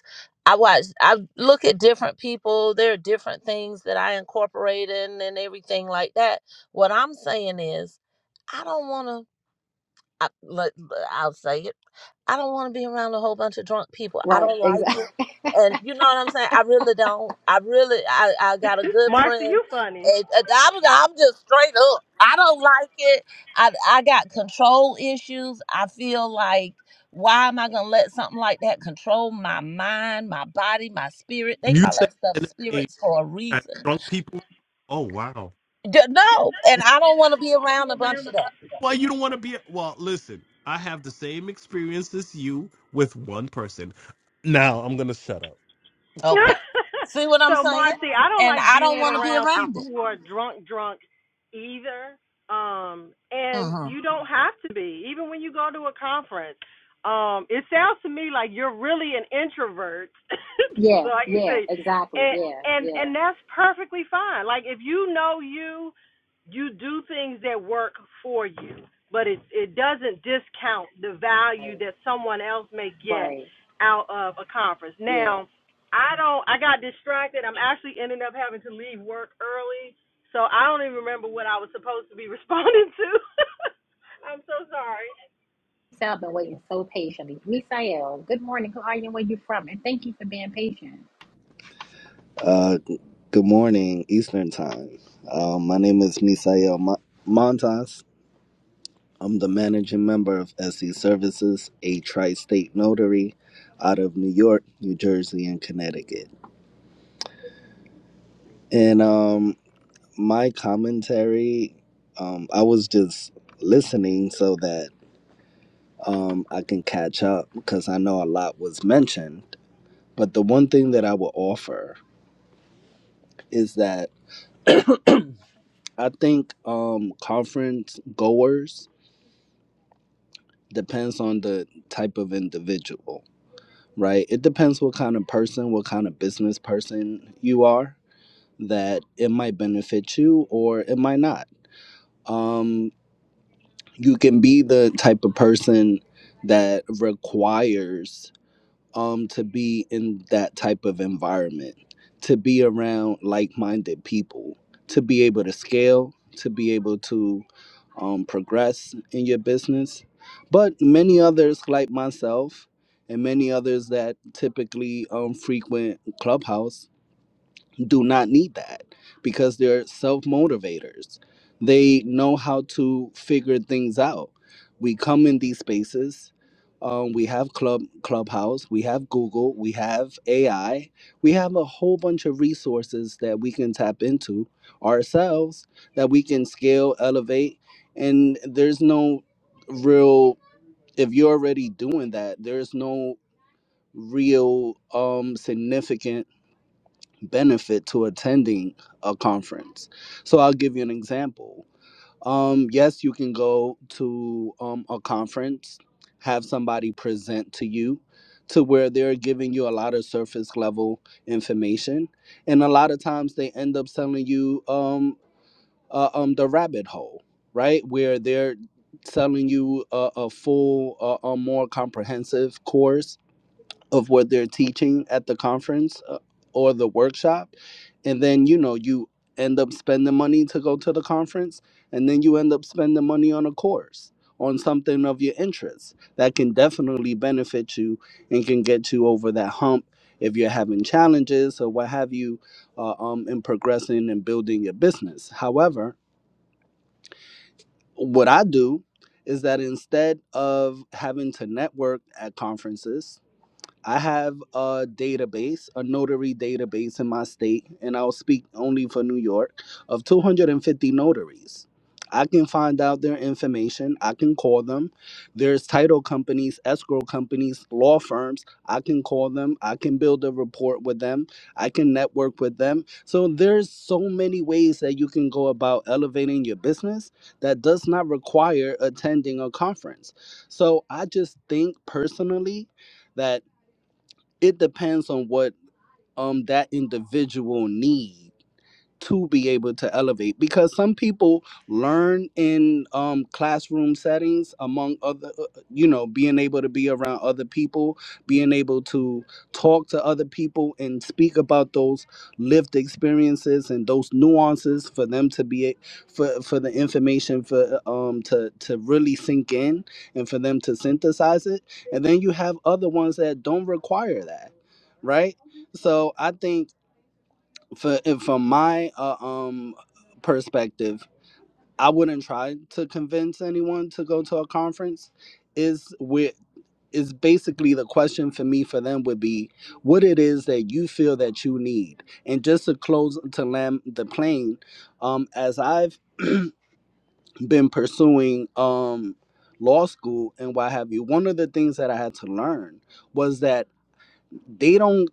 I watch, I look at different people. There are different things that I incorporate in and everything like that. What I'm saying is, I don't want to. I, let, I'll say it. I don't want to be around a whole bunch of drunk people. I
Right.
don't like
Exactly.
it. And you know what I'm saying? I really don't. I really, I, I got a good
Marcia,
friend.
you funny.
And, and I'm, I'm just straight up. I don't like it. I, I got control issues. I feel like, why am I going to let something like that control my mind, my body, my spirit? They
You
call
said
that stuff
MMA
spirits for a
has
reason.
drunk people. Oh wow.
D- No. And I don't want to be around a bunch of that.
Well, you don't want to be. Well, listen, I have the same experience as you with one person. Now I'm gonna shut up.
Okay. See what I'm
so
saying?
Marcy, I don't
And
like
I
being
don't want to be
around
around
people
it.
who are drunk drunk either. Um and
hmm
you don't have to be. Even when you go to a conference. Um it sounds to me like you're really an introvert. so
Yeah.
I can
Yeah.
say
Exactly.
and
Yeah.
and
Yeah.
and that's perfectly fine. Like if you know you you do things that work for you, but it it doesn't discount the
Right.
value that someone else may get
Right.
out of a conference.
Yeah.
Now I don't. I got distracted. I'm actually ended up having to leave work early, so I don't even remember what I was supposed to be responding to. I'm so sorry.
So I've been waiting so patiently. Misael, good morning. Who are you and where you from? And thank you for being patient.
Uh, good morning, Eastern Time. Uh, my name is Misael Ma- Montas. I'm the managing member of SE Services, a tri state notary out of New York, New Jersey, and Connecticut. And um, my commentary, um, I was just listening so that um, I can catch up because I know a lot was mentioned. But the one thing that I will offer is that I think um, conference goers depends on the type of individual, right? It depends what kind of person, what kind of business person you are, that it might benefit you or it might not. Um, you can be the type of person that requires um to be in that type of environment to be around like-minded people to be able to scale to be able to um, progress in your business but many others like myself and many others that typically um, frequent clubhouse do not need that because they're self motivators. They know how to figure things out. We come in these spaces. Um, we have club clubhouse we have google we have ai we have a whole bunch of resources that we can tap into ourselves that we can scale elevate and there's no real if you're already doing that there's no real um significant benefit to attending a conference. So I'll give you an example. Um, yes, you can go to um, a conference, have somebody present to you to where they're giving you a lot of surface level information. And a lot of times they end up selling you um, uh, um, the rabbit hole, right? Where they're selling you a, a full, uh, a more comprehensive course of what they're teaching at the conference uh, or the workshop and then you know you end up spending money to go to the conference and then you end up spending money on a course on something of your interest that can definitely benefit you and can get you over that hump if you're having challenges or what have you uh, um, in progressing and building your business however what i do is that instead of having to network at conferences I have a database, a notary database in my state, and I'll speak only for New York, of 250 notaries. I can find out their information. I can call them. There's title companies, escrow companies, law firms. I can call them. I can build a report with them. I can network with them. So there's so many ways that you can go about elevating your business that does not require attending a conference. So I just think personally that it depends on what um that individual needs to be able to elevate because some people learn in um, classroom settings among other uh, uh, you know being able to be around other people being able to talk to other people and speak about those lived experiences and those nuances for them to be a- for for the information for uh, um to to really sink in and for them to synthesize it and then you have other ones that don't require that right so i think for from my uh, um perspective, I wouldn't try to convince anyone to go to a conference. Is with is basically the question for me for them would be what it is that you feel that you need. And just to close to land the plane, um, as I've been pursuing um law school and what have you, one of the things that I had to learn was that they don't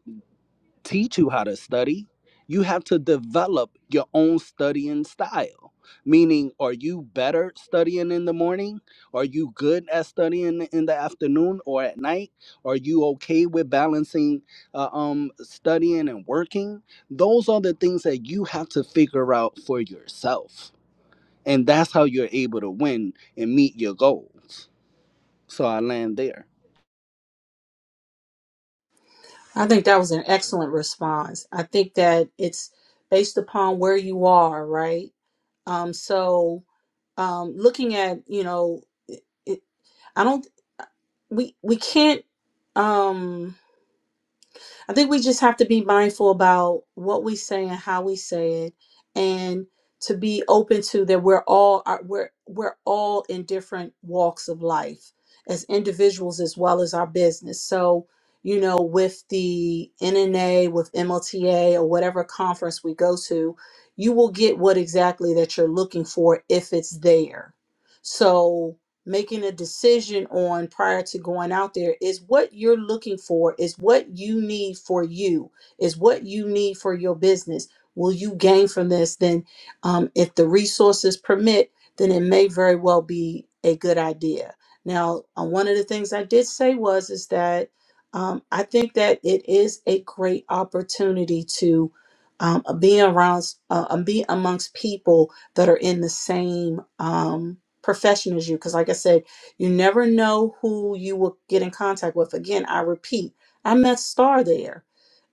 teach you how to study. You have to develop your own studying style. Meaning, are you better studying in the morning? Are you good at studying in the afternoon or at night? Are you okay with balancing uh, um, studying and working? Those are the things that you have to figure out for yourself. And that's how you're able to win and meet your goals. So I land there.
I think that was an excellent response. I think that it's based upon where you are, right? Um, so um looking at you know it, it, i don't we we can't um i think we just have to be mindful about what we say and how we say it and to be open to that we're all are- we're we're all in different walks of life as individuals as well as our business so you know with the nna with mlta or whatever conference we go to you will get what exactly that you're looking for if it's there so making a decision on prior to going out there is what you're looking for, is what you need for you, is what you need for your business. Will you gain from this? Then, um, if the resources permit, then it may very well be a good idea. Now, uh, one of the things I did say was is that um, I think that it is a great opportunity to um, be around, uh, be amongst people that are in the same. Um, professionals you because like i said you never know who you will get in contact with again i repeat i met star there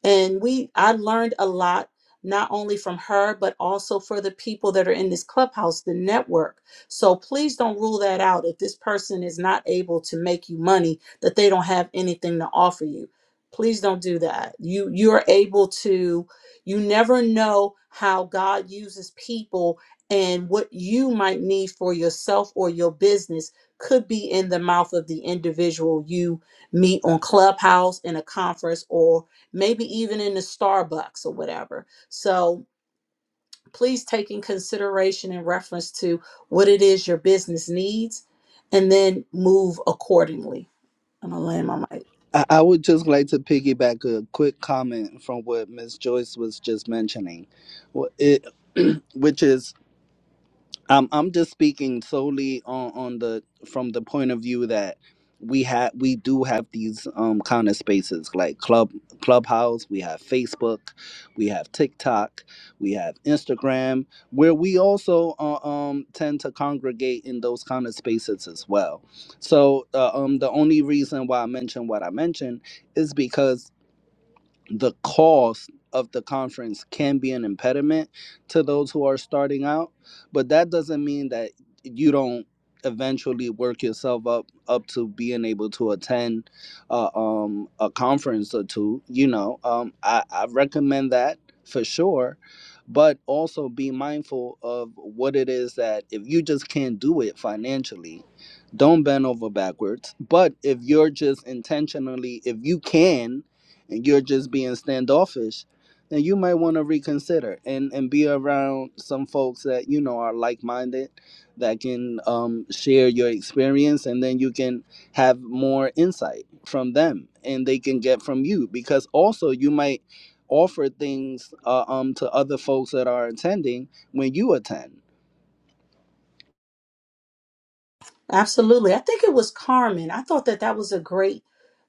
and we i learned a lot not only from her but also for the people that are in this clubhouse the network so please don't rule that out if this person is not able to make you money that they don't have anything to offer you please don't do that you you are able to you never know how god uses people and what you might need for yourself or your business could be in the mouth of the individual you meet on clubhouse in a conference or maybe even in the Starbucks or whatever. So please take in consideration in reference to what it is your business needs and then move accordingly. I'm going to land my mic.
I I would just like to piggyback a quick comment from what Miss Joyce was just mentioning, Wh- it, which is um, I'm just speaking solely on, on the from the point of view that we have we do have these um kind of spaces like club clubhouse we have facebook we have tiktok we have instagram where we also uh, um tend to congregate in those kind of spaces as well so uh, um the only reason why i mentioned what i mentioned is because the cost of the conference can be an impediment to those who are starting out but that doesn't mean that you don't eventually work yourself up up to being able to attend uh, um, a conference or two you know um, I, I recommend that for sure but also be mindful of what it is that if you just can't do it financially don't bend over backwards but if you're just intentionally if you can and you're just being standoffish, then you might want to reconsider and and be around some folks that you know are like-minded that can um, share your experience and then you can have more insight from them and they can get from you because also you might offer things uh, um to other folks that are attending when you attend.
Absolutely. I think it was Carmen. I thought that that was a great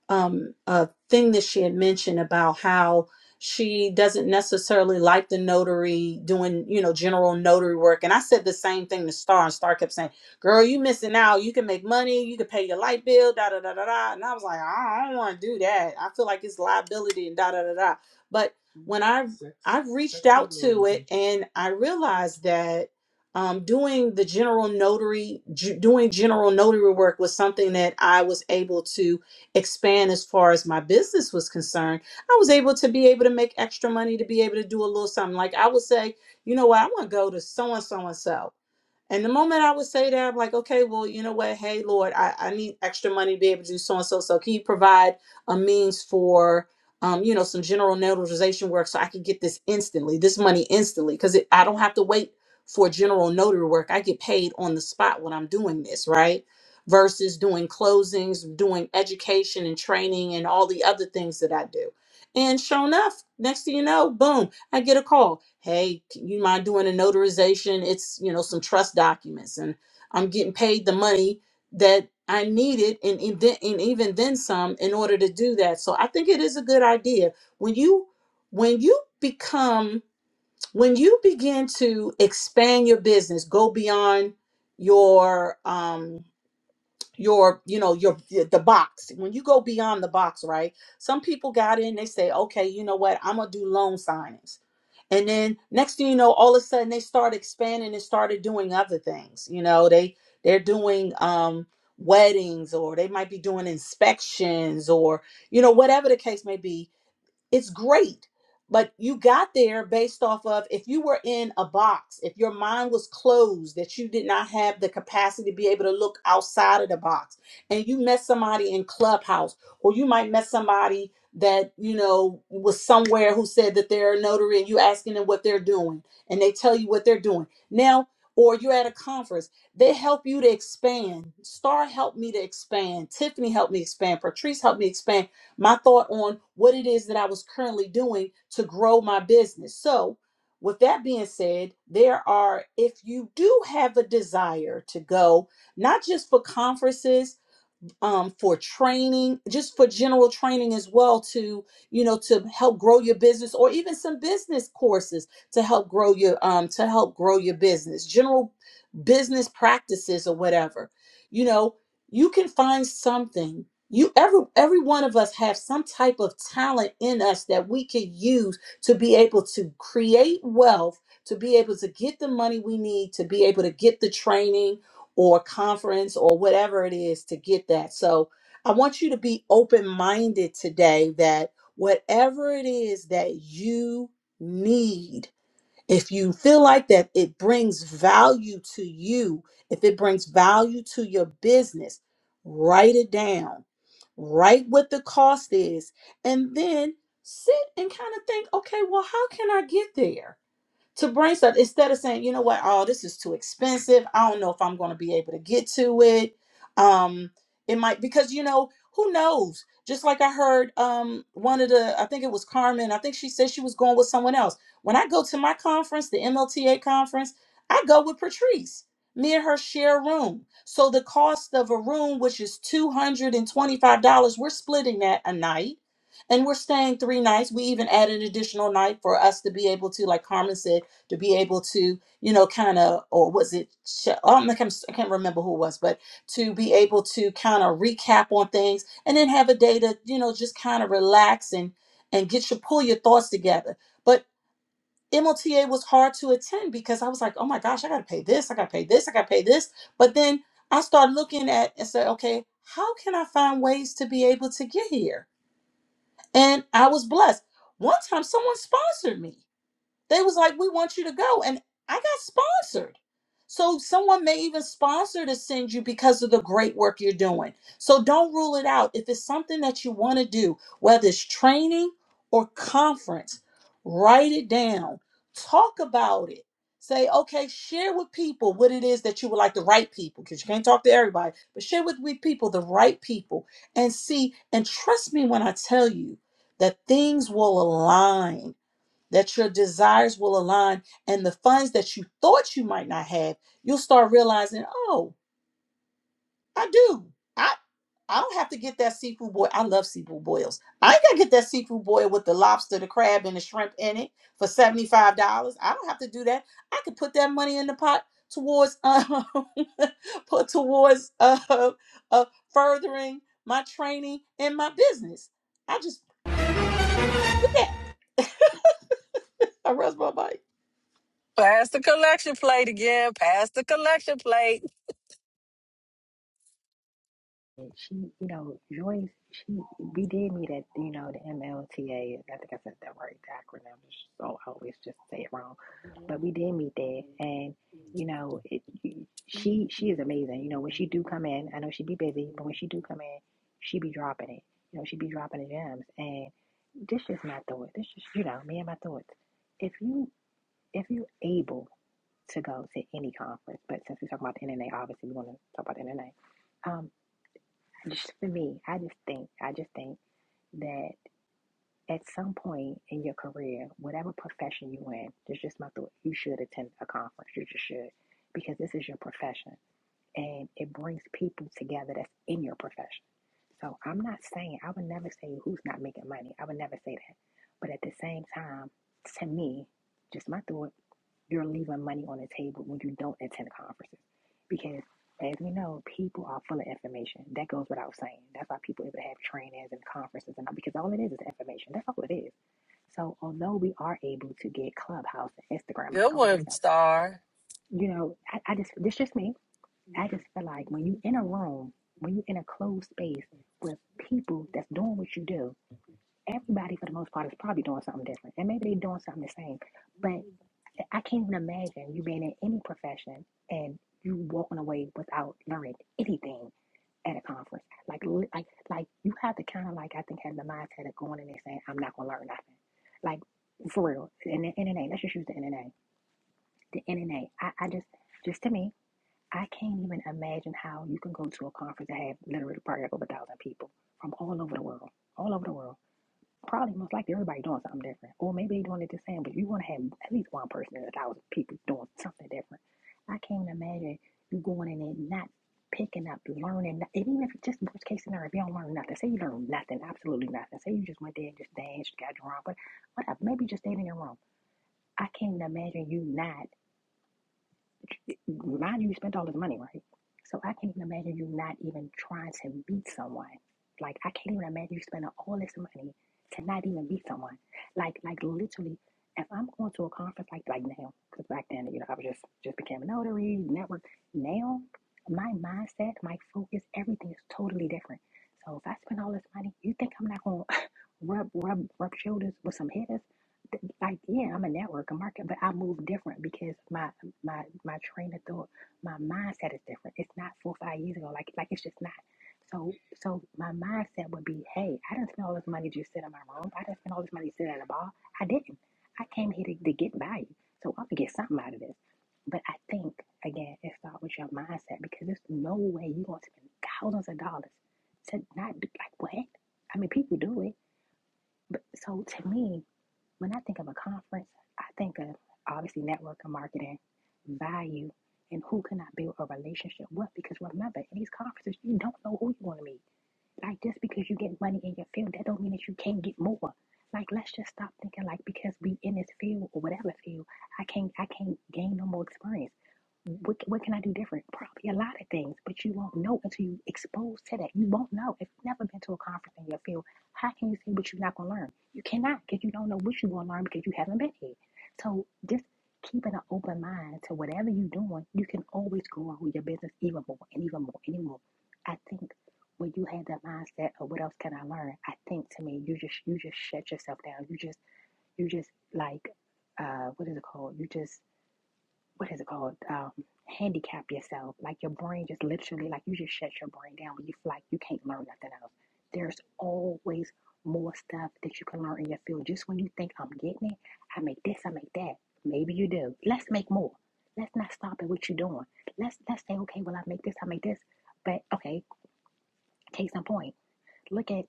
um, a thing that she had mentioned about how she doesn't necessarily like the notary doing, you know, general notary work. And I said the same thing to Star, and Star kept saying, "Girl, you missing out. You can make money. You can pay your light bill. Da da da da da." And I was like, "I don't want to do that. I feel like it's liability and da da da da." But when I I reached out to it and I realized that um, doing the general notary, ju- doing general notary work was something that I was able to expand as far as my business was concerned, I was able to be able to make extra money to be able to do a little something. Like I would say, you know what, I want to go to so and so and so. And the moment I would say that, I'm like, okay, well, you know what? Hey, Lord, I, I need extra money to be able to do so and so. So can you provide a means for, um, you know, some general notarization work so I can get this instantly, this money instantly, because I don't have to wait for general notary work. I get paid on the spot when I'm doing this, right? Versus doing closings, doing education and training and all the other things that I do. And sure enough, next thing you know, boom I get a call. Hey, you mind doing a notarization? It's, you know, some trust documents and I'm getting paid the money that I needed and, and, then, and even then some in order to do that. So I think it is a good idea. When you when you become when you begin to expand your business, go beyond your um your you know your the box when you go beyond the box right some people got in they say okay you know what i'm gonna do loan signings and then next thing you know, all of a sudden they start expanding and started doing other things. You know, they they're doing um weddings or they might be doing inspections or you know whatever the case may be it's great but you got there based off of if you were in a box if your mind was closed that you did not have the capacity to be able to look outside of the box and you met somebody in clubhouse or you might met somebody that you know was somewhere who said that they're a notary and you asking them what they're doing and they tell you what they're doing now or you're at a conference they help you to expand star helped me to expand tiffany helped me expand patrice helped me expand my thought on what it is that I was currently doing to grow my business. So, with that being said, there are, if you do have a desire to go, not just for conferences, um, for training, just for general training as well to, you know, to help grow your business or even some business courses to help grow your um to help grow your business, general business practices or whatever. You know, you can find something. You every every one of us have some type of talent in us that we could use to be able to create wealth, to be able to get the money we need, to be able to get the training or conference or whatever it is to get that. So I want you to be open minded today that whatever it is that you need, if you feel like that it brings value to you, if it brings value to your business, write it down, write what the cost is, and then sit and kind of think okay, well, how can I get there? to bring stuff instead of saying, you know what, oh, this is too expensive. I don't know if I'm going to be able to get to it. Um, it might because you know who knows. Just like I heard um one of the, I think it was Carmen. I think she said she was going with someone else. When I go to my conference, the MLTA conference, I go with Patrice. Me and her share a room. So the cost of a room, which is two hundred and twenty-five dollars, we're splitting that a night and we're staying three nights. We even add an additional night for us to be able to, like Carmen said to be able to, you know, kind of, or was it, Sh- I don't know, I can't I can't remember who it was, but to be able to kind of recap on things and then have a day to, you know, just kind of relax and, and get your, pull your thoughts together. But MLTA was hard to attend because I was like, oh my gosh, I got to pay this, I got to pay this, I got to pay this. But then I started looking at and said, okay, how can I find ways to be able to get here? And I was blessed. One time someone sponsored me. They was like, we want you to go. And I got sponsored. So someone may even sponsor to send you because of the great work you're doing. So don't rule it out. If it's something that you want to do, whether it's training or conference, write it down. Talk about it. Say, okay, share with people what it is that you would like the right people, because you can't talk to everybody, but share with, with people the right people and see. And trust me when I tell you that things will align that your desires will align and the funds that you thought you might not have, you'll start realizing, oh, I do. I I don't have to get that seafood boil. I love seafood boils. I ain't gotta get that seafood boil with the lobster, the crab, and the shrimp in it for $75. I don't have to do that. I could put that money in the pot towards um put towards uh, uh furthering my training and my business. I just do that. I rest my bike.
Pass the collection plate again. Pass the collection plate.
And She, you know, Joyce, she we did meet at, you know, the MLTA. I think I said that right, the acronym. So I always just say it wrong. But we did meet there and you know, it, she she is amazing. You know, when she do come in, I know she be busy, but when she do come in, she be dropping it. You know, she be dropping the gems. And this is my thought. This is, you know, me and my thoughts. If you if you're able to go to any conference, but since we're talking about the NNA, obviously we want to talk about the NNA. Um, just for me, I just think, I just think that at some point in your career, whatever profession you are in, that's just my thought. You should attend a conference. You just should, because this is your profession, and it brings people together that's in your profession. So I'm not saying I would never say who's not making money. I would never say that. But at the same time, to me, just my thought you're leaving money on the table when you don't attend conferences. Because as we know, people are full of information. That goes without saying. That's why people able to have trainings and conferences and all, because all it is is information. That's all it is. So although we are able to get Clubhouse and Instagram, like
Good
all that
one,
stuff,
Star.
you know, I, I just this just me. I just feel like when you in a room, when you in a closed space with people that's doing what you do, Everybody, for the most part, is probably doing something different, and maybe they're doing something the same. But I can't even imagine you being in any profession and you walking away without learning anything at a conference. Like, like, like you have to kind of like I think have the mindset of going in there saying, "I'm not gonna learn nothing." Like for real. And the NNA, let's just use the NNA. The NNA. I, I just, just to me, I can't even imagine how you can go to a conference that have literally probably like over a thousand people from all over the world, all over the world Probably most likely everybody doing something different. Or maybe they doing it the same, but you want to have at least one person in a thousand people doing something different. I can't imagine you going in and not picking up, learning, no- and even if it's just worst case scenario, if you don't learn nothing, say you learn nothing, absolutely nothing. Say you just went there and just danced, got drunk, but whatever, maybe you just stayed in your room. I can't imagine you not mind you, you spent all this money, right? So I can't even imagine you not even trying to beat someone. Like I can't even imagine you spending all this money to not even beat someone. Like like literally, if I'm going to a conference like like now, because back then you know I was just just became a notary network. Now my mindset, my focus, everything is totally different. So if I spend all this money, you think I'm not going? to rub rub rub shoulders with some hitters. Th- Like yeah, I'm a network, a market, but I move different because my my my train of thought, my mindset is different. It's not four or five years ago. Like like it's just not. So so my mindset would be, hey, I didn't spend all this money just sitting in my room. I didn't spend all this money sitting at a bar. I didn't. I came here to, to get value. So I'm gonna get something out of this. But I think again, it starts with your mindset because there's no way you're gonna spend thousands of dollars to not do like what? I mean, people do it but so to me, when I think of a conference, I think of obviously networking, marketing, value, and who can I build a relationship with? Because remember, in these conferences, you don't know who you're going to meet. Like just because you get money in your field, that don't mean that you can't get more. Like let's just stop thinking like because we in this field or whatever field, I can't I can't gain no more experience. What, what can I do different? Probably a lot of things, but you won't know until you exposed to that. You won't know if you've never been to a conference in your field. How can you say what you're not going to learn? You cannot because you don't know what you're going to learn because you haven't been here. So just keeping an open mind to whatever you're doing, you can always grow your business even more and even more and even more. I think when you have that mindset of what else can I learn, I think to me you just you just shut yourself down. You just you just like uh what is it called? You just what is it called? Um, handicap yourself. Like your brain just literally, like you just shut your brain down when you feel like you can't learn nothing else. There's always more stuff that you can learn in your field. Just when you think I'm getting it, I make this, I make that. Maybe you do. Let's make more. Let's not stop at what you're doing. Let's let's say, okay, well I make this, I make this. But okay, case in point, look at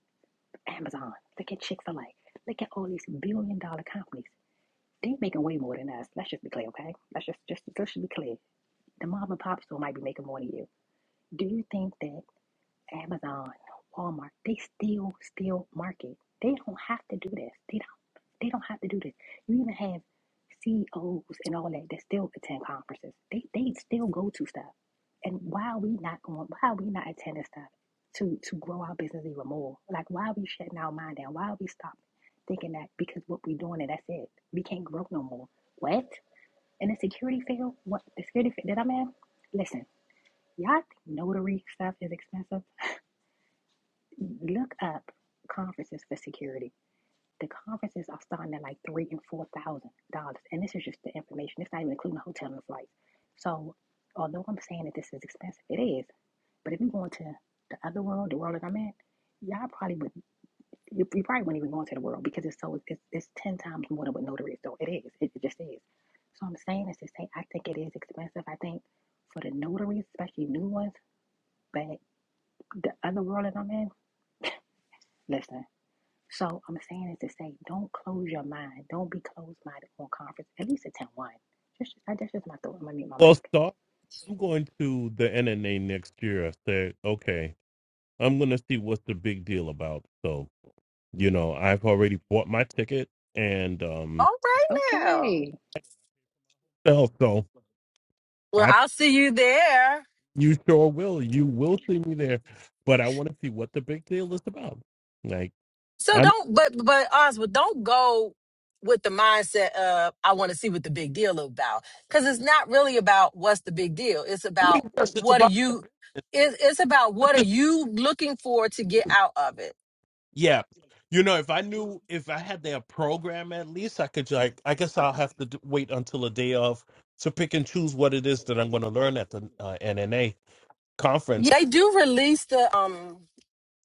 Amazon, look at Chick-fil-A, look at all these billion dollar companies. They are making way more than us. Let's just be clear, okay? Let's just just let's just be clear. The mom and pop store might be making more than you. Do you think that Amazon, Walmart, they still still market? They don't have to do this. They don't. They don't have to do this. You even have CEOs and all that that still attend conferences. They they still go to stuff. And why are we not going? Why are we not attending stuff to to grow our business even more? Like why are we shutting our mind down? Why are we stopping thinking that because what we're doing and that's it, we can't grow no more? What? In the security field? What the security field that I'm in? Listen. Y'all think notary stuff is expensive? Look up conferences for security. The conferences are starting at like three and four thousand dollars, and this is just the information. It's not even including the hotel and flights. So, although I'm saying that this is expensive, it is. But if you're going to the other world, the world that I'm in, y'all probably would. You, you probably wouldn't even go into the world because it's so it's, it's ten times more than what notary is. So it is. It, it just is. So I'm saying is to say I think it is expensive. I think for the notaries, especially new ones, but the other world that I'm in Listen. So I'm saying it to say, don't close your mind. Don't be closed-minded on conference. At least attend one. Just, I, that's just my thought. I'm gonna mute my
Well,
mic.
Star, I'm going to the NNA next year. I said, okay, I'm going to see what's the big deal about. So, you know, I've already bought my ticket and um,
All right now.
Okay.
so, so
Well,
I
I'll see you there.
You sure will. You will see me there. But I want to see what the big deal is about. Like,
So
I know.
don't, but but Oswald, don't go with the mindset of I want to see what the big deal is about because it's not really about what's the big deal. It's
I mean,
about
yes, it's
what are
about.
you. It, it's about what are you looking for to get out of it.
Yeah. You know, if I knew, if I had their program at least, I could, like, I guess I'll have to d- wait until a day of to pick and choose what it is that I'm going to learn at the uh, NNA conference.
Yeah, They do release the um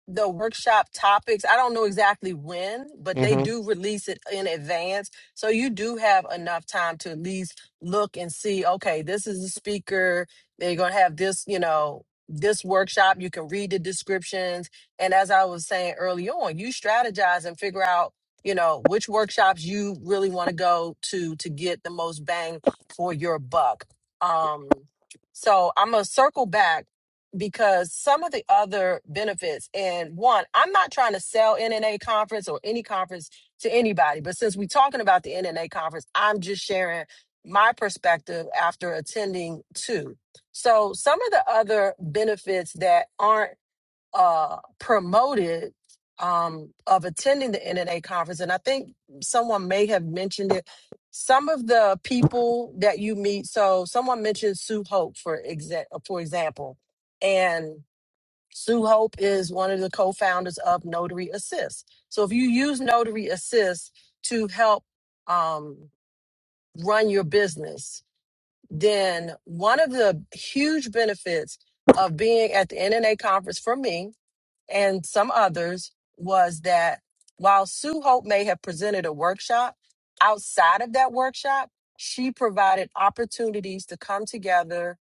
the workshop topics. I don't know exactly when, but they
Mm-hmm.
do release it in advance. So you do have enough time to at least look and see, okay, this is the speaker. They're going to have this, you know, this workshop. You can read the descriptions. And as I was saying early on, you strategize and figure out, you know, which workshops you really want to go to to get the most bang for your buck. Um, so I'm going to circle back because some of the other benefits and one i'm not trying to sell nna conference or any conference to anybody but since we're talking about the nna conference i'm just sharing my perspective after attending two so some of the other benefits that aren't uh, promoted um, of attending the NNA conference, and I think someone may have mentioned it. Some of the people that you meet, so someone mentioned Sue Hope for exa- for example, and Sue Hope is one of the co-founders of Notary Assist. So if you use Notary Assist to help um, run your business, then one of the huge benefits of being at the NNA conference for me and some others was that while Sue Hope may have presented a workshop, outside of that workshop, she provided opportunities to come together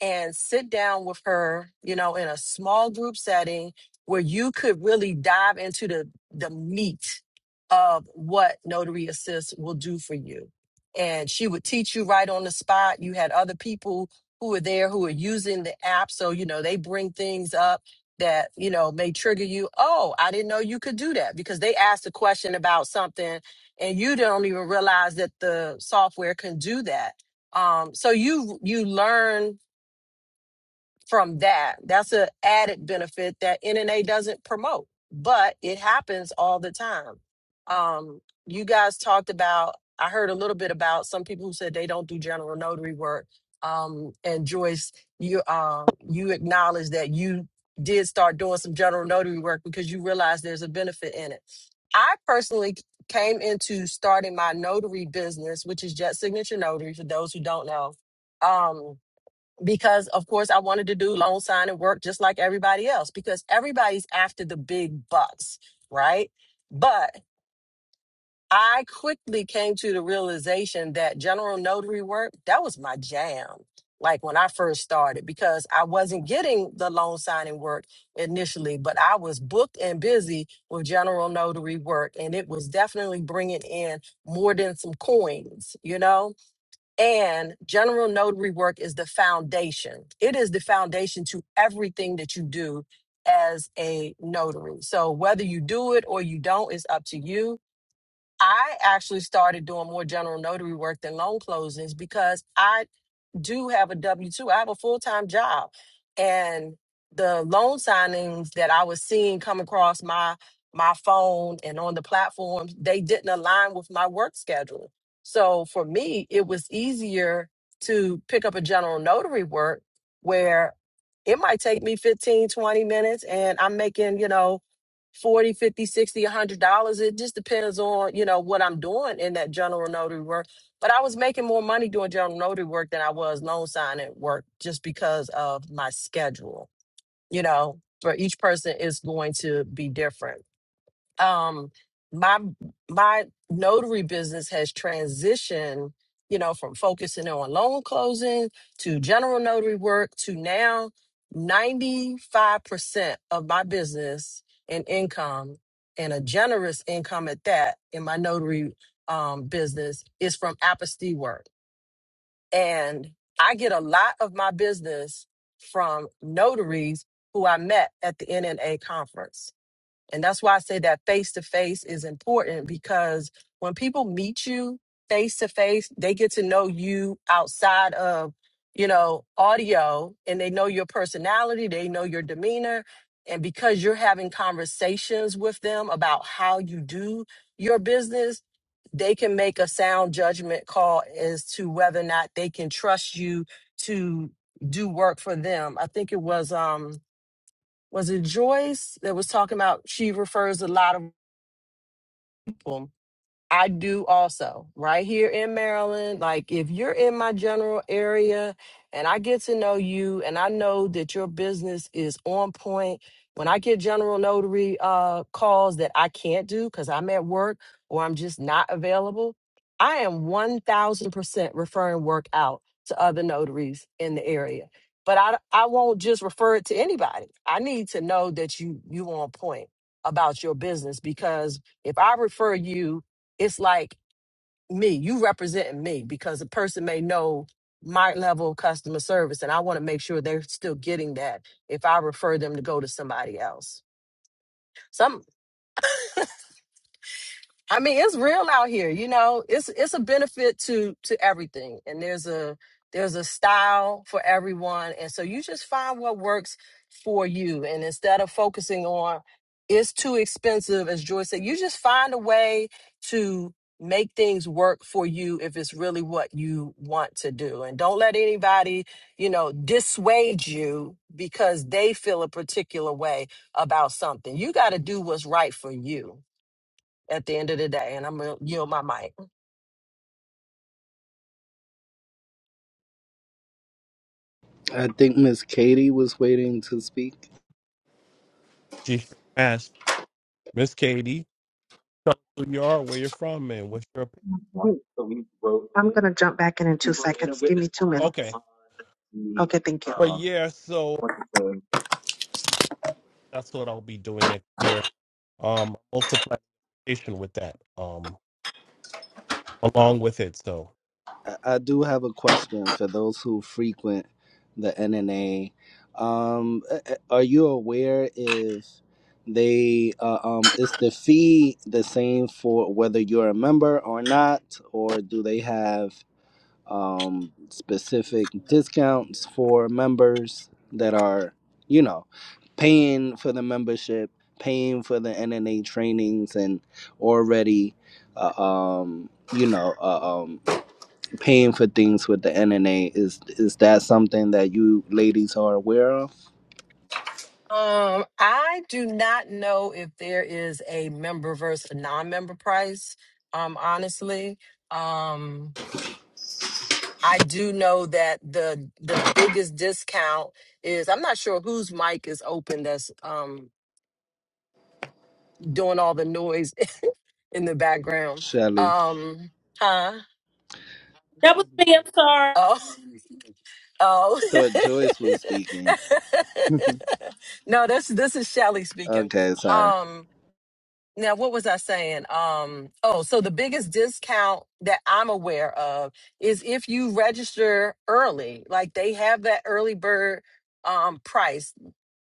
and sit down with her, you know, in a small group setting where you could really dive into the the meat of what Notary Assist will do for you. And she would teach you right on the spot. You had other people who were there who were using the app. So, you know, they bring things up that you know may trigger you oh i didn't know you could do that because they asked a question about something and you don't even realize that the software can do that um, so you you learn from that. That's an added benefit that NNA doesn't promote, but it happens all the time. Um, you guys talked about, I heard a little bit about some people who said they don't do general notary work. Um, and Joyce, you uh, you acknowledge that you did start doing some general notary work because you realized there's a benefit in it. I personally c- came into starting my notary business, which is Jet Signature Notary, for those who don't know. Um, because of course I wanted to do loan signing work just like everybody else because everybody's after the big bucks, right? But I quickly came to the realization that general notary work, that was my jam. Like when I first started, because I wasn't getting the loan signing work initially, but I was booked and busy with general notary work. And it was definitely bringing in more than some coins, you know? And general notary work is the foundation. It is the foundation to everything that you do as a notary. So whether you do it or you don't is up to you. I actually started doing more general notary work than loan closings because I do have a W 2. I have a full time job. And the loan signings that I was seeing come across my my phone and on the platforms, they didn't align with my work schedule. So for me, it was easier to pick up a general notary work where it might take me 15 20 minutes and I'm making, you know, 40, 50, 60, a 100 dollars it just depends on you know what i'm doing in that general notary work but i was making more money doing general notary work than i was loan signing work just because of my schedule you know for each person is going to be different um my my notary business has transitioned you know from focusing on loan closing to general notary work to now 95% of my business and income and a generous income at that in my notary um, business is from apostille work and i get a lot of my business from notaries who i met at the nna conference and that's why I say that face to face is important because when people meet you face to face, they get to know you outside of, you know, audio and they know your personality, they know your demeanor. And because you're having conversations with them about how you do your business, they can make a sound judgment call as to whether or not they can trust you to do work for them. I think it was, um was it Joyce that was talking about she refers a lot of people? I do also right here in Maryland. Like if you're in my general area and I get to know you and I know that your business is on point, when I get general notary uh calls that I can't do cuz I'm at work or I'm just not available, I am 1000% referring work out to other notaries in the area. But I I won't just refer it to anybody. I need to know that you you on point about your business because if I refer you it's like me, you representing me because a person may know my level of customer service and I want to make sure they're still getting that if I refer them to go to somebody else. Some. I mean, it's real out here. You know, it's it's a benefit to to everything, and there's a there's a style for everyone, and so you just find what works for you. And instead of focusing on it's too expensive, as Joy said, you just find a way to make things work for you if it's really what you want to do. And don't let anybody, you know, dissuade you because they feel a particular way about something. You got to do what's right for you at the end of the day, and I'm gonna yield my mic.
I think Miss Katie was waiting to speak.
She sure asked, Miss Katie, tell us who you are, where you're from, and what's your opinion.
Mm, I'm going to jump back in in two seconds. Give me two minutes.
Okay.
Okay, thank
But
you.
yeah, so that's what I'll be doing next year. Um, also plantation with that. Um, along with it. So
I I do have a question for those who frequent the NNA. Um, a- a- are you aware if they uh, um, is the fee the same for whether you're a member or not, or do they have um, specific discounts for members that are, you know, paying for the membership, paying for the NNA trainings, and already, uh, um, you know. Uh, um, paying for things with the NNA is is that something that you ladies are aware of
Um, I do not know if there is a member versus a non-member price. Um, honestly, um, I do know that the the biggest discount is I'm not sure whose mic is open that's um doing all the noise in the background.
shelly
Um, huh?
That was me. I'm sorry.
Oh. Oh
thought joyce was speaking
no, this this is Shelly speaking.
okay sorry
Um, now what was i saying um oh so the biggest discount that i'm aware of is if you register early like they have that early bird um price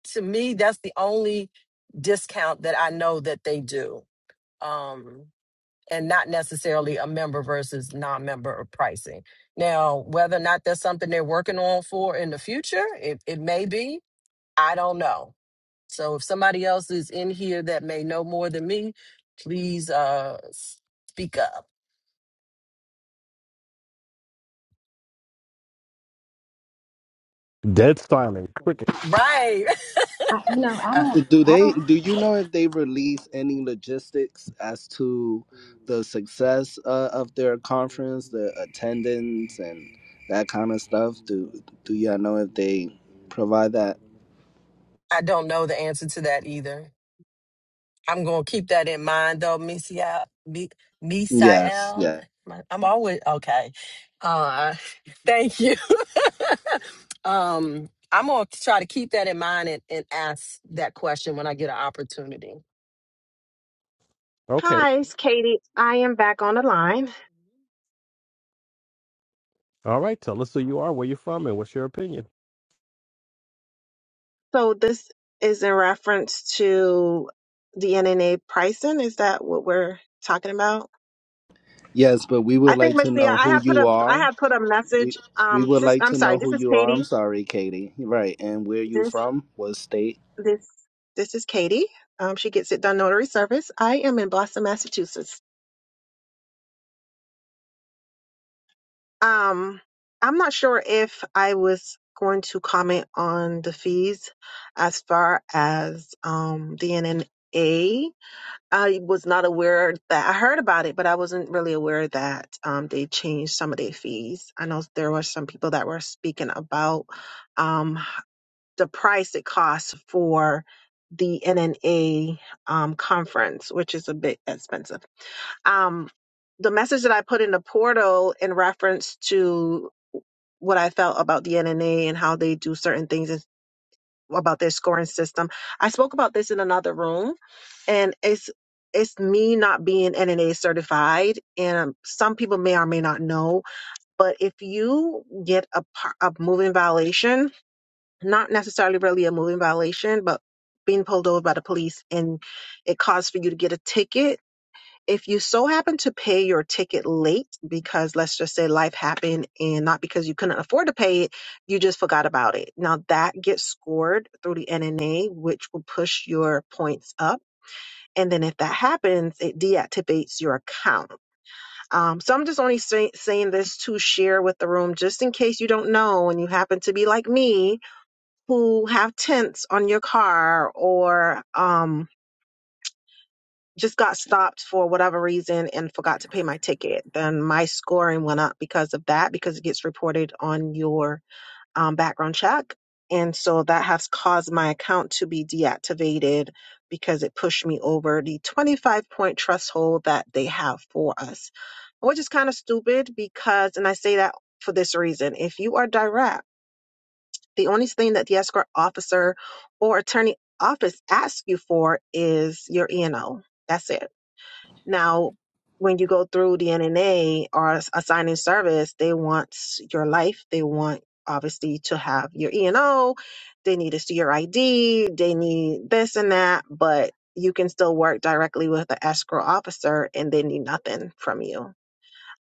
to me that's the only discount that i know that they do um and not necessarily a member versus non-member pricing now whether or not that's something they're working on for in the future it, it may be i don't know so if somebody else is in here that may know more than me, please uh speak up.
dead silent cricket.
Right.
I, you know, I
I,
don't.
do they do you know if they release any logistics as to the success uh, of their conference the attendance and that kind of stuff do do y'all know if they provide that
I don't know the answer to that either. I'm going to keep that in mind though, Misael. Mi-
yes
Misael.
yes
My- I'm always okay. Uh thank you. um I'm going to try to keep that in mind and, and ask that question when I get an opportunity.
Okay.
Hi, it's Katie. I am back on the line.
All right. Tell us who you are, where you're from, and what's your opinion.
So this is in reference to the NNA pricing. Is that what we're talking about?
yes but we
I
would
think,
like to
Marcia,
know
I
who
have put
you
a I
are
have put a
we
message.
we
Um,
would
sis-
like
I'm
to know
sorry. This
who
is
you are. I'm
Katie.
sorry, Katie. Right, and where you
This
from? What state?
this this is Katie. Um, she gets it done notary service. I am in Boston, Massachusetts. Um, I'm not sure if I was going to comment on the fees as far as um, the NNA. I was not aware that I heard about it, but I wasn't really aware that um, they changed some of their fees. I know there were some people that were speaking about um, the price it costs for the NNA um, conference, which is a bit expensive. Um, the message that I put in the portal in reference to what I felt about the NNA and how they do certain things is- about their scoring system. I spoke about this in another room, and it's it's me not being NNA certified, and some people may or may not know. But if you get a, par- a moving violation, not necessarily really a moving violation, but being pulled over by the police and it caused for you to get a ticket if you so happen to pay your ticket late because let's just say life happened and not because you couldn't afford to pay it, you just forgot about it. Now that gets scored through the NNA, which will push your points up. And then if that happens, it deactivates your account. Um, so I'm just only say- saying this to share with the room, just in case you don't know and you happen to be like me who have tents on your car or, um, just got stopped for whatever reason and forgot to pay my ticket, then my scoring went up because of that because it gets reported on your um, background check. And so that has caused my account to be deactivated because it pushed me over the 25 point threshold that they have for us, which is kind of stupid because, and I say that for this reason if you are direct, the only thing that the escort officer or attorney office asks you for is your ENO. That's it now, when you go through the NNA or s- assigning service, they want s- your life. They want obviously to have your E and O. They need to see your ID. They need this and that, but you can still work directly with the escrow officer and they need nothing from you.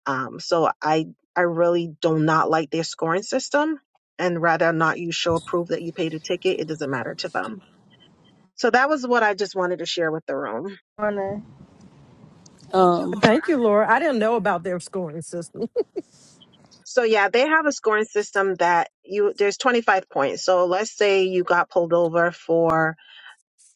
Um, so I I really do not like their scoring system and rather not you show proof that you paid a ticket, it doesn't matter to them. So that was what I just wanted to share with the room.
morning.
Thank you, Laura. I didn't know about their scoring system.
So yeah, they have a scoring system that you there's 25 points. So let's say you got pulled over for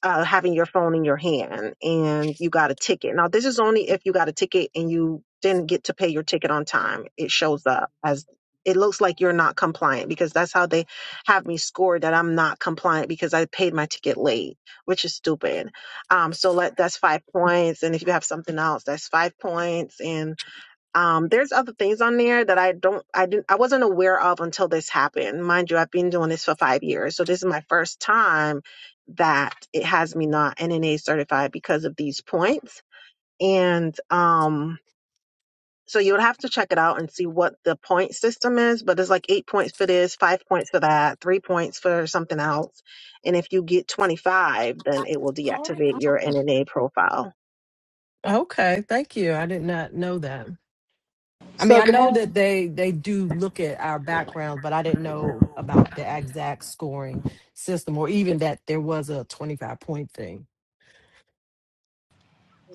uh, having your phone in your hand and you got a ticket. Now this is only if you got a ticket and you didn't get to pay your ticket on time. It shows up as it looks like you're not compliant because that's how they have me scored that I'm not compliant because I paid my ticket late, which is stupid. Um, so let that's five points, and if you have something else, that's five points, and um, there's other things on there that I don't, I didn't, I wasn't aware of until this happened. Mind you, I've been doing this for five years, so this is my first time that it has me not NNA certified because of these points. And um, so you would have to check it out and see what the point system is. But it's like eight points for this, five points for that, three points for something else. And if you get 25, then it will deactivate your NNA profile.
Okay, thank you. I did not know that. I mean,
So
I
good
know
morning.
that they they do look at our background, but I didn't know about the exact scoring system or even that there was a 25 point thing.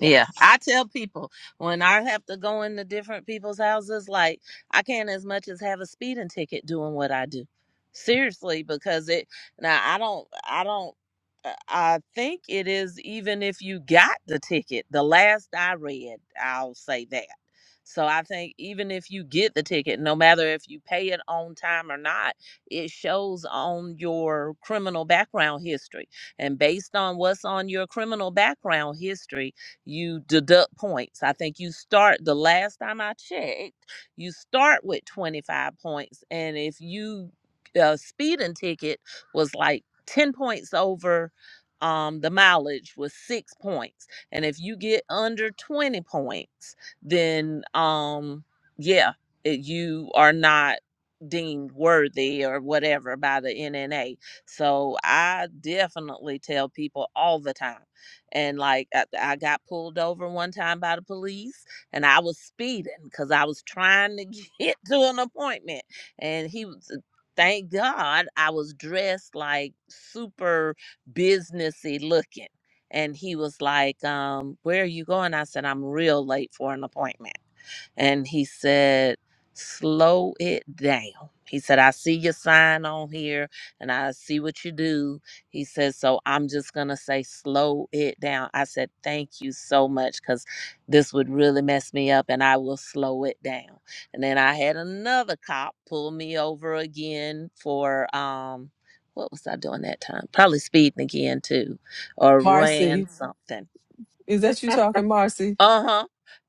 Yeah, I tell people when I have to go into different people's houses, like I can't as much as have a speeding ticket doing what I do. Seriously, because it now I don't, I don't, uh, I think it is even if you got the ticket, the last I read, I'll say that. So I think even if you get the ticket, no matter if you pay it on time or not, it shows on your criminal background history. And based on what's on your criminal background history, you deduct points. I think you start the last time I checked, you start with 25 points. And if you uh, speeding ticket was like 10 points over um, the mileage was six points. And if you get under 20 points, then um, yeah, it, you are not deemed worthy or whatever by the NNA. So I definitely tell people all the time and like I, I got pulled over one time by the police and i was speeding because i was trying to get to an appointment and he was uh, thank god i was dressed like super businessy looking and he was like um where are you going i said i'm real late for an appointment and he said, Slow it down. He said, I see your sign on here and I see what you do. He says, So I'm just going to say, Slow it down. I said, Thank you so much because this would really mess me up and I will slow it down. And then I had another cop pull me over again for, um, what was I doing that time? Probably speeding again too, or ran
Marcy,
something.
is that you talking, Marcy?
Uh huh.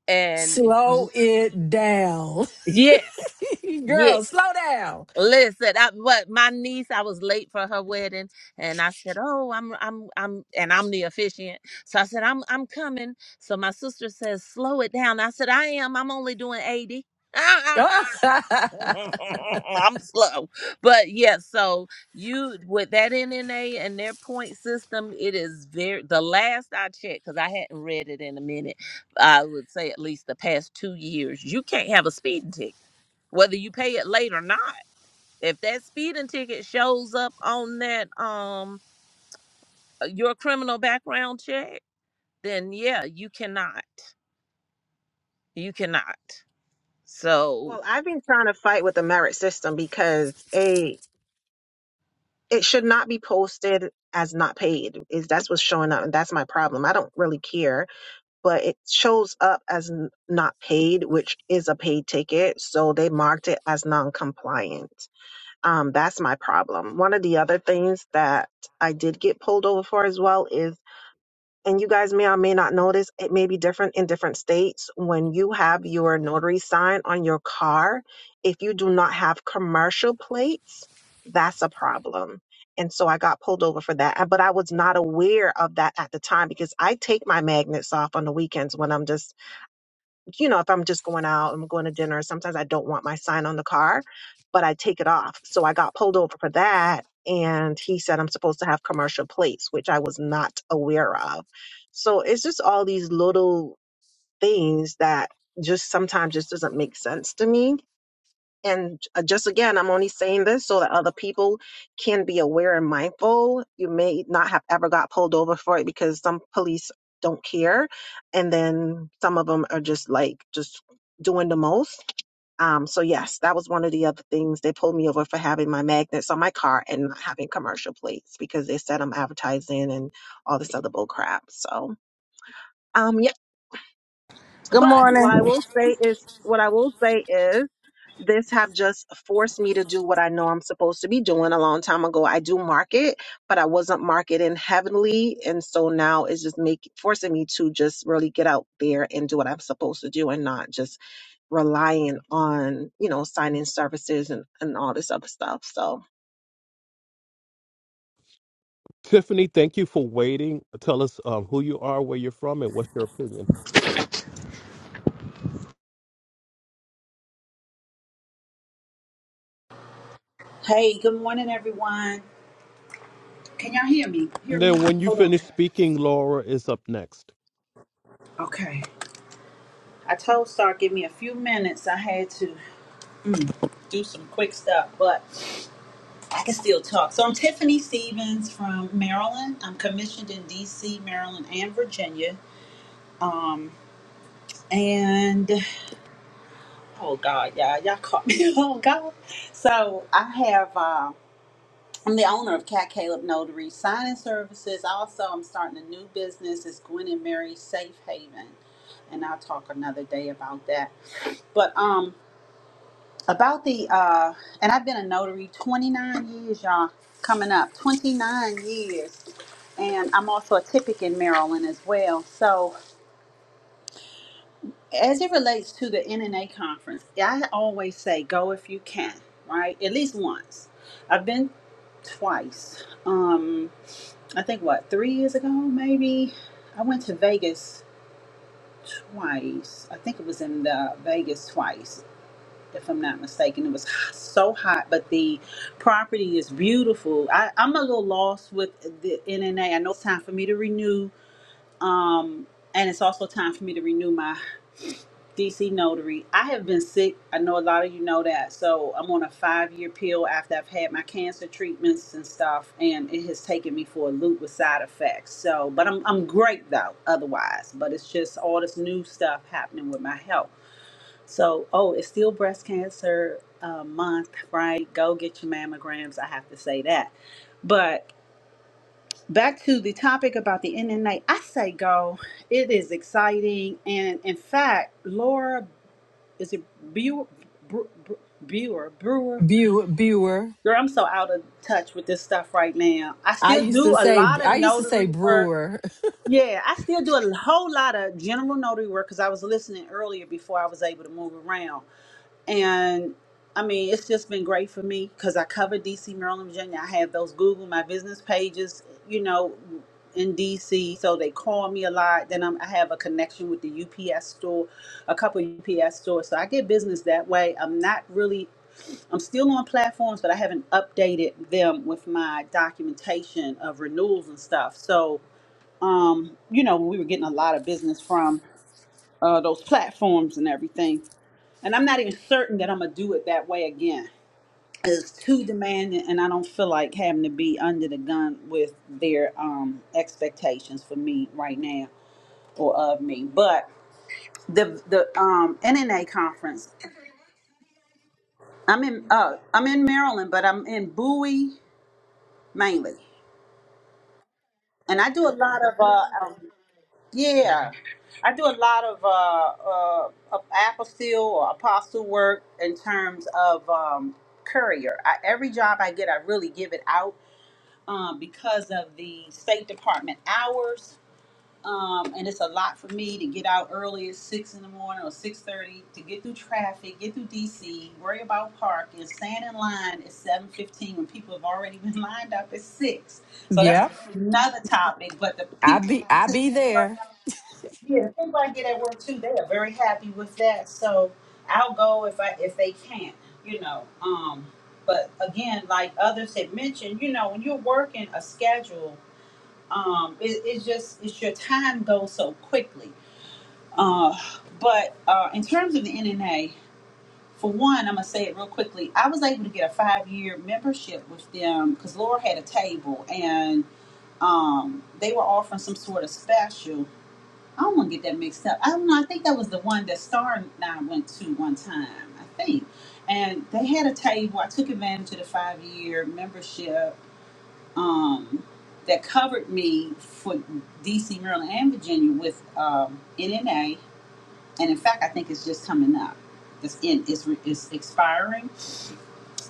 And y-
Slow it down.
yes, yes.
Girl, slow down.
Listen, I, what my niece, I was late for her wedding, and I said, "Oh, I'm, I'm, I'm," and I'm the officiant. So I said, "I'm, I'm coming." So my sister says, "Slow it down." I said, "I am. I'm only doing 80. I'm slow, but yeah. So you with that NNA and their point system, it is very. The last I checked, because I hadn't read it in a minute, I would say at least the past two years, you can't have a speeding ticket, whether you pay it late or not. If that speeding ticket shows up on that um uh, your criminal background check, then yeah, you cannot. You cannot. So
Well, I've been trying to fight with the merit system because a it should not be posted as not paid is that's what's showing up and that's my problem i don't really care but it shows up as n- not paid which is a paid ticket so they marked it as non-compliant um, that's my problem one of the other things that i did get pulled over for as well is and you guys may or may not notice it may be different in different states when you have your notary sign on your car if you do not have commercial plates that's a problem and so i got pulled over for that Uh, but i was not aware of that at the time because i take my magnets off on the weekends when i'm just you know, if I'm just going out, I'm going to dinner, sometimes I don't want my sign on the car, but I take it off. So I got pulled over for that. And he said I'm supposed to have commercial plates, which I was not aware of. So it's just all these little things that just sometimes just doesn't make sense to me and uh, just again, I'm only saying this so that other people can be aware and mindful. You may not have ever got pulled over for it because some police don't care. And then some of them are just like, just doing the most. Um, so yes, that was one of the other things. They pulled me over for having my magnets on my car and not having commercial plates because they said I'm advertising and all this other bull crap. So, um, yeah.
Good
But
morning.
what I
My
will say is, what I will say is, this have just forced me to do what I know I'm supposed to be doing a long time ago. I do market, but I wasn't marketing heavenly, and so now it's just making forcing me to just really get out there and do what I'm supposed to do, and not just relying on you know signing services and and all this other stuff. So
Tiffany, thank you for waiting. Tell us um, who you are, where you're from, and what's your opinion.
Hey, good morning, everyone. Can y'all hear me? Hear
And
me?
then when you
Hold on.
finish speaking, Laura is up next.
Okay. I told Star give me a few minutes. I had to mm, do some quick stuff, but I can still talk. So I'm Tiffany Stevens from Maryland. I'm commissioned in D.C., Maryland, and Virginia. Um, and oh God, y'all, y'all caught me. oh God. So I have. Um, I'm the owner of Cat Caleb Notary Signing Services. Also, I'm starting a new business. It's Gwen and Mary Safe Haven, and I'll talk another day about that. But um, about the uh, and I've been a notary 29 years, y'all. Coming up 29 years, and I'm also a typic in Maryland as well. So, as it relates to the NNA conference, I always say go if you can, right? At least once. I've been twice. Um, I think what three years ago, maybe I went to Vegas twice. I think it was in the Vegas twice, if I'm not mistaken. It was h- so hot, but the property is beautiful. I, I'm a little lost with the NNA. I know it's time for me to renew, um, and it's also time for me to renew my DC Notary. I have been sick. I know a lot of you know that. So I'm on a five year pill after I've had my cancer treatments and stuff, and it has taken me for a loop with side effects. So, but I'm, I'm great though, otherwise. But it's just all this new stuff happening with my health. So, oh, it's still breast cancer uh, month, right? Go get your mammograms. I have to say that. But back to the topic about the NNA, I say go. It is exciting. And in fact, Laura is it Brewer? Bre- Bre- Brewer, Brewer,
Bew- Brewer.
girl, I'm so out of touch with this stuff right now. I
I
still
used to
do a
say
lot of
I used to say
notary work.
brewer.
Yeah, I still do a whole lot of general notary work because I was listening earlier before I was able to move around. And I mean, it's just been great for me because I cover DC, Maryland, Virginia. I have those Google my business pages, you know, in DC. So they call me a lot. Then I'm, I have a connection with the UPS store, a couple UPS stores. So I get business that way. I'm not really, I'm still on platforms, but I haven't updated them with my documentation of renewals and stuff. So, um, you know, we were getting a lot of business from uh, those platforms and everything. And I'm not even certain that I'm gonna do it that way again. It's too demanding, and I don't feel like having to be under the gun with their um, expectations for me right now or of me. But the the um, NNA conference, I'm in uh, I'm in Maryland, but I'm in Bowie mainly, and I do a lot of uh, um, Yeah, I do a lot of uh, uh, of apostille or apostle work in terms of um, courier. I, every job I get, I really give it out um, because of the State Department hours, um, and it's a lot for me to get out early at six in the morning or six thirty to get through traffic, get through DC, worry about parking, stand in line at seven fifteen when people have already been lined up at six. So that's
Yep.
another topic. But the
I
people
be I
sitting
be
there working.
there.
Yeah, people I get at work too, they are very happy with that. So I'll go if I if they can, you know. Um, but again, like others had mentioned, you know, when you're working a schedule, um, it, it's just it's your time goes so quickly. Uh, but uh, in terms of the NNA, for one, I'm gonna say it real quickly. I was able to get a five year membership with them because Laura had a table and um, they were offering some sort of special I don't want to get that mixed up. I don't know. I think that was the one that Star and I went to one time. I think, and they had a table. I took advantage of the five year membership um, that covered me for D.C., Maryland, and Virginia with um, NNA. And in fact, I think it's just coming up. It's in. It's, re- it's expiring.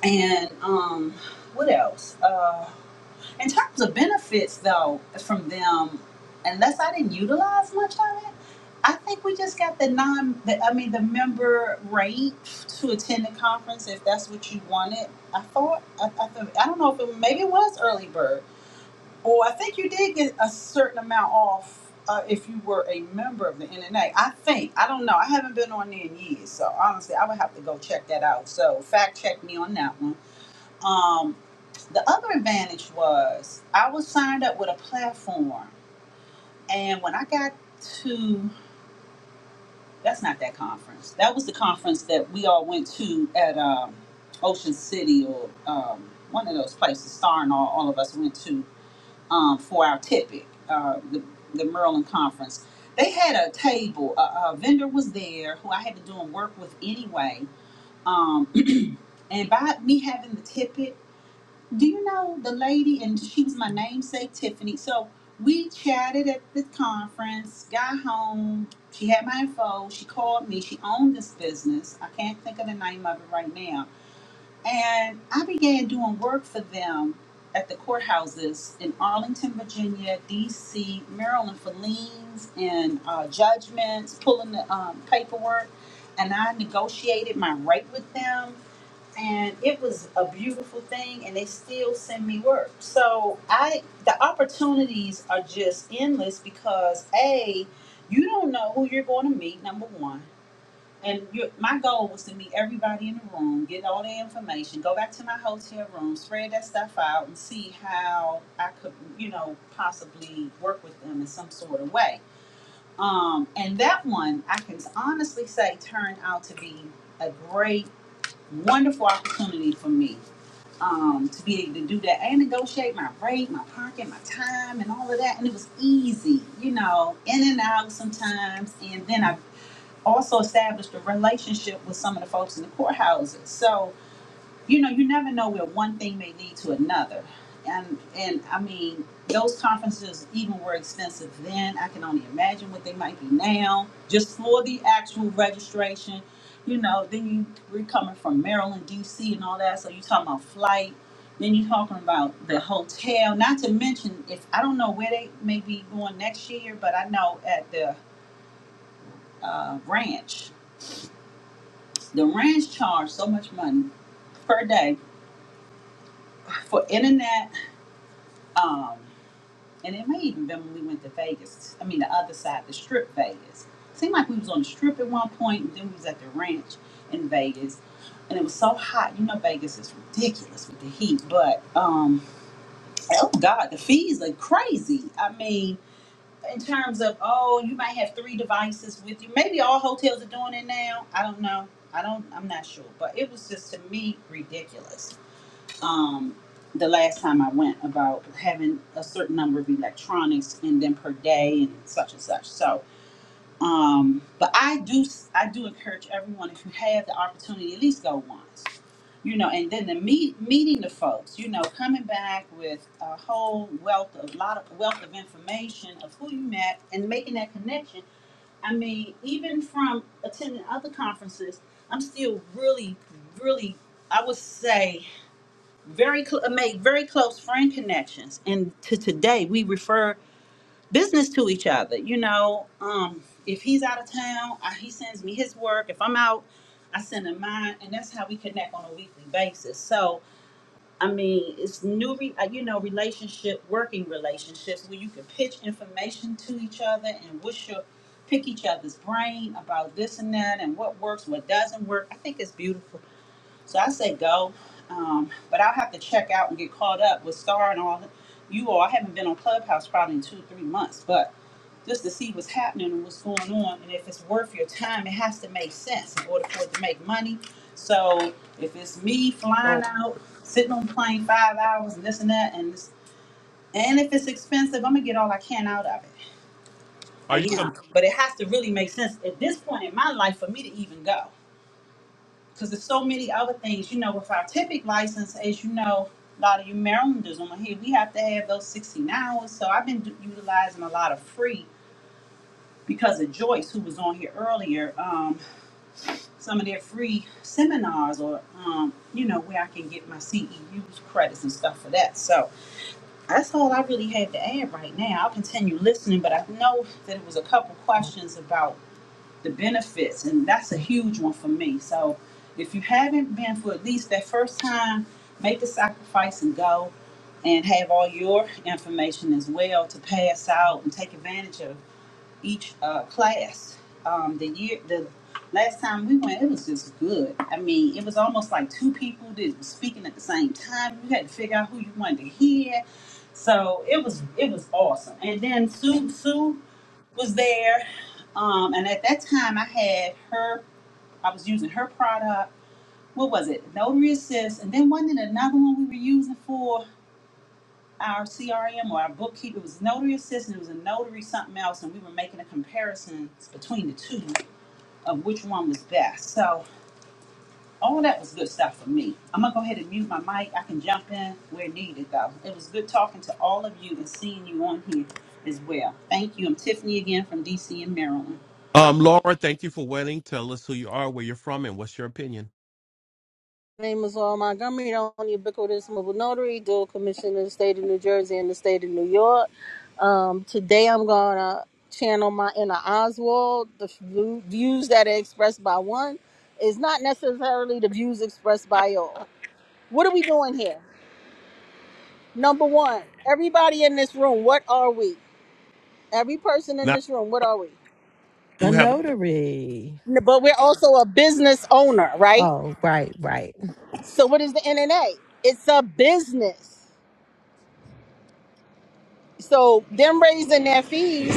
And um, what else? Uh, in terms of benefits though from them unless i didn't utilize much of it i think we just got the non the, i mean the member rate to attend the conference if that's what you wanted i thought i, I, thought, I don't know if it maybe it was early bird or i think you did get a certain amount off uh, if you were a member of the NNA, I think I don't know. I haven't been on there in years, so honestly, I would have to go check that out. So fact check me on that one. Um, the other advantage was I was signed up with a platform, and when I got to that's not that conference. That was the conference that we all went to at um, Ocean City or um, one of those places. Star and all, all of us went to um, for our tippet, uh, the the Maryland conference. They had a table. A, a vendor was there who I had been doing work with anyway. Um, and by me having the tippet. Do you know the lady? And she was my namesake, Tiffany. So we chatted at the conference, got home. She had my info. She called me. She owned this business. I can't think of the name of it right now. And I began doing work for them at the courthouses in Arlington, Virginia, D.C., Maryland for liens and uh, judgments, pulling the um, paperwork. And I negotiated my rate with them and it was a beautiful thing and they still send me work so i the opportunities are just endless because a you don't know who you're going to meet number one and you, my goal was to meet everybody in the room get all the information go back to my hotel room spread that stuff out and see how i could you know possibly work with them in some sort of way um, and that one i can honestly say turned out to be a great wonderful opportunity for me um, to be able to do that and negotiate my rate, my parking, my time, and all of that. And it was easy, you know, in and out sometimes. And then I also established a relationship with some of the folks in the courthouses. So you know, you never know where one thing may lead to another. And and I mean, those conferences even were expensive then. I can only imagine what they might be now, just for the actual registration. You know, then you we're coming from Maryland, DC and all that, so you talking about flight. Then you're talking about the hotel, not to mention if I don't know where they may be going next year, but I know at the uh, ranch, the ranch charged so much money per day for internet, um, and it may even been when we went to Vegas. I mean, the other side, the Strip, Vegas. Seemed like we was on the Strip at one point, and then we was at the ranch in Vegas, and it was so hot. You know, Vegas is ridiculous with the heat, but um, oh God, the fees are crazy. I mean, in terms of oh, you might have three devices with you. Maybe all hotels are doing it now. I don't know. I don't. I'm not sure, but it was just to me ridiculous um, the last time I went about having a certain number of electronics and then per day and such and such. So, um, but I do I do encourage everyone if you have the opportunity at least go once, you know, and then the meet meeting the folks, you know, coming back with a whole wealth of lot of wealth of information of who you met and making that connection. I mean, even from attending other conferences, I'm still really, really I would say very cl- uh, make very close friend connections and to today we refer business to each other you know um if he's out of town I, he sends me his work if i'm out i send him mine and that's how we connect on a weekly basis so i mean it's new re- uh, you know relationship working relationships where you can pitch information to each other and what's your pick each other's brain about this and that and what works what doesn't work i think it's beautiful so I say go, um, but I'll have to check out and get caught up with Star and all you all. I haven't been on Clubhouse probably in two or three months, but just to see what's happening and what's going on, and if it's worth your time, it has to make sense in order for it to make money. So if it's me flying
So
out, sitting on the plane five hours and this and that, and this, and if it's expensive, I'm gonna get all I can out of it. I
are you? Um,
am, but it has to really make sense at this point in my life for me to even go because there's so many other things. You know, with our typical license, as you know, a lot of you Marylanders on here, we have to have those 16 hours. So I've been d- utilizing a lot of free because of Joyce, who was on here earlier. Um, some of their free seminars, or um, you know, where I can get my CEUs credits and stuff for that. So that's all I really had to add right now. I'll continue listening, but I know that it was a couple questions about the benefits and that's a huge one for me so if you haven't been for at least that first time make the sacrifice and go and have all your information as well to pass out and take advantage of each uh, class um, the year the last time we went it was just good i mean it was almost like two people that were speaking at the same time you had to figure out who you wanted to hear so it was it was awesome and then sue sue was there. Um, and at that time, I had her, I was using her product. What was it? Notary Assist. And then wasn't it another one we were using for our CRM or our bookkeeper? It was Notary Assist and it was a Notary something else. And we were making a comparison between the two of which one was best. So all that was good stuff for me. I'm going to go ahead and mute my mic. I can jump in where needed, though. It was good talking to all of you and seeing you on here as well. Thank you. I'm Tiffany again from DC and Maryland.
um, Laura, thank you for waiting. Tell us who you are, where you're from, and what's your opinion.
name is Laura Montgomery. and I'm the ubiquitous mobile notary, dual commissioner in the state of New Jersey and the state of New York. Um, today I'm gonna channel my inner Oswald. The v- views that are expressed by one is not necessarily the views expressed by all. What are we doing here? Number one, everybody in this room, what are we? Every person in
Now
this room, what are we?
you
A
have a.
notary.
But we're also a business owner, right?
Oh, right, right.
So what is the NNA? It's a business. So them raising their fees,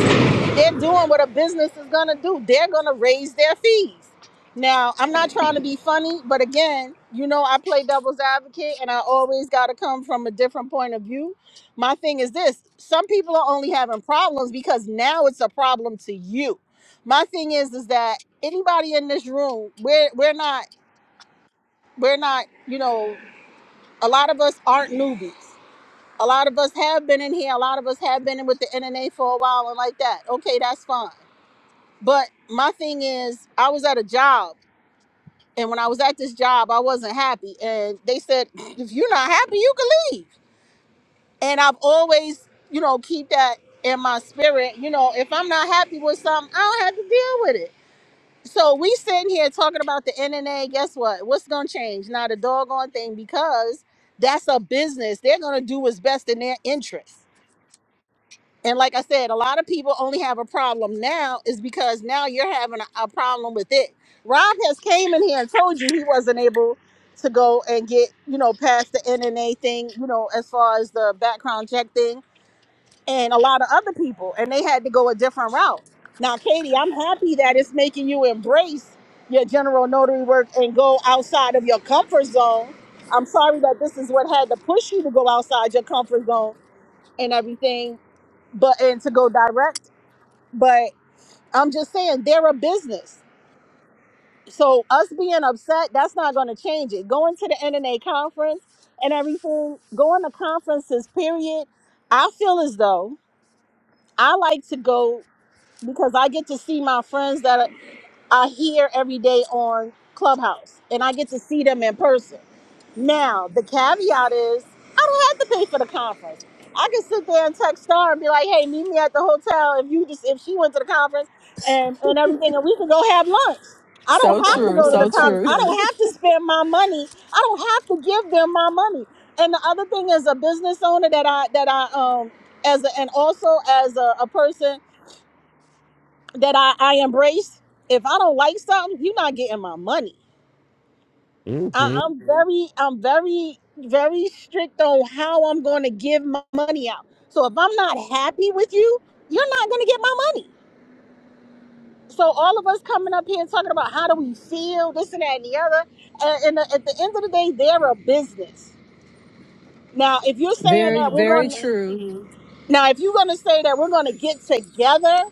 they're doing what a business is gonna do. They're gonna raise their fees. Now, I'm not trying to be funny, but again, you know I play devil's advocate and I always gotta come from a different point of view. My thing is this some people are only having problems because now it's a problem to you. My thing is is that anybody in this room, we're we're not we're not, you know, a lot of us aren't newbies. A lot of us have been in here. A lot of us have been in with the NNA for a while and like that. Okay, that's fine. But my thing is, I was at a job, and when I was at this job, I wasn't happy. And they said, if you're not happy, you can leave. And I've always, you know, keep that in my spirit. You know, if I'm not happy with something, I don't have to deal with it. So we sitting here talking about the NNA. Guess what? What's gonna change? Not a doggone thing because that's a business. They're gonna do what's best in their interest. And like I said, a lot of people only have a problem now is because now you're having a, a problem with it. Rob has came in here and told you he wasn't able to go and get, you know, past the NNA thing, you know, as far as the background check thing and a lot of other people and they had to go a different route. Now, Katie, I'm happy that it's making you embrace your general notary work and go outside of your comfort zone. I'm sorry that this is what had to push you to go outside your comfort zone and everything but and to go direct but i'm just saying they're a business so us being upset that's not going to change it going to the nna conference and everything going to conferences period i feel as though i like to go because i get to see my friends that are I hear every day on Clubhouse and I get to see them in person. Now, the caveat is I don't have to pay for the conference. I can sit there and text Star and be like, hey, meet me at the hotel if you just if she went to the conference and, and everything and we can go have lunch. I
So
don't have to
true,
go to the Awesome.
so
conference.
true.
I don't have to spend my money. I don't have to give them my money. And the other thing is a business owner that I that I um as a, and also as a, a person that I, I embrace. If I don't like something, you're not getting my money. I,
Mm-hmm.
I'm Mhm. very, I'm very, very strict on how I'm going to give my money out. So if I'm not happy with you, you're not going to get my money. So all of us coming up here and talking about how do we feel, this and that and the other, and, and at the end of the day, they're a business. Now, if you're saying
Very,
that we're
very
going,
true.
to now if you're going to say that we're going to get together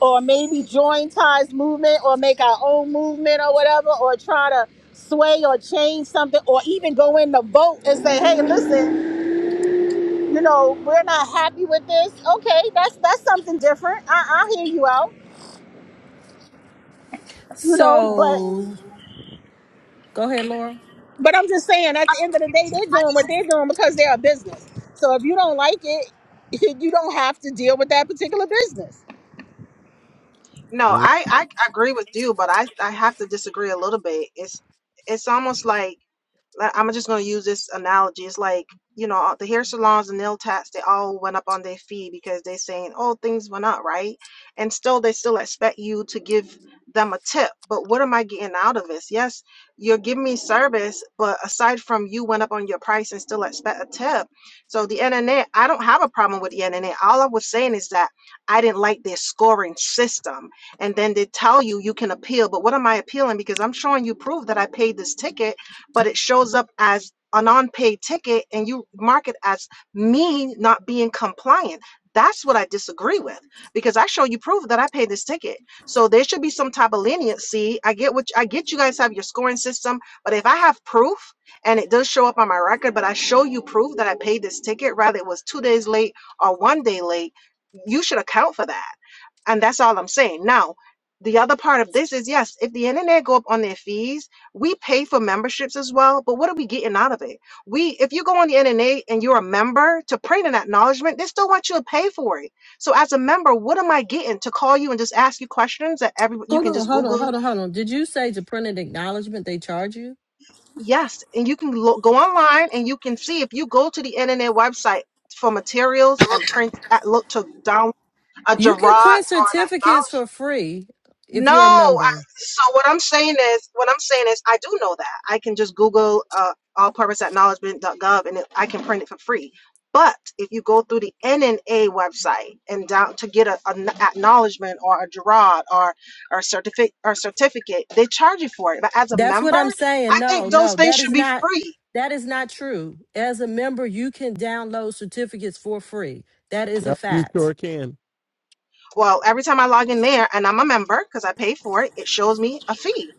or maybe join Ty's movement or make our own movement or whatever, or try to sway or change something, or even go in the vote and say, hey, listen, you know, we're not happy with this. Okay, that's that's something different. I, I hear you out, you know, but
So go ahead, Laura.
but I'm just saying, at
I
the end of the day, they're doing what
just-
they're doing because they're a business. So if you don't like it, you don't have to deal with that particular business.
no, I I agree with you, but I I have to disagree a little bit. It's it's almost like I- I'm just going to use this analogy. It's like, you know, the hair salons and nail tats, they all went up on their fee because they're saying, oh, things went up, right? And still, they still expect you to give them a tip. But what am I getting out of this? Yes, you're giving me service, but aside from you went up on your price and still expect a tip. So the internet, I don't have a problem with the internet. All I was saying is that I didn't like their scoring system. And then they tell you you can appeal. But what am I appealing? Because I'm showing you proof that I paid this ticket but it shows up as an unpaid ticket and you mark it as me not being compliant. That's what I disagree with because I show you proof that I paid this ticket. So there should be some type of leniency. I get what I get you guys have your scoring system, but if I have proof and it does show up on my record, but I show you proof that I paid this ticket, rather it was two days late or one day late, you should account for that and that's all I'm saying. Now, the other part of this is yes, if the internet go up on their fees, we pay for memberships as well, but what are we getting out of it? We if you go on the internet and you're a member to print an acknowledgement, they still want you to pay for it. So as a member, what am I getting to call you and just ask you questions that every you
Hold
can
on,
just
hold on,
Google?
hold on, hold on. Did you say to print an acknowledgement they charge you?
Yes, and you can lo- go online and you can see if you go to the internet website for materials and print at look to down a
You
Gerard or
can print
an acknowledgement.
certificates for free if
No,
you're a
I,
member.
so what I'm saying is, what I'm saying is, I do know that. I can just Google uh, all-purpose acknowledgement.gov and it, I can print it for free. But if you go through the NNA website and down to get a, an acknowledgement or a Gerard or or certificate or certificate, they charge you for it. But as a
That's what
member,
I'm saying.
I
No,
think those
no,
things
that is
should be
not
free.
that is not true. As a member, you can download certificates for free. That is a
Yep, you sure
fact.
can.
Well, every time I log in there and I'm a member because I pay for it, it shows me a fee.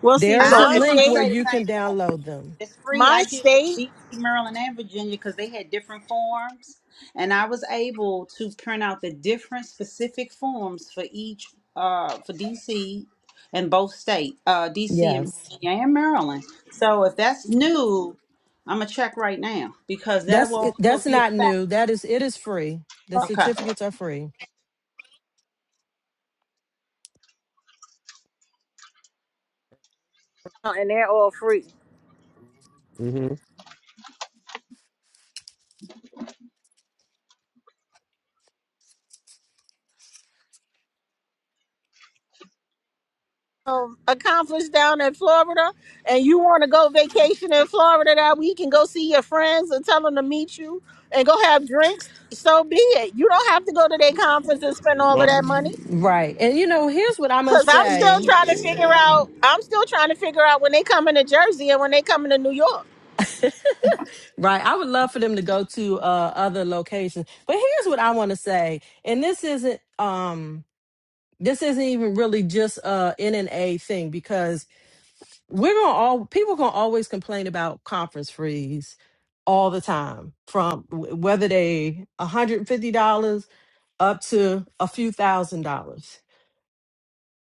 We'll see
There is
So
I
a
if
my
was going to
link where
state,
say the
you
same
can
thing.
download them.
It's free.
my
I did it
state,
for DC, Maryland, and Virginia because they had different forms, and I was able to print out the different specific forms for each uh for DC and both state uh DC and
Yes.
Virginia and Maryland. So if that's new, I'm gonna check right now because that
That's
will
it-
also
that's
be a
not
fact.
new. That is it is free. The
Okay.
certificates are free.
and they're all free.
Mm-hmm.
um, a conference down in Florida and you want to go vacation in Florida that week and go see your friends and tell them to meet you and go have drinks, so be it. You don't have to go to their conference and spend all of that money.
Right. And you know, here's what I
Cause
must
I'm still
say.
trying to figure out. I'm still trying to figure out when they come into Jersey and when they come into New York.
right. I would love for them to go to uh other locations. But here's what I want to say. And this isn't um this isn't even really just a N and A thing because we're gonna all people gonna always complain about conference fees all the time from wh- whether they $150 up to a few thousand dollars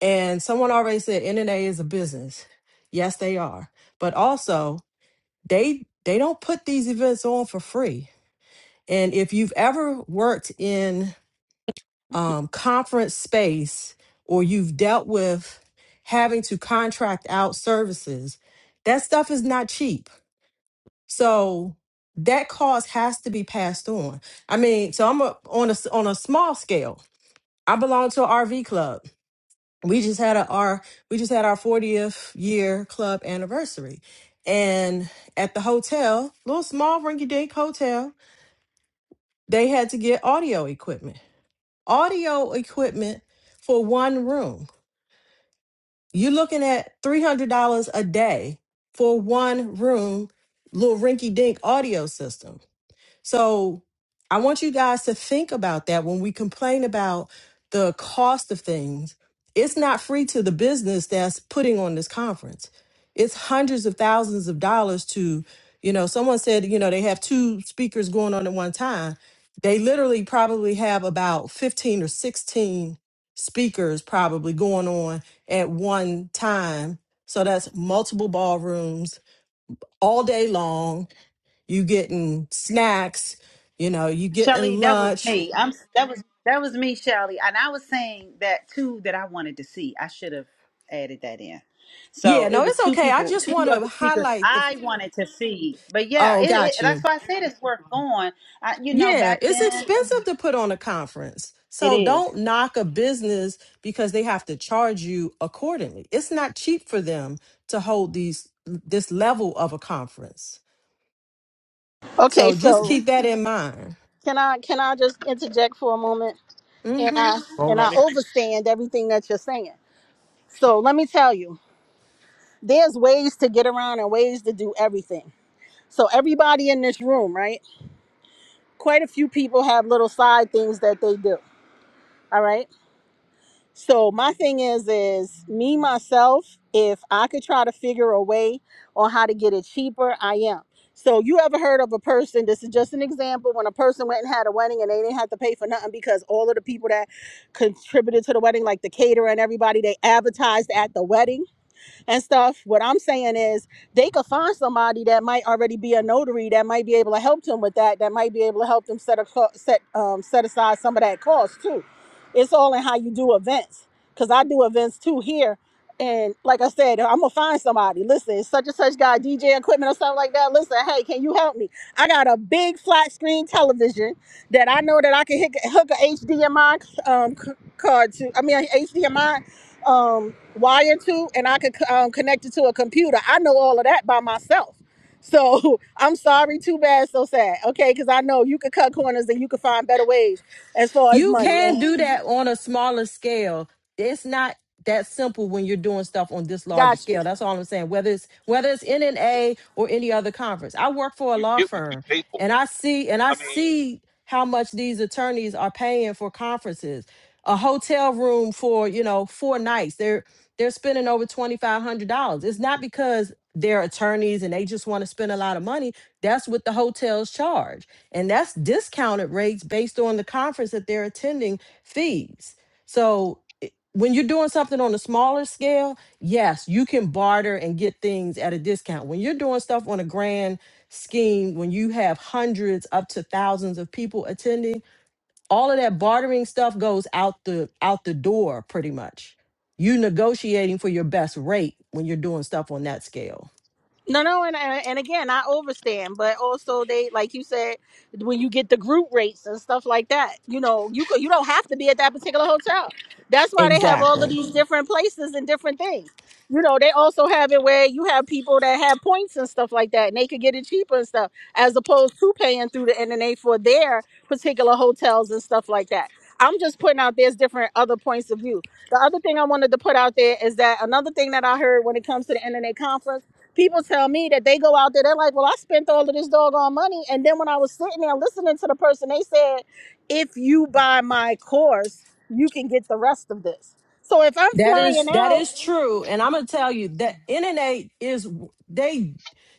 And someone already said NNA is a business. Yes, they are. But also, they they don't put these events on for free. And if you've ever worked in um, conference space or you've dealt with having to contract out services, that stuff is not cheap. So that cost has to be passed on. I mean, so I'm a, on a s- on a small scale. I belong to an RV club. we just had a, our we just had our 40th year club anniversary and at the hotel little small rinky-dink hotel they had to get audio equipment audio equipment for one room you're looking at $300 a day for one room little rinky-dink audio system So I want you guys to think about that when we complain about the cost of things. It's not free to the business that's putting on this conference. It's hundreds of thousands of dollars to, you know, someone said, you know, they have two speakers going on at one time. They literally probably have about 15 or 16 speakers probably going on at one time. So that's multiple ballrooms all day long you getting snacks, you know, you getting
Shelly, that was
lunch.
me. I'm that was that was me, Shelly. And I was saying that too that I wanted to see. I should have added that in. So
Yeah,
it
no,
was
it's
two
okay. I
people,
just
two
want
of
to
the speakers
highlight the.
I wanted to see. But yeah,
Oh,
it, it,
got
that's
you.
why I said it's worth going. I, you know,
Yeah,
back
it's
then
expensive to put on a conference.
it
So
is.
don't knock a business because they have to charge you accordingly. It's not cheap for them to hold these this level of a conference.
Okay,
So
so
just keep that in mind.
can I can I just interject for a moment and
Mhm.
I and I
Alrighty.
overstand everything that you're saying. So let me tell you, there's ways to get around and ways to do everything So everybody in this room, right? Quite a few people have little side things that they do. All right. So my thing is, is me myself, if I could try to figure a way on how to get it cheaper, I am. So you ever heard of a person, this is just an example, when a person went and had a wedding and they didn't have to pay for nothing because all of the people that contributed to the wedding, like the caterer and everybody, they advertised at the wedding and stuff. What I'm saying is they could find somebody that might already be a notary that might be able to help them with that. That might be able to help them set a co- set um, set aside some of that cost too. It's all in how you do events because I do events too here. And like I said, I'm gonna find somebody. Listen, such and such guy, DJ equipment or something like that. Listen, hey, can you help me? I got a big flat screen television that I know that I can hook, hook a HDMI um, c- card to. I mean, HDMI um, wire to, and I could um, connect it to a computer. I know all of that by myself. So I'm sorry, too bad, so sad. Okay, because I know you could cut corners and you could find better ways as far as
You can do
money.
that on a smaller scale. It's not that simple when you're doing stuff on this larger
Got you.
scale. That's all I'm saying. Whether it's whether it's NNA or any other conference. I work for a
You
law
get what you
firm
pay for.
and I see and I
I mean,
see how much these attorneys are paying for conferences. A hotel room for, you know, four nights. They're they're spending over twenty five hundred dollars. It's not because they're attorneys and they just want to spend a lot of money. That's what the hotels charge and that's discounted rates based on the conference that they're attending fees. So i- when you're doing something on a smaller scale, yes, you can barter and get things at a discount. When you're doing stuff on a grand scheme, when you have hundreds up to thousands of people attending, all of that bartering stuff goes out the out the door pretty much. You negotiating for your best rate when you're doing stuff on that scale.
No, no, and and and again, I overstand, but also they, like you said, when you get the group rates and stuff like that, you know, you could, you don't have to be at that particular hotel. That's why they have all of
Exactly.
these different places and different things. You know, they also have it where you have people that have points and stuff like that, and they could get it cheaper and stuff, as opposed to paying through the NNA for their particular hotels and stuff like that. I'm just putting out there's different other points of view. The other thing I wanted to put out there is that another thing that I heard when it comes to the NNA conference people tell me that they go out there, they're like, well, I spent all of this doggone money. And then when I was sitting there listening to the person, they said, if you buy my course, you can get the rest of this. So if I'm
That is
flying
that
out,
is true, and I'm gonna tell you that NNA is they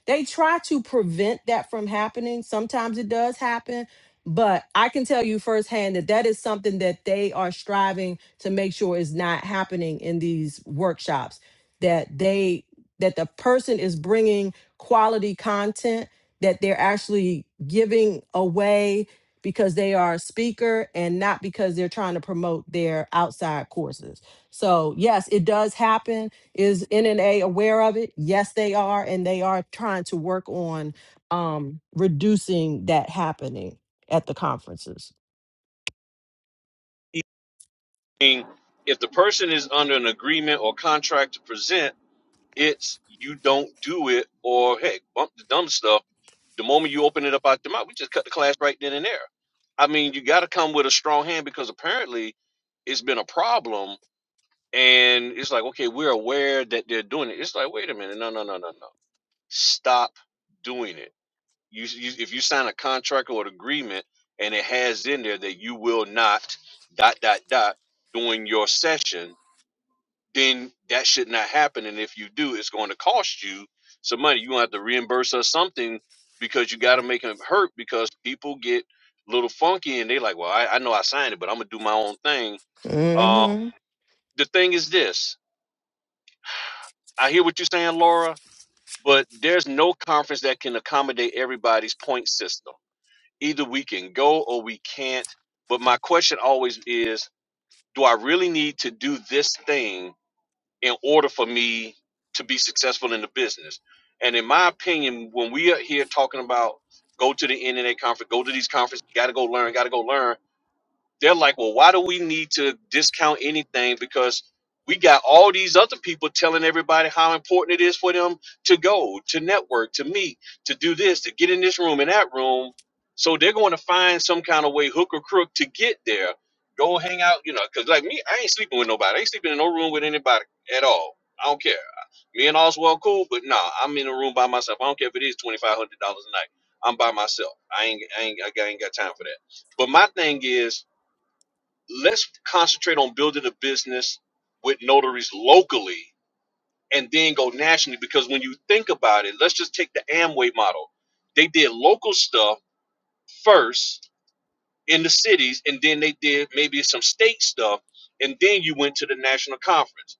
they try to prevent that from happening. Sometimes it does happen, but I can tell you firsthand that that is something that they are striving to make sure is not happening in these workshops. That they that the person is bringing quality content that they're actually giving away because they are a speaker and not because they're trying to promote their outside courses. So yes, it does happen. Is NNA aware of it? Yes, they are, and they are trying to work on um, reducing that happening at the conferences.
I mean, if the person is under an agreement or contract to present, it's you don't do it or hey, bump the dumb stuff. The moment you open it up out the mouth, we just cut the class right then and there I mean, you got to come with a strong hand because apparently it's been a problem, and it's like, okay, we're aware that they're doing it. It's like, wait a minute, no, no, no, no, no, stop doing it. You, you if you sign a contract or an agreement and it has in there that you will not dot dot dot during your session, then that should not happen. And if you do, it's going to cost you some money. You gonna have to reimburse us something because you got to make them hurt because people get a little funky and they like, well, I, I know I signed it, but I'm gonna do my own thing. Um,
hmm
the thing is this: I hear what you're saying, Laura, but there's no conference that can accommodate everybody's point system. Either we can go or we can't. But my question always is, do I really need to do this thing in order for me to be successful in the business. And in my opinion, when we are here talking about go to the NNA conference, go to these conferences, gotta go learn, gotta go learn, they're like, well, why do we need to discount anything? Because we got all these other people telling everybody how important it is for them to go, to network, to meet, to do this, to get in this room and that room. So they're going to find some kind of way, hook or crook, to get there. Go hang out, you know, because like me, I ain't sleeping with nobody. I ain't sleeping in no room with anybody at all. I don't care. Me and Oswald cool, but nah, I'm in a room by myself. I don't care if it is twenty five hundred dollars a night. I'm by myself. I ain't, I ain't, I ain't got time for that. But my thing is, Let's concentrate on building a business with notaries locally and then go nationally. Because when you think about it, let's just take the Amway model. They did local stuff first in the cities, and then they did maybe some state stuff, and then you went to the national conference.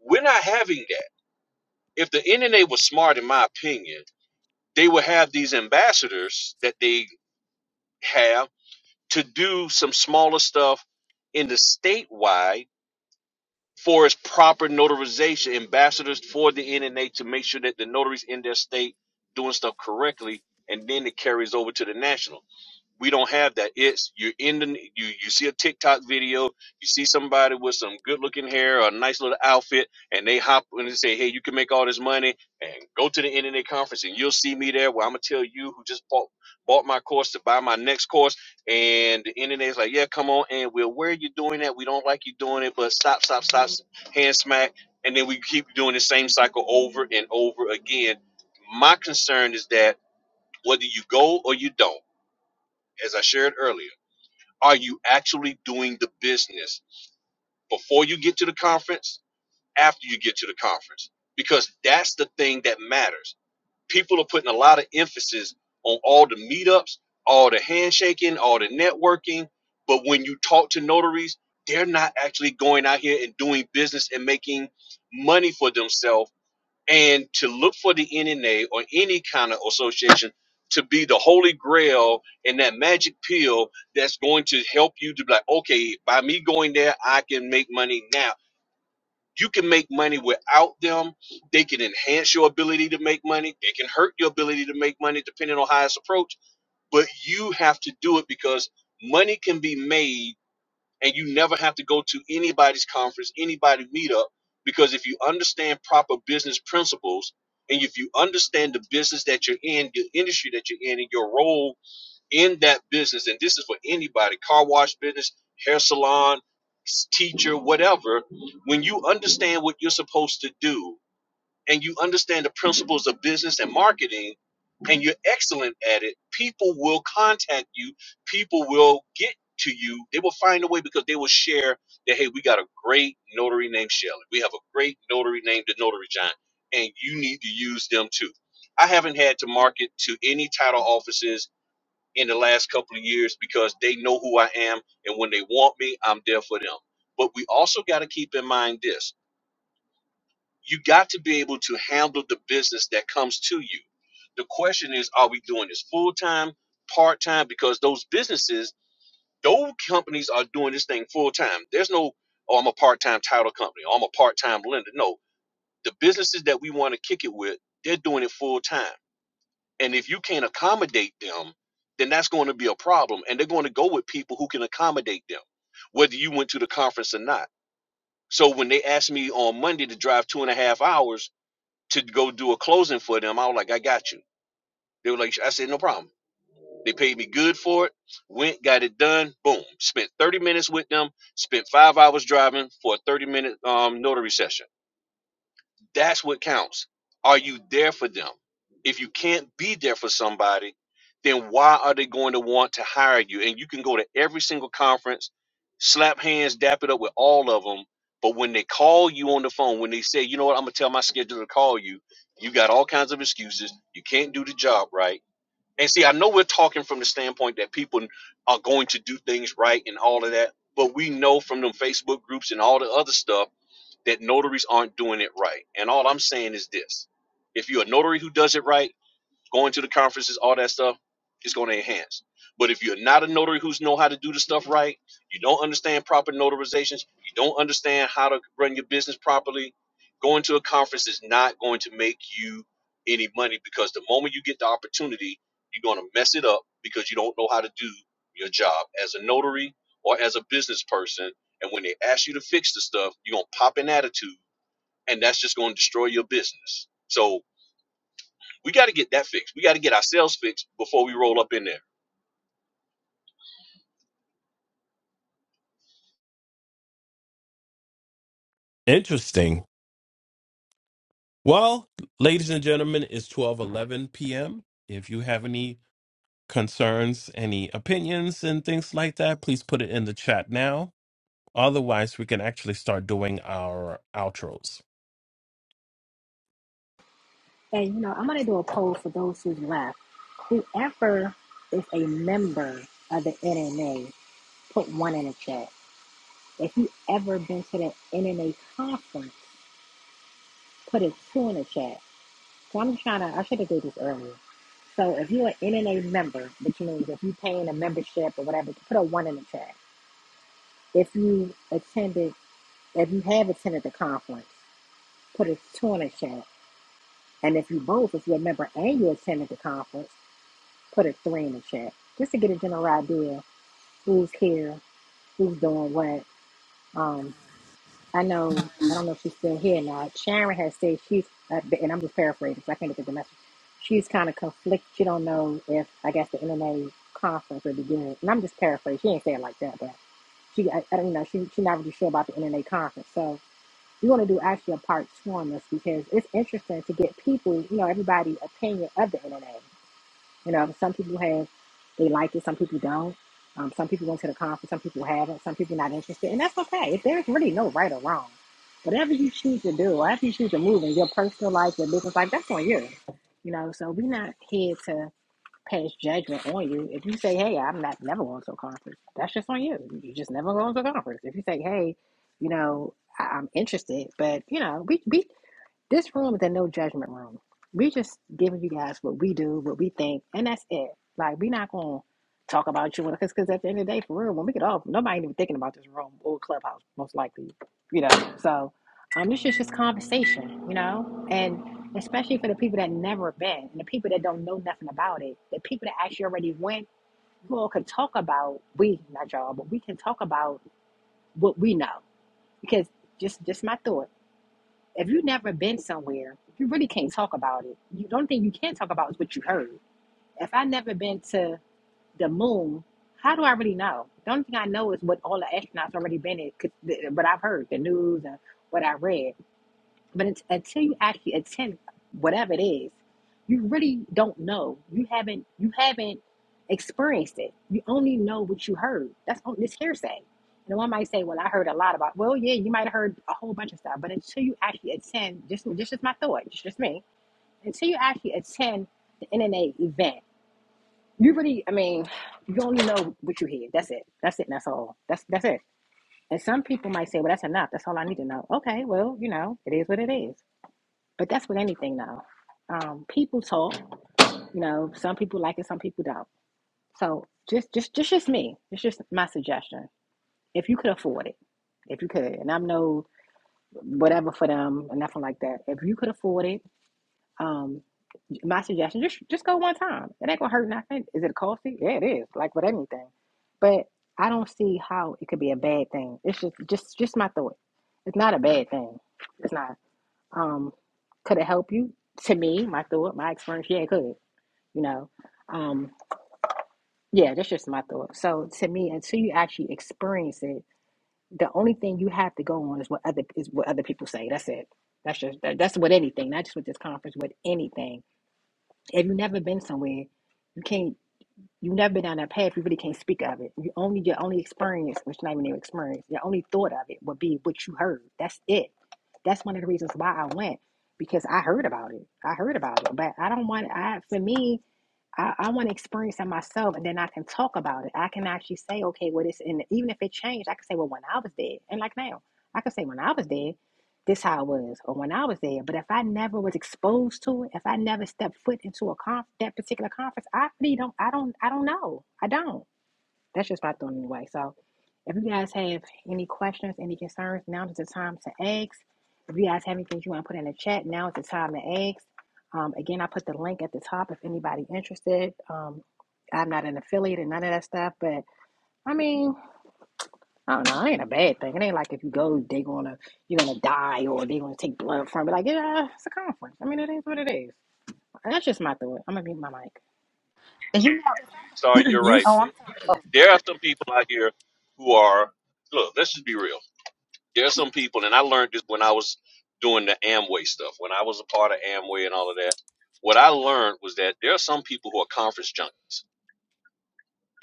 We're not having that. If the NNA was smart, in my opinion, they would have these ambassadors that they have to do some smaller stuff in the statewide for its proper notarization, ambassadors for the NNA to make sure that the notaries in their state doing stuff correctly, and then it carries over to the national. We don't have that. It's you're in the you you see a TikTok video, you see somebody with some good looking hair or a nice little outfit, and they hop and they say, Hey, you can make all this money and go to the NNA conference and you'll see me there where I'm gonna tell you who just bought bought my course to buy my next course and the NNA is like, Yeah, come on and we'll where are you doing that? We don't like you doing it, but stop, stop, stop, hand smack, and then we keep doing the same cycle over and over again. My concern is that whether you go or you don't, as I shared earlier. Are you actually doing the business before you get to the conference, after you get to the conference? Because that's the thing that matters. People are putting a lot of emphasis on all the meetups, all the handshaking, all the networking. But when you talk to notaries, they're not actually going out here and doing business and making money for themselves and to look for the NNA or any kind of association to be the holy grail and that magic pill that's going to help you to be like, okay, by me going there, I can make money now. You can make money without them. They can enhance your ability to make money. They can hurt your ability to make money depending on how it's approached. But you have to do it because money can be made and you never have to go to anybody's conference, anybody meetup, because if you understand proper business principles and if you understand the business that you're in, the industry that you're in, and your role in that business, and this is for anybody car wash business, hair salon, teacher, whatever when you understand what you're supposed to do and you understand the principles of business and marketing and you're excellent at it, people will contact you. People will get to you. They will find a way because they will share that, hey, we got a great notary named Shelley. We have a great notary named the Notary John, and you need to use them too. I haven't had to market to any title offices in the last couple of years because they know who I am, and when they want me, I'm there for them. But we also got to keep in mind this you got to be able to handle the business that comes to you. The question is, are we doing this full time, part time? Because those businesses, those companies are doing this thing full time. There's no, oh, I'm a part time title company, or I'm a part time lender. No, the businesses that we want to kick it with, they're doing it full time. And if you can't accommodate them, then that's going to be a problem. And they're going to go with people who can accommodate them, whether you went to the conference or not. So when they asked me on Monday to drive two and a half hours, to go do a closing for them. I was like, I got you. They were like, I said, no problem. They paid for it, went, got it done, boom. Spent 30 minutes with them, spent five hours driving for a 30 minute um, notary session. That's what counts. Are you them. If you can't be there for somebody, then why are they going to want to hire you? And you can go to every single conference, slap hands, dap it up with all of them. But when they call you on the phone, when they say, you know what, I'm going to tell my scheduler to call you, you got all kinds of excuses. You can't do the job right. And see, I know we're talking from the standpoint that people are going to do things right and all of that, but we know from them Facebook groups and all the other stuff that notaries aren't doing it right. And all I'm saying is this if you're a notary who does it right, going to the conferences, all that stuff, it's going to enhance. But if you're not a notary who's know how to do the stuff right, you don't understand proper notarizations, you don't understand how to run your business properly, going to a conference is not going to make you any money because the moment you get the opportunity, you're going to mess it up because you don't know how to do your job as a notary or as a business person. And when they ask you to fix the stuff, you're going to pop an attitude and that's just going to destroy your business. So we got to get that fixed. We got to get ourselves fixed before we roll up in there.
Interesting. Well, ladies and gentlemen, it's twelve eleven p.m. If you have any concerns, any opinions, and things like that, please put it in the chat now. Otherwise, we can actually start doing our outros.
And you know, I'm gonna do a poll for those who's left. Whoever is a member of the NNA, put one in the chat. If you ever been to the NNA conference, put a two in the chat. So I'm trying to. I should have did this earlier. So if you're an NNA member, which means if you're paying a membership or whatever, put a one in the chat. if you attended, if you have attended the conference, put a two in the chat. And if you both, if you're a member and you attended the conference, put a three in the chat just to get a general idea who's here, who's doing what. Um, I know, I don't know if she's still here or not. Sharon has said she's, uh, and I'm just paraphrasing because I can't get the message. She's kind of conflicted. She don't know if, I guess, the NNA conference would be good. And I'm just paraphrasing. She ain't saying it like that, but she, I, I don't know. She, she's not really sure about the NNA conference. So, you want to do actually a part two on this because it's interesting to get people, you know, everybody's opinion of the internet. You know, some people have, they like it, some people don't. Um, some people went to the conference, some people haven't, some people not interested, and that's okay. If there's really no right or wrong, whatever you choose to do, whatever you choose to move in your personal life, your business life, that's on you. You know, so we're not here to pass judgment on you. If you say, "Hey, I'm not never going to a conference," that's just on you. You just never going to a conference. If you say, "Hey, you know, I- I'm interested," but you know, we we this room is a no judgment room. We just giving you guys what we do, what we think, and that's it. Like we're not gonna talk about you because because at the end of the day, for real, when we get off, nobody ain't even thinking about this room or clubhouse, most likely, you know. So um, this is just conversation, you know, and especially for the people that never been and the people that don't know nothing about it, the people that actually already went, we all can talk about we not y'all, but we can talk about what we know because just just my thought if you've never been somewhere, you really can't talk about it. the only thing you can talk about is what you heard. If I have never been to the moon, how do I really know? The only thing I know is what all the astronauts already been in, 'cause the- what I've heard, the news and what I read. But it's, until you actually attend whatever it is, you really don't know. You haven't you haven't experienced it. You only know what you heard. That's on this hearsay. And one might say, "Well, I heard a lot about." Well, yeah, you might have heard a whole bunch of stuff. But until you actually attend, just this is my thought. It's just me. Until you actually attend the NNA event, you really, I mean, you only know what you hear. That's it. That's it. And that's all. That's that's it. And some people might say, "Well, that's enough. That's all I need to know." Okay, well, you know, it is what it is. But that's with anything though. Um, people talk, you know, some people like it, some people don't. So just just just just me. It's just my suggestion. If you could afford it. If you could. And I'm no whatever for them or nothing like that. If you could afford it, um my suggestion just just go one time. It ain't gonna hurt nothing. Is it costly? Yeah, it is, like with anything. But I don't see how it could be a bad thing. It's just just just my thought. It's not a bad thing. It's not. Um, could it help you? To me, my thought, my experience, yeah, it could. You know, um, yeah, that's just my thought. So to me, until you actually experience it, the only thing you have to go on is what other is what other people say. That's it. That's just that, that's with anything, not just with this conference, with anything. If you've never been somewhere, you can't you've never been down that path, you really can't speak of it. You only your only experience, which not even your experience, your only thought of it would be what you heard. That's it. That's one of the reasons why I went because I heard about it. I heard about it, but I don't want. I for me, I, I want to experience it myself, and then I can talk about it. I can actually say, okay, well, this, and even if it changed, I can say, well, when I was dead, and like now, I can say when I was dead. This how it was, or when I was there. But if I never was exposed to it, if I never stepped foot into a conf- that particular conference, I really don't. I don't. I don't know. I don't. That's just my thought anyway. So, if you guys have any questions, any concerns, now is the time to ask. If you guys have anything you want to put in the chat, now is the time to ask. Um, again, I put the link at the top if anybody interested. Um, I'm not an affiliate and none of that stuff, but I mean, I don't know. It ain't a bad thing. It ain't like if you go, they gonna you're gonna die or they gonna take blood from it. Like yeah, it's a conference. I mean, it is what it is. That's just my thought. I'm gonna mute my mic.
And you know,
Sorry, you're
You
right,
oh,
f-
I'm
but there are some people out here who are look. Let's just be real. There are some people, and I learned this when I was doing the Amway stuff. When I was a part of Amway and all of that, what I learned was that there are some people who are conference junkies.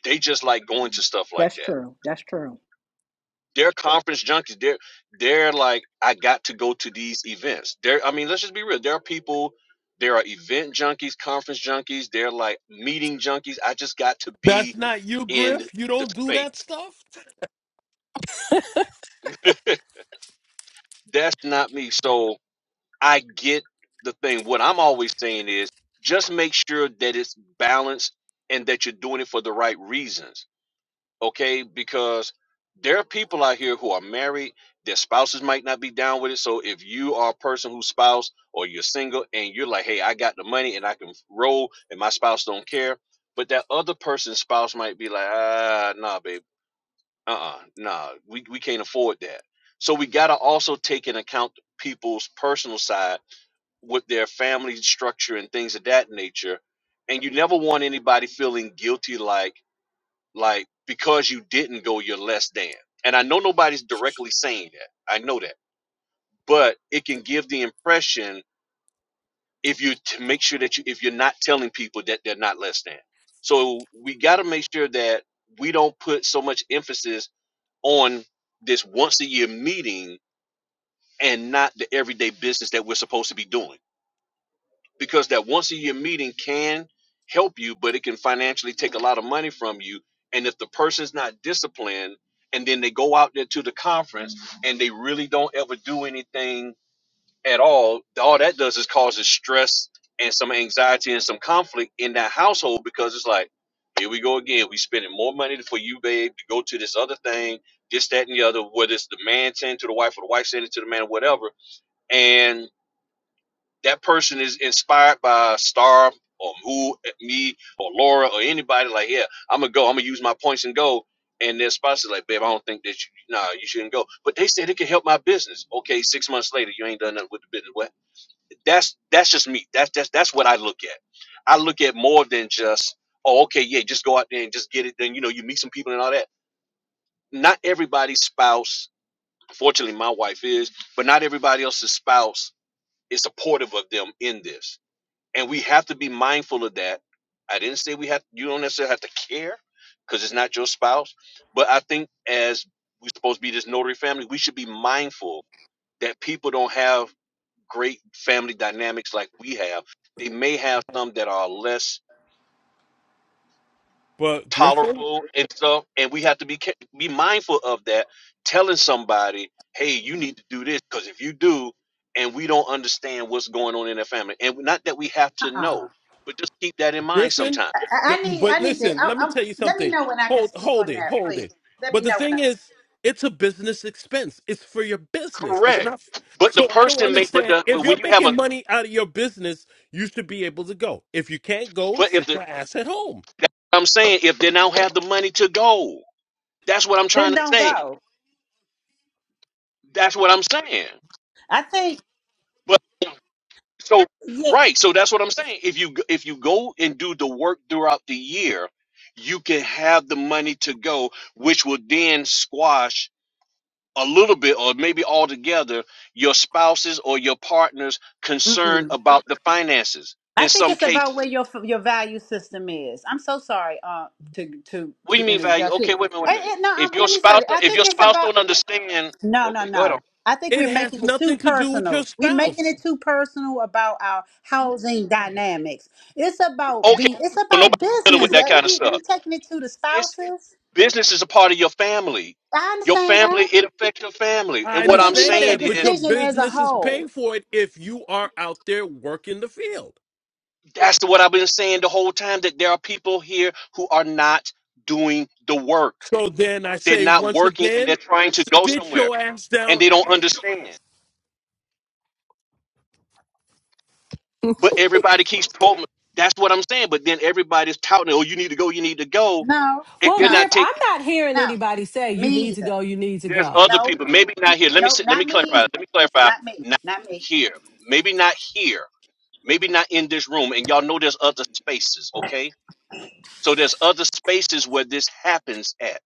They just like going to stuff like
That's
that
true. That's true.
they're conference junkies. They're they're like, I got to go to these events. There, I mean, let's just be real. There are people, there are event junkies, conference junkies, they're like meeting junkies. I just got to
That's
be
not you,
in
Griff. You
the
don't do that
space.
stuff.
That's not me. So I get the thing. What I'm always saying is just make sure that it's balanced and that you're doing it for the right reasons okay? Because there are people out here who are married, their spouses might not be down with it. So if you are a person whose spouse or you're single and you're like, hey, I got the money and I can roll and my spouse don't care, but that other person's spouse might be like, ah, nah, babe, uh uh nah, we, we can't afford that. So we gotta also take into account people's personal side with their family structure and things of that nature. And you never want anybody feeling guilty like, like because you didn't go you're less than and i know nobody's directly saying that i know that but it can give the impression if you to make sure that you if you're not telling people that they're not less than so we got to make sure that we don't put so much emphasis on this once a year meeting and not the everyday business that we're supposed to be doing because that once a year meeting can help you, but it can financially take a lot of money from you. And if the person's not disciplined and then they go out there to the conference and they really don't ever do anything at all, all that does is causes stress and some anxiety and some conflict in that household because it's like, here we go again. We spending more money for you, babe, to go to this other thing, this, that, and the other, whether it's the man saying to the wife or the wife saying it to the man or whatever. And that person is inspired by Star or who me or Laura or anybody, like, yeah, I'm gonna go, I'm gonna use my points and go. And their spouse is like, babe, I don't think that you, nah, you shouldn't go. But they said it could help my business. Okay, six months later, you ain't done nothing with the business. Well, that's that's just me. That's that's that's what I look at. I look at more than just, oh, okay, yeah, just go out there and just get it. Then you know, you meet some people and all that. Not everybody's spouse. Fortunately, my wife is, but not everybody else's spouse is supportive of them in this and we have to be mindful of that. I didn't say we have. You don't necessarily have to care because it's not your spouse. But I think as we're supposed to be this notary family, we should be mindful that people don't have great family dynamics like we have. They may have some that are less
But Griffin,
tolerable and stuff, and we have to be ca- be mindful of that. Telling somebody, "Hey, you need to do this," because if you do, and we don't understand what's going on in their family, and not that we have to
uh-uh.
know, but just keep that in mind
Griffin,
sometimes
I,
the-
I need,
but
I need to.
listen,
I,
let me
I'm,
tell you
let me
something.
know when I can
Hold,
speak
hold
on
it,
that,
hold
please.
it.
Let me
But the
know when I.
thing is, it's a business expense. It's for your business. It's
Correct.
not. f-
But the
So I don't
person may but
understand.
the
If
but
you're
when you have a
making money out of your business, you should be able to go. If you can't go,
but if
sit
the
your ass at home.
I'm saying if they now have the money to go, that's what I'm
Then
trying to
don't
say.
go.
That's what I'm saying.
I think,
But so
yeah.
right, so that's what I'm saying. If you g- if you go and do the work throughout the year, you can have the money to go, which will then squash a little bit or maybe altogether your spouses or your partners concern
Mm-mm.
about the finances
I
in
think
some
it's
cases.
about where your your value system is. I'm so sorry uh, to to
What do you
to
mean value?
interject. here.
Okay, wait a minute, wait
Eh,
a
eh,
minute.
no,
If
um,
your
let me say.
spouse,
That.
don't-
I
if
think
your
it's
spouse
about
don't understand,
no, no,
okay, go ahead. On.
no. I think
It
we're
has
making it too
nothing to do with your
personal. We're making
spouse.
it too personal about our housing dynamics. It's about
Okay,
being. It's
so nobody
about
dealing with
business.
that
Eh,
kind of
We
stuff.
we taking it to the
It's
spouses.
business is a part of your family.
I
Your
understand that,
family, it affects your family. And
I
what
but then
I'm
we
understand
make a
saying
that, but
is,
your
decision as a
business is
whole.
paying for it if you are out there working the field.
that's what I've been saying the whole time that there are people here who are not doing the work.
So then I
They're
say
not
once
working, and they're
again,
trying to go
sit
somewhere,
your ass
and
down
they don't understand. But everybody keeps quoting. That's what I'm saying. But then everybody's touting, "Oh, you need to go, you need to go,"
No,
and
Well,
they're
no,
not
Griff,
taking.
I'm not hearing
no.
anybody say you
Me
need to
either.
go, you need to
there's
go.
other
No,
people. Maybe not here. Let me
no,
see, let
not
me
me
clarify.
either.
Let me clarify.
Not me.
Not
Not me.
here. Maybe not here. Maybe not in this room. And y'all know there's other spaces. Okay. So there's other spaces where this happens at,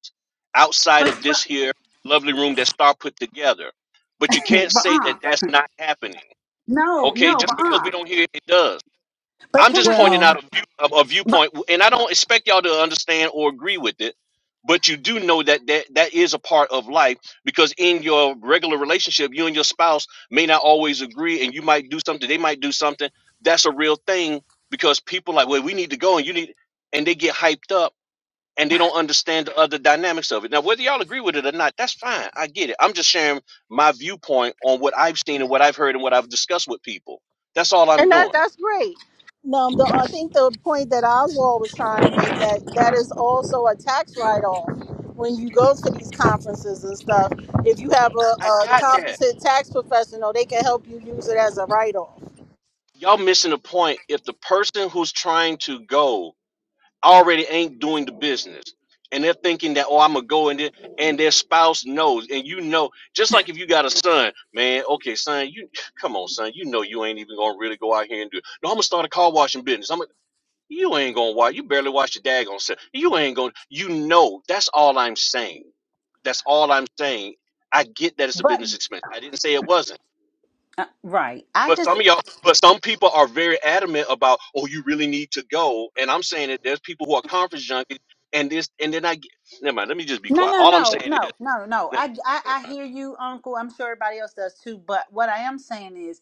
outside
But
of this
but
here lovely room that Star put together. But you can't
but
say
uh
that that's not happening.
no
Okay.
no
Just
but
because we
uh
don't hear it, it does.
but
I'm
can
just
I? Let me,
pointing
Well,
out a, view, a, a
but
viewpoint, and I don't expect y'all to understand or agree with it, but you do know that, that that is a part of life because in your regular relationship, you and your spouse may not always agree, and you might do something, they might do something. That's a real thing because people like, well, we need to go, and you need, and they get hyped up and they don't understand the other dynamics of it. Now, whether y'all agree with it or not, that's fine. I get it. I'm just sharing my viewpoint on what I've seen and what I've heard and what I've discussed with people. That's all I'm
and that,
doing.
that's great. Now, the, I think the point that Oswald was trying to make that that is also a tax write-off when you go to these conferences and stuff. If you have a,
I
a
got that.
competent tax professional, they can help you use it as a write-off.
Y'all missing the point. If the person who's trying to go already ain't doing the business, and they're thinking that, oh, I'm gonna go and then, and their spouse knows, and you know, just like if you got a son, man, okay, son, you come on, son, you know you ain't even gonna really go out here and do it. No, I'm gonna start a car washing business. I'm gonna, you ain't gonna wash, you barely wash your daggone self. You ain't gonna, you know, that's all I'm saying. That's all I'm saying. I get that it's a
but
business expense. I didn't say it wasn't.
right. I
But
just
some of y'all, but some people are very adamant about, oh, you really need to go. And I'm saying that there's people who are conference junkies, and this, and then I get. Never mind. Let me just be
no
quiet.
no
All I'm
no
saying is,
no no no.
never
I, I
mind,
I
never
hear you, Uncle. I'm sure everybody else does too. But what I am saying is.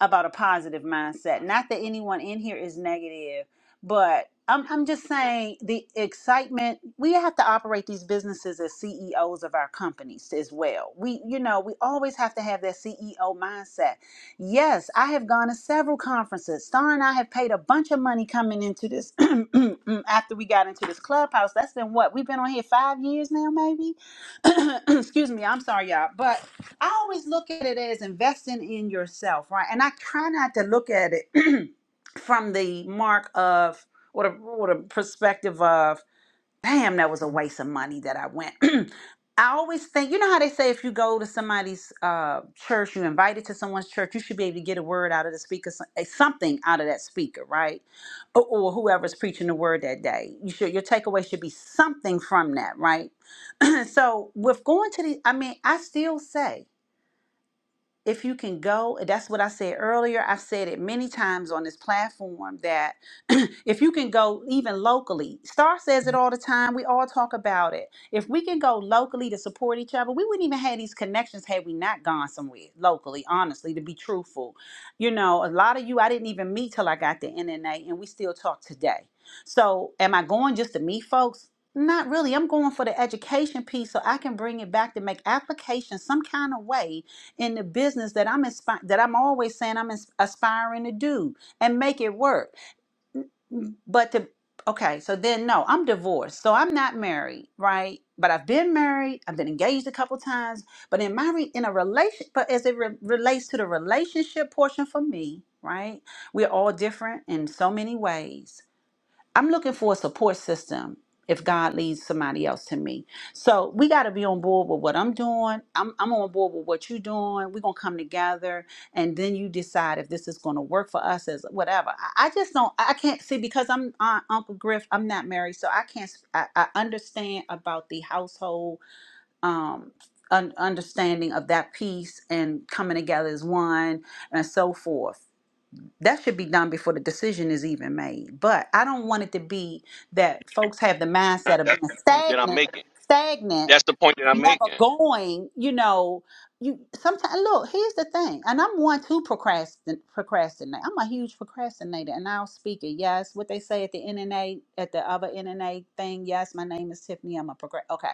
about a positive mindset. Not that anyone in here is negative, but I'm, I'm just saying the excitement we have to operate these businesses as CEOs of our companies as well. We, you know, we always have to have that CEO mindset. Yes, I have gone to several conferences. Star and I have paid a bunch of money coming into this after we got into this clubhouse. That's been what we've been on here five years now, maybe. Excuse me, I'm sorry, y'all, but. I always look at it as investing in yourself, right? And I try not to look at it from the mark of or the, or the perspective of, damn, that was a waste of money that I went. I always think, you know how they say if you go to somebody's uh, church, you invited to someone's church, you should be able to get a word out of the speaker, so- eh, something out of that speaker, right? Or, or whoever's preaching the word that day. You should, your takeaway should be something from that, right? so with going to the, I mean, I still say if you can go, that's what I said earlier. I've said it many times on this platform that if you can go even locally, Star says it all the time. We all talk about it. If we can go locally to support each other, we wouldn't even have these connections had we not gone somewhere locally, honestly, to be truthful. You know, a lot of you I didn't even meet till I got the NNA, and we still talk today. So, am I going just to meet folks? Not really. I'm going for the education piece so I can bring it back to make application some kind of way in the business that I'm inspi- that I'm always saying I'm ins- aspiring to do and make it work. But to okay, so then no, I'm divorced, so I'm not married, right? But I've been married, I've been engaged a couple times, but in my re- in a relation, but as it re- relates to the relationship portion for me, right? We're all different in so many ways I'm looking for a support system if God leads somebody else to me. So we got to be on board with what I'm doing. I'm, I'm on board with what you're doing. We're going to come together and then you decide if this is going to work for us as whatever. I, I just don't, I can't see because I'm Aunt, Uncle Griff, I'm not married. So I can't, s- I understand about the household, um, un- understanding of that piece and coming together as one and so forth that should be done before the decision is even made. But I don't want it to be that folks have the
mind.
mindset of
That's
being
the point that I'm
stagnant,
making.
stagnant
That's the point that I'm
and never
making.
going, you know, you sometimes look, here's the thing, and I'm one to procrastin procrastinate. I'm a huge procrastinator and I'll speak it. Yes, what they say at the NNA, at the other NNA thing, yes, my name is Tiffany. I'm a procrast okay.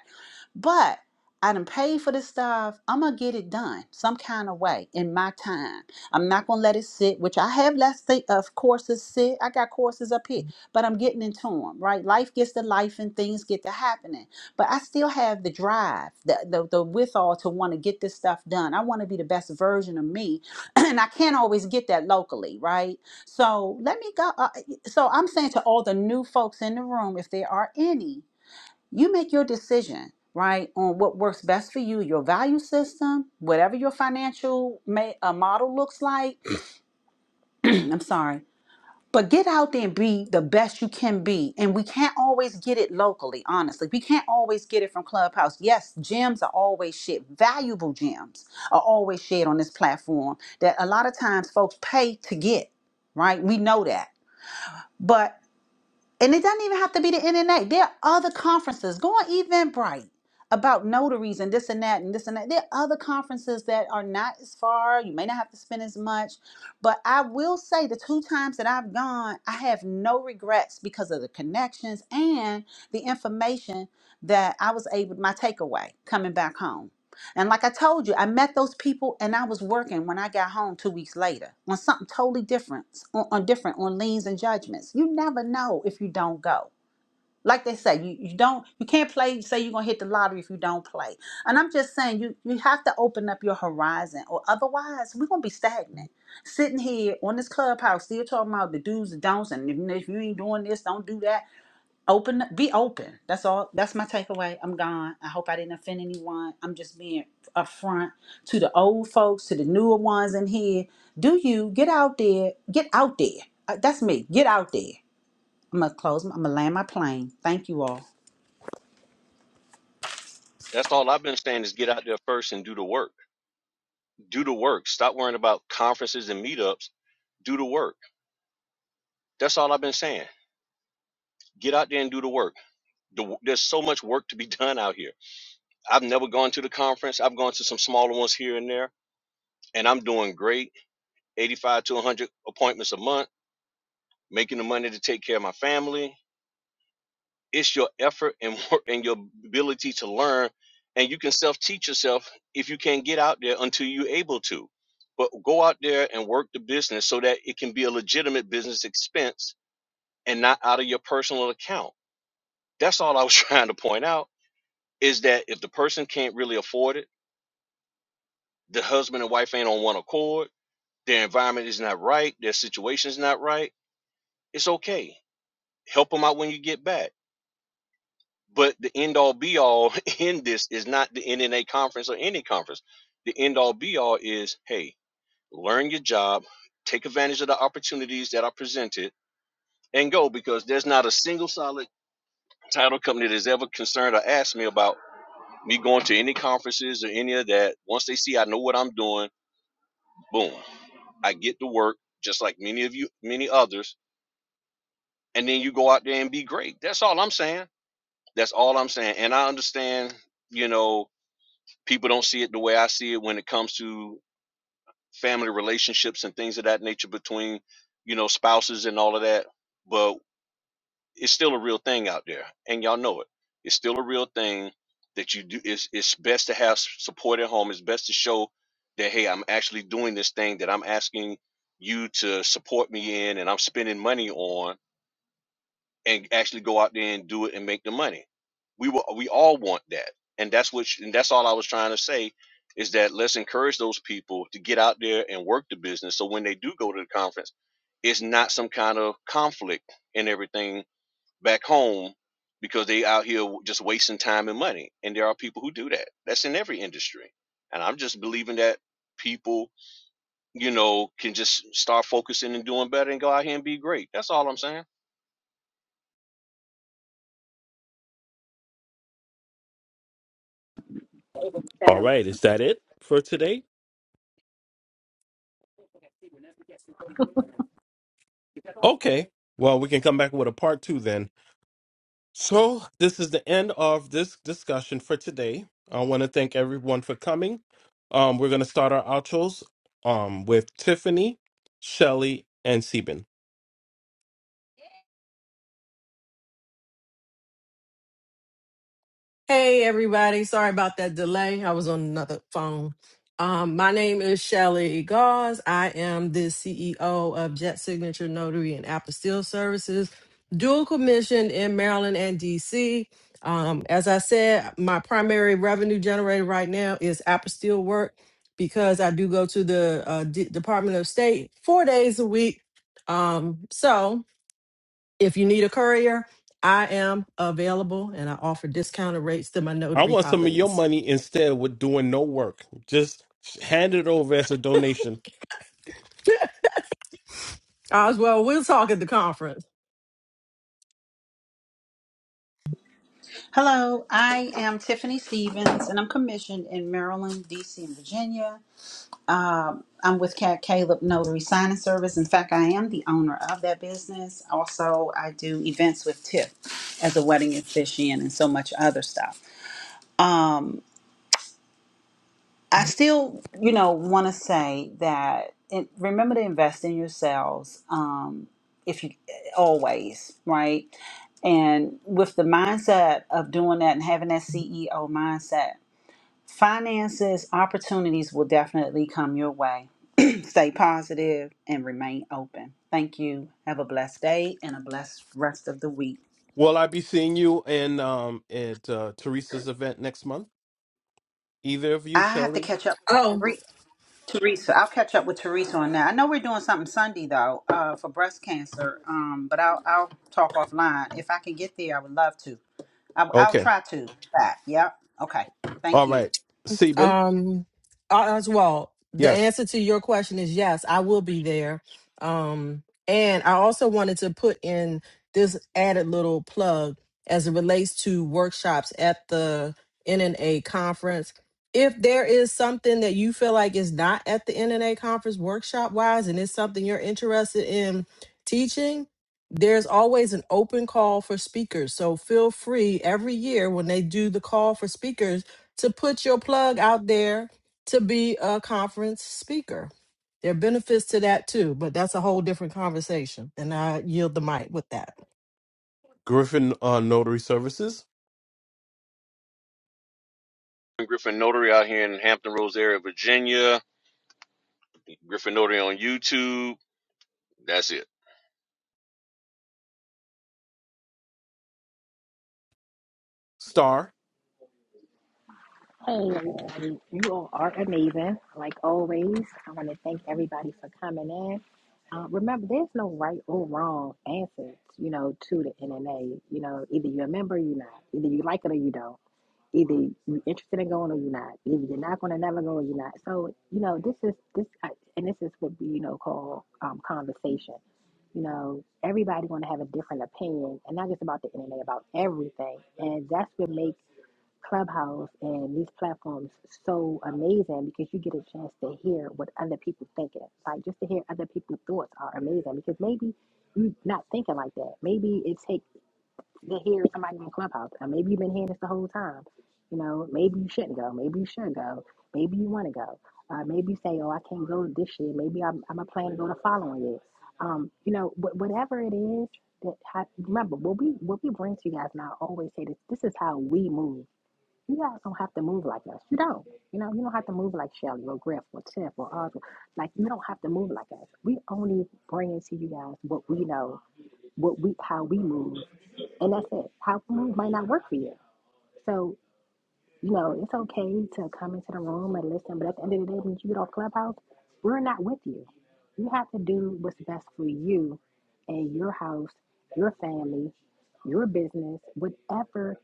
But I done paid for this stuff. I'm gonna get it done some kind of way in my time. I'm not gonna let it sit, which I have let sit of courses sit. I got courses up here, but I'm getting into them, right? Life gets to life and things get to happening but I still have the drive, the the, the withal to want to get this stuff done. I want to be the best version of me, and I can't always get that locally, right? So let me go. Uh, so I'm saying to all the new folks in the room, if there are any, you make your decision, right, on what works best for you, your value system, whatever your financial may, uh, model looks like. I'm sorry but get out there and be the best you can be. And we can't always get it locally, honestly. We can't always get it from Clubhouse. Yes, gems are always shared. Valuable gems are always shared on this platform that a lot of times folks pay to get, right? We know that. But and it doesn't even have to be the NNA. There are other conferences. Go on Eventbrite about notaries and this and that and this and that. There are other conferences that are not as far. You may not have to spend as much. But I will say the two times that I've gone, I have no regrets because of the connections and the information that I was able, my takeaway coming back home. And like I told you, I met those people and I was working when I got home two weeks later on something totally different, on, on different, on liens and judgments. You never know if you don't go. Like they say, you, you don't you can't play, say you're gonna hit the lottery if you don't play. And I'm just saying you you have to open up your horizon or otherwise we're gonna be stagnant. Sitting here on this clubhouse still talking about the do's and don'ts and if, if you ain't doing this, don't do that Open, be open. That's all. That's my takeaway. I'm gone. I hope I didn't offend anyone. I'm just being upfront to the old folks, to the newer ones in here. Do you get out there? Get out there. Uh, that's me. Get out there. I'm gonna close. I'm gonna land my plane. Thank you all.
That's all I've been saying is get out there first and do the work. Do the work. Stop worrying about conferences and meetups. Do the work. That's all I've been saying. Get out there and do the work. The, w- there's so much work to be done out here. I've never gone to the conference. I've gone to some smaller ones here and there, and I'm doing great 85 to 100 appointments a month, making the money to take care of my family. It's your effort and work and your ability to learn. And you can self teach yourself if you can't get out there until you're able to. But go out there and work the business so that it can be a legitimate business expense and not out of your personal account. That's all I was trying to point out is that if the person can't really afford it, the husband and wife ain't on one accord, their environment is not right, their situation's not right, it's okay help them out when you get back. But the end all be all in this is not the NNA conference or any conference. The end all be all is hey, learn your job, take advantage of the opportunities that are presented, and go because there's not a single solid title company that's ever concerned or asked me about me going to any conferences or any of that. Once they see I know what I'm doing, boom, I get to work just like many of you, many others, and then you go out there and be great. That's all I'm saying. That's all I'm saying. And I understand, you know, people don't see it the way I see it when it comes to family relationships and things of that nature between, you know, spouses and all of that. But it's still a real thing out there, and y'all know it. It's still a real thing that you do. It's it's best to have s- support at home. It's best to show that hey, I'm actually doing this thing that I'm asking you to support me in, and I'm spending money on and actually go out there and do it and make the money. We will, we all want that, and that's what sh- and that's all I was trying to say is that let's encourage those people to get out there and work the business. So when they do go to the conference, it's not some kind of conflict and everything back home because they out here just wasting time and money. And there are people who do that. That's in every industry, and I'm just believing that people you know can just start focusing and doing better and go out here and be great. That's all I'm saying.
All
So,
right, is that it for today? Okay. Well, we can come back with a part two then. So this is the end of this discussion for today. I want to thank everyone for coming. Um, we're going to start our outros um, with Tiffany, Shelly, and Seben.
Hey everybody, sorry about that delay. I was on another phone. Um, my name is Shelly Gause. I am the CEO of Jet Signature Notary and Apostille Services, dual commissioned in Maryland and DC. Um, as I said, my primary revenue generator right now is apostille work because I do go to the uh, D- Department of State four days a week. Um, so if you need a courier, I am available and I offer discounted rates to my
I
notary
want some of your
colleagues.
money instead with doing no work. Just hand it over as a donation.
Oswald, we'll talk at the conference.
Hello, I am Tiffany Stevens, and I'm commissioned in Maryland, DC, and Virginia. Um, I'm with Cat Caleb Notary Signing Service. In fact, I am the owner of that business. Also, I do events with Tip as a wedding officiant and so much other stuff. Um, I still, you know, want to say that it, remember to invest in yourselves. Um, if you always right, and with the mindset of doing that and having that CEO mindset, finances opportunities will definitely come your way Stay positive and remain open. Thank you. Have a blessed day and a blessed rest of the week.
Will I be seeing you in um, at uh, Teresa's event next month? Either of you,
I have to
Shelly?
catch up with
Oh,
Tere- Teresa. I'll catch up with Teresa on that. I know we're doing something Sunday though, uh, for breast cancer. Um, but I'll I'll talk offline if I can get there. I would love to. I, I'll
Okay.
try to. That. Yep. Okay.
All
Thank you.
right. Sebin.
Um, uh, as well, the
Yes.
answer to your question is yes, I will be there. Um, and I also wanted to put in this added little plug as it relates to workshops at the NNA conference. If there is something that you feel like is not at the NNA conference workshop wise, and it's something you're interested in teaching, there's always an open call for speakers. So feel free every year when they do the call for speakers to put your plug out there to be a conference speaker. There are benefits to that too, but that's a whole different conversation. And I yield the mic with that.
Griffin uh, Notary Services.
Griffin Notary out here in Hampton Roads area, Virginia. Griffin Notary on YouTube. That's it.
Star.
hey, everybody, you all are amazing, like always. I want to thank everybody for coming in. Uh, remember, there's no right or wrong answers, you know, to the NNA. You know, either you're a member, or you're not. Either you like it or you don't. Either you interested in going or you're not. Either you're not going to never go or you're not. So you know this is this I- and this is what we you know call um, conversation. You know everybody going to have a different opinion, and not just about the internet, about everything. And that's what makes Clubhouse and these platforms so amazing because you get a chance to hear what other people thinking. Like just to hear other people's thoughts are amazing because maybe you're not thinking like that. Maybe it takes to hear somebody in Clubhouse. Or maybe you've been hearing this the whole time. You know, maybe you shouldn't go. Maybe you should go. Maybe you want to go. Uh, maybe you say, oh, I can't go this year. Maybe I'm, I'm a plan to go the following year. Um, you know, wh- whatever it is that ha- remember what we what we bring to you guys. And I always say this: this is how we move. You guys don't have to move like us. You don't. You know, you don't have to move like Shelly or Griff or Tiff or Audra. Like you don't have to move like us. We only bring to you guys what we know, what we how we move, and I said, how come it might not work for you? So, you know, it's okay to come into the room and listen, but at the end of the day, when you get off Clubhouse, we're not with you. You have to do what's best for you and your house, your family, your business, whatever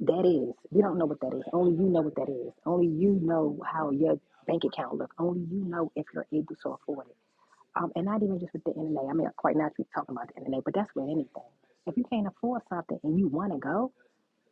that is. We don't know what that is. Only you know what that is. Only you know how your bank account looks. Only you know if you're able to afford it. Um, and not even just with the NNA. I mean, quite naturally talking about the NNA, but that's with anything. If you can't afford something and you want to go,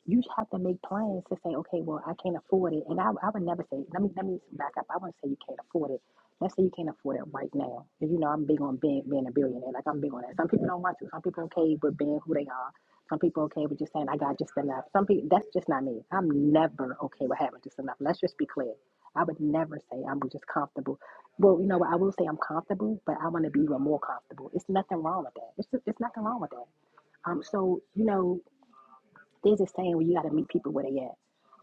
you just have to make plans to say, okay, well, I can't afford it. And I, I would never say, let me let me back up. I wouldn't say you can't afford it. Let's say you can't afford it right now. And you know, I'm big on being, being a billionaire. Like I'm big on that. Some people don't want to. Some people okay with being who they are. Some people okay with just saying I got just enough. Some people that's just not me. I'm never okay with having just enough. Let's just be clear. I would never say I'm just comfortable. Well, you know what? I will say I'm comfortable, but I want to be even more comfortable. It's nothing wrong with that. It's it's nothing wrong with that. Um, so you know, there's this is saying where you got to meet people where they at.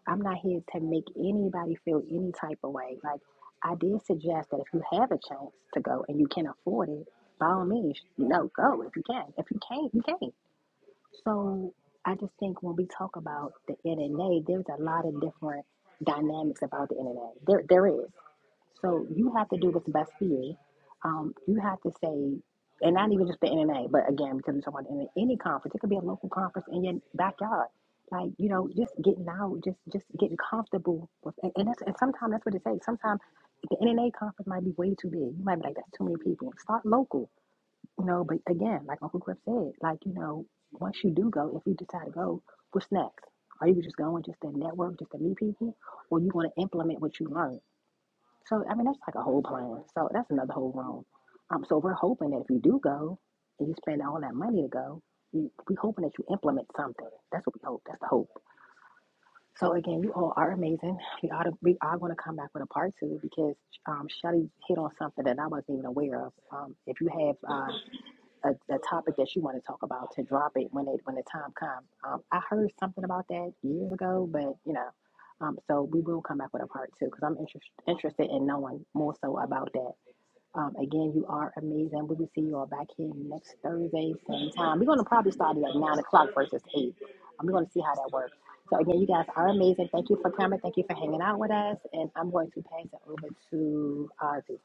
I'm not here to make anybody feel any type of way. Like I did suggest that if you have a chance to go and you can afford it, by all means, you know, go if you can. If you can't, you can't. So I just think when we talk about the NNA, there's a lot of different dynamics about the NNA. There, there is. So you have to do what's best for you. Um, you have to say, and not even just the NNA, but again, because we're talking about NNA, any conference, it could be a local conference in your backyard. Like you know, just getting out, just just getting comfortable with, and, and that's and sometimes that's what it takes. Sometimes the NNA conference might be way too big. You might be like, that's too many people. Start local no, but again, like Uncle Griff said, like, you know, once you do go, if you decide to go, what's next? Are you just going just to network, just to meet people, or you want to implement what you learned? So, I mean, that's like a whole plan. So that's another whole room. Um, so we're hoping that if you do go and you spend all that money to go, you, we hoping that you implement something. That's what we hope. That's the hope. So again, you all are amazing. We ought to, we are going to come back with a part two because um, Shelly hit on something that I wasn't even aware of. Um, if you have uh a, a topic that you want to talk about to drop it when it when the time comes. Um, I heard something about that years ago, but you know, um, so we will come back with a part two because I'm interest, interested in knowing more so about that. Um, again, you are amazing. We will see you all back here next Thursday, same time. We're going to probably start at like nine o'clock versus eight. Um, we're going to see how that works. So again, you guys are amazing. Thank you for coming. Thank you for hanging out with us. And I'm going to pass it over to Ozzy.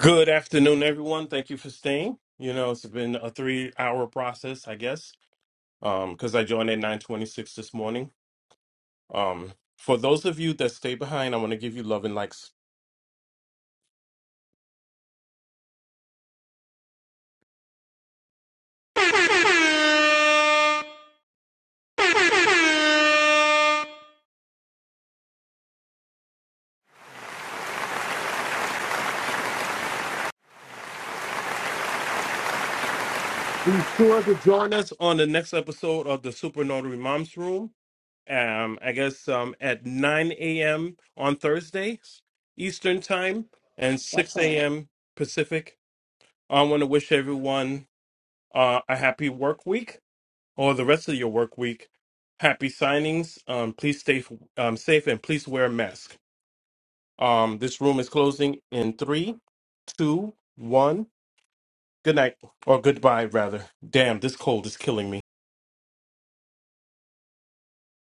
Good afternoon, everyone. Thank you for staying. You know, it's been a three hour process, I guess, because I joined at 926 this morning. Um, for those of you that stay behind, I want to give you love and likes. Be sure to join us on the next episode of the Super Notary Moms Room. um, I guess um, at 9 a.m. on Thursday Eastern Time and
Yes,
6
sir.
a.m. Pacific. I want to wish everyone uh, a happy work week or the rest of your work week. Happy signings. Um, please stay f- um, safe and please wear a mask. Um, this room is closing in three, two, one. Good night or goodbye, rather. Damn, this cold is killing me.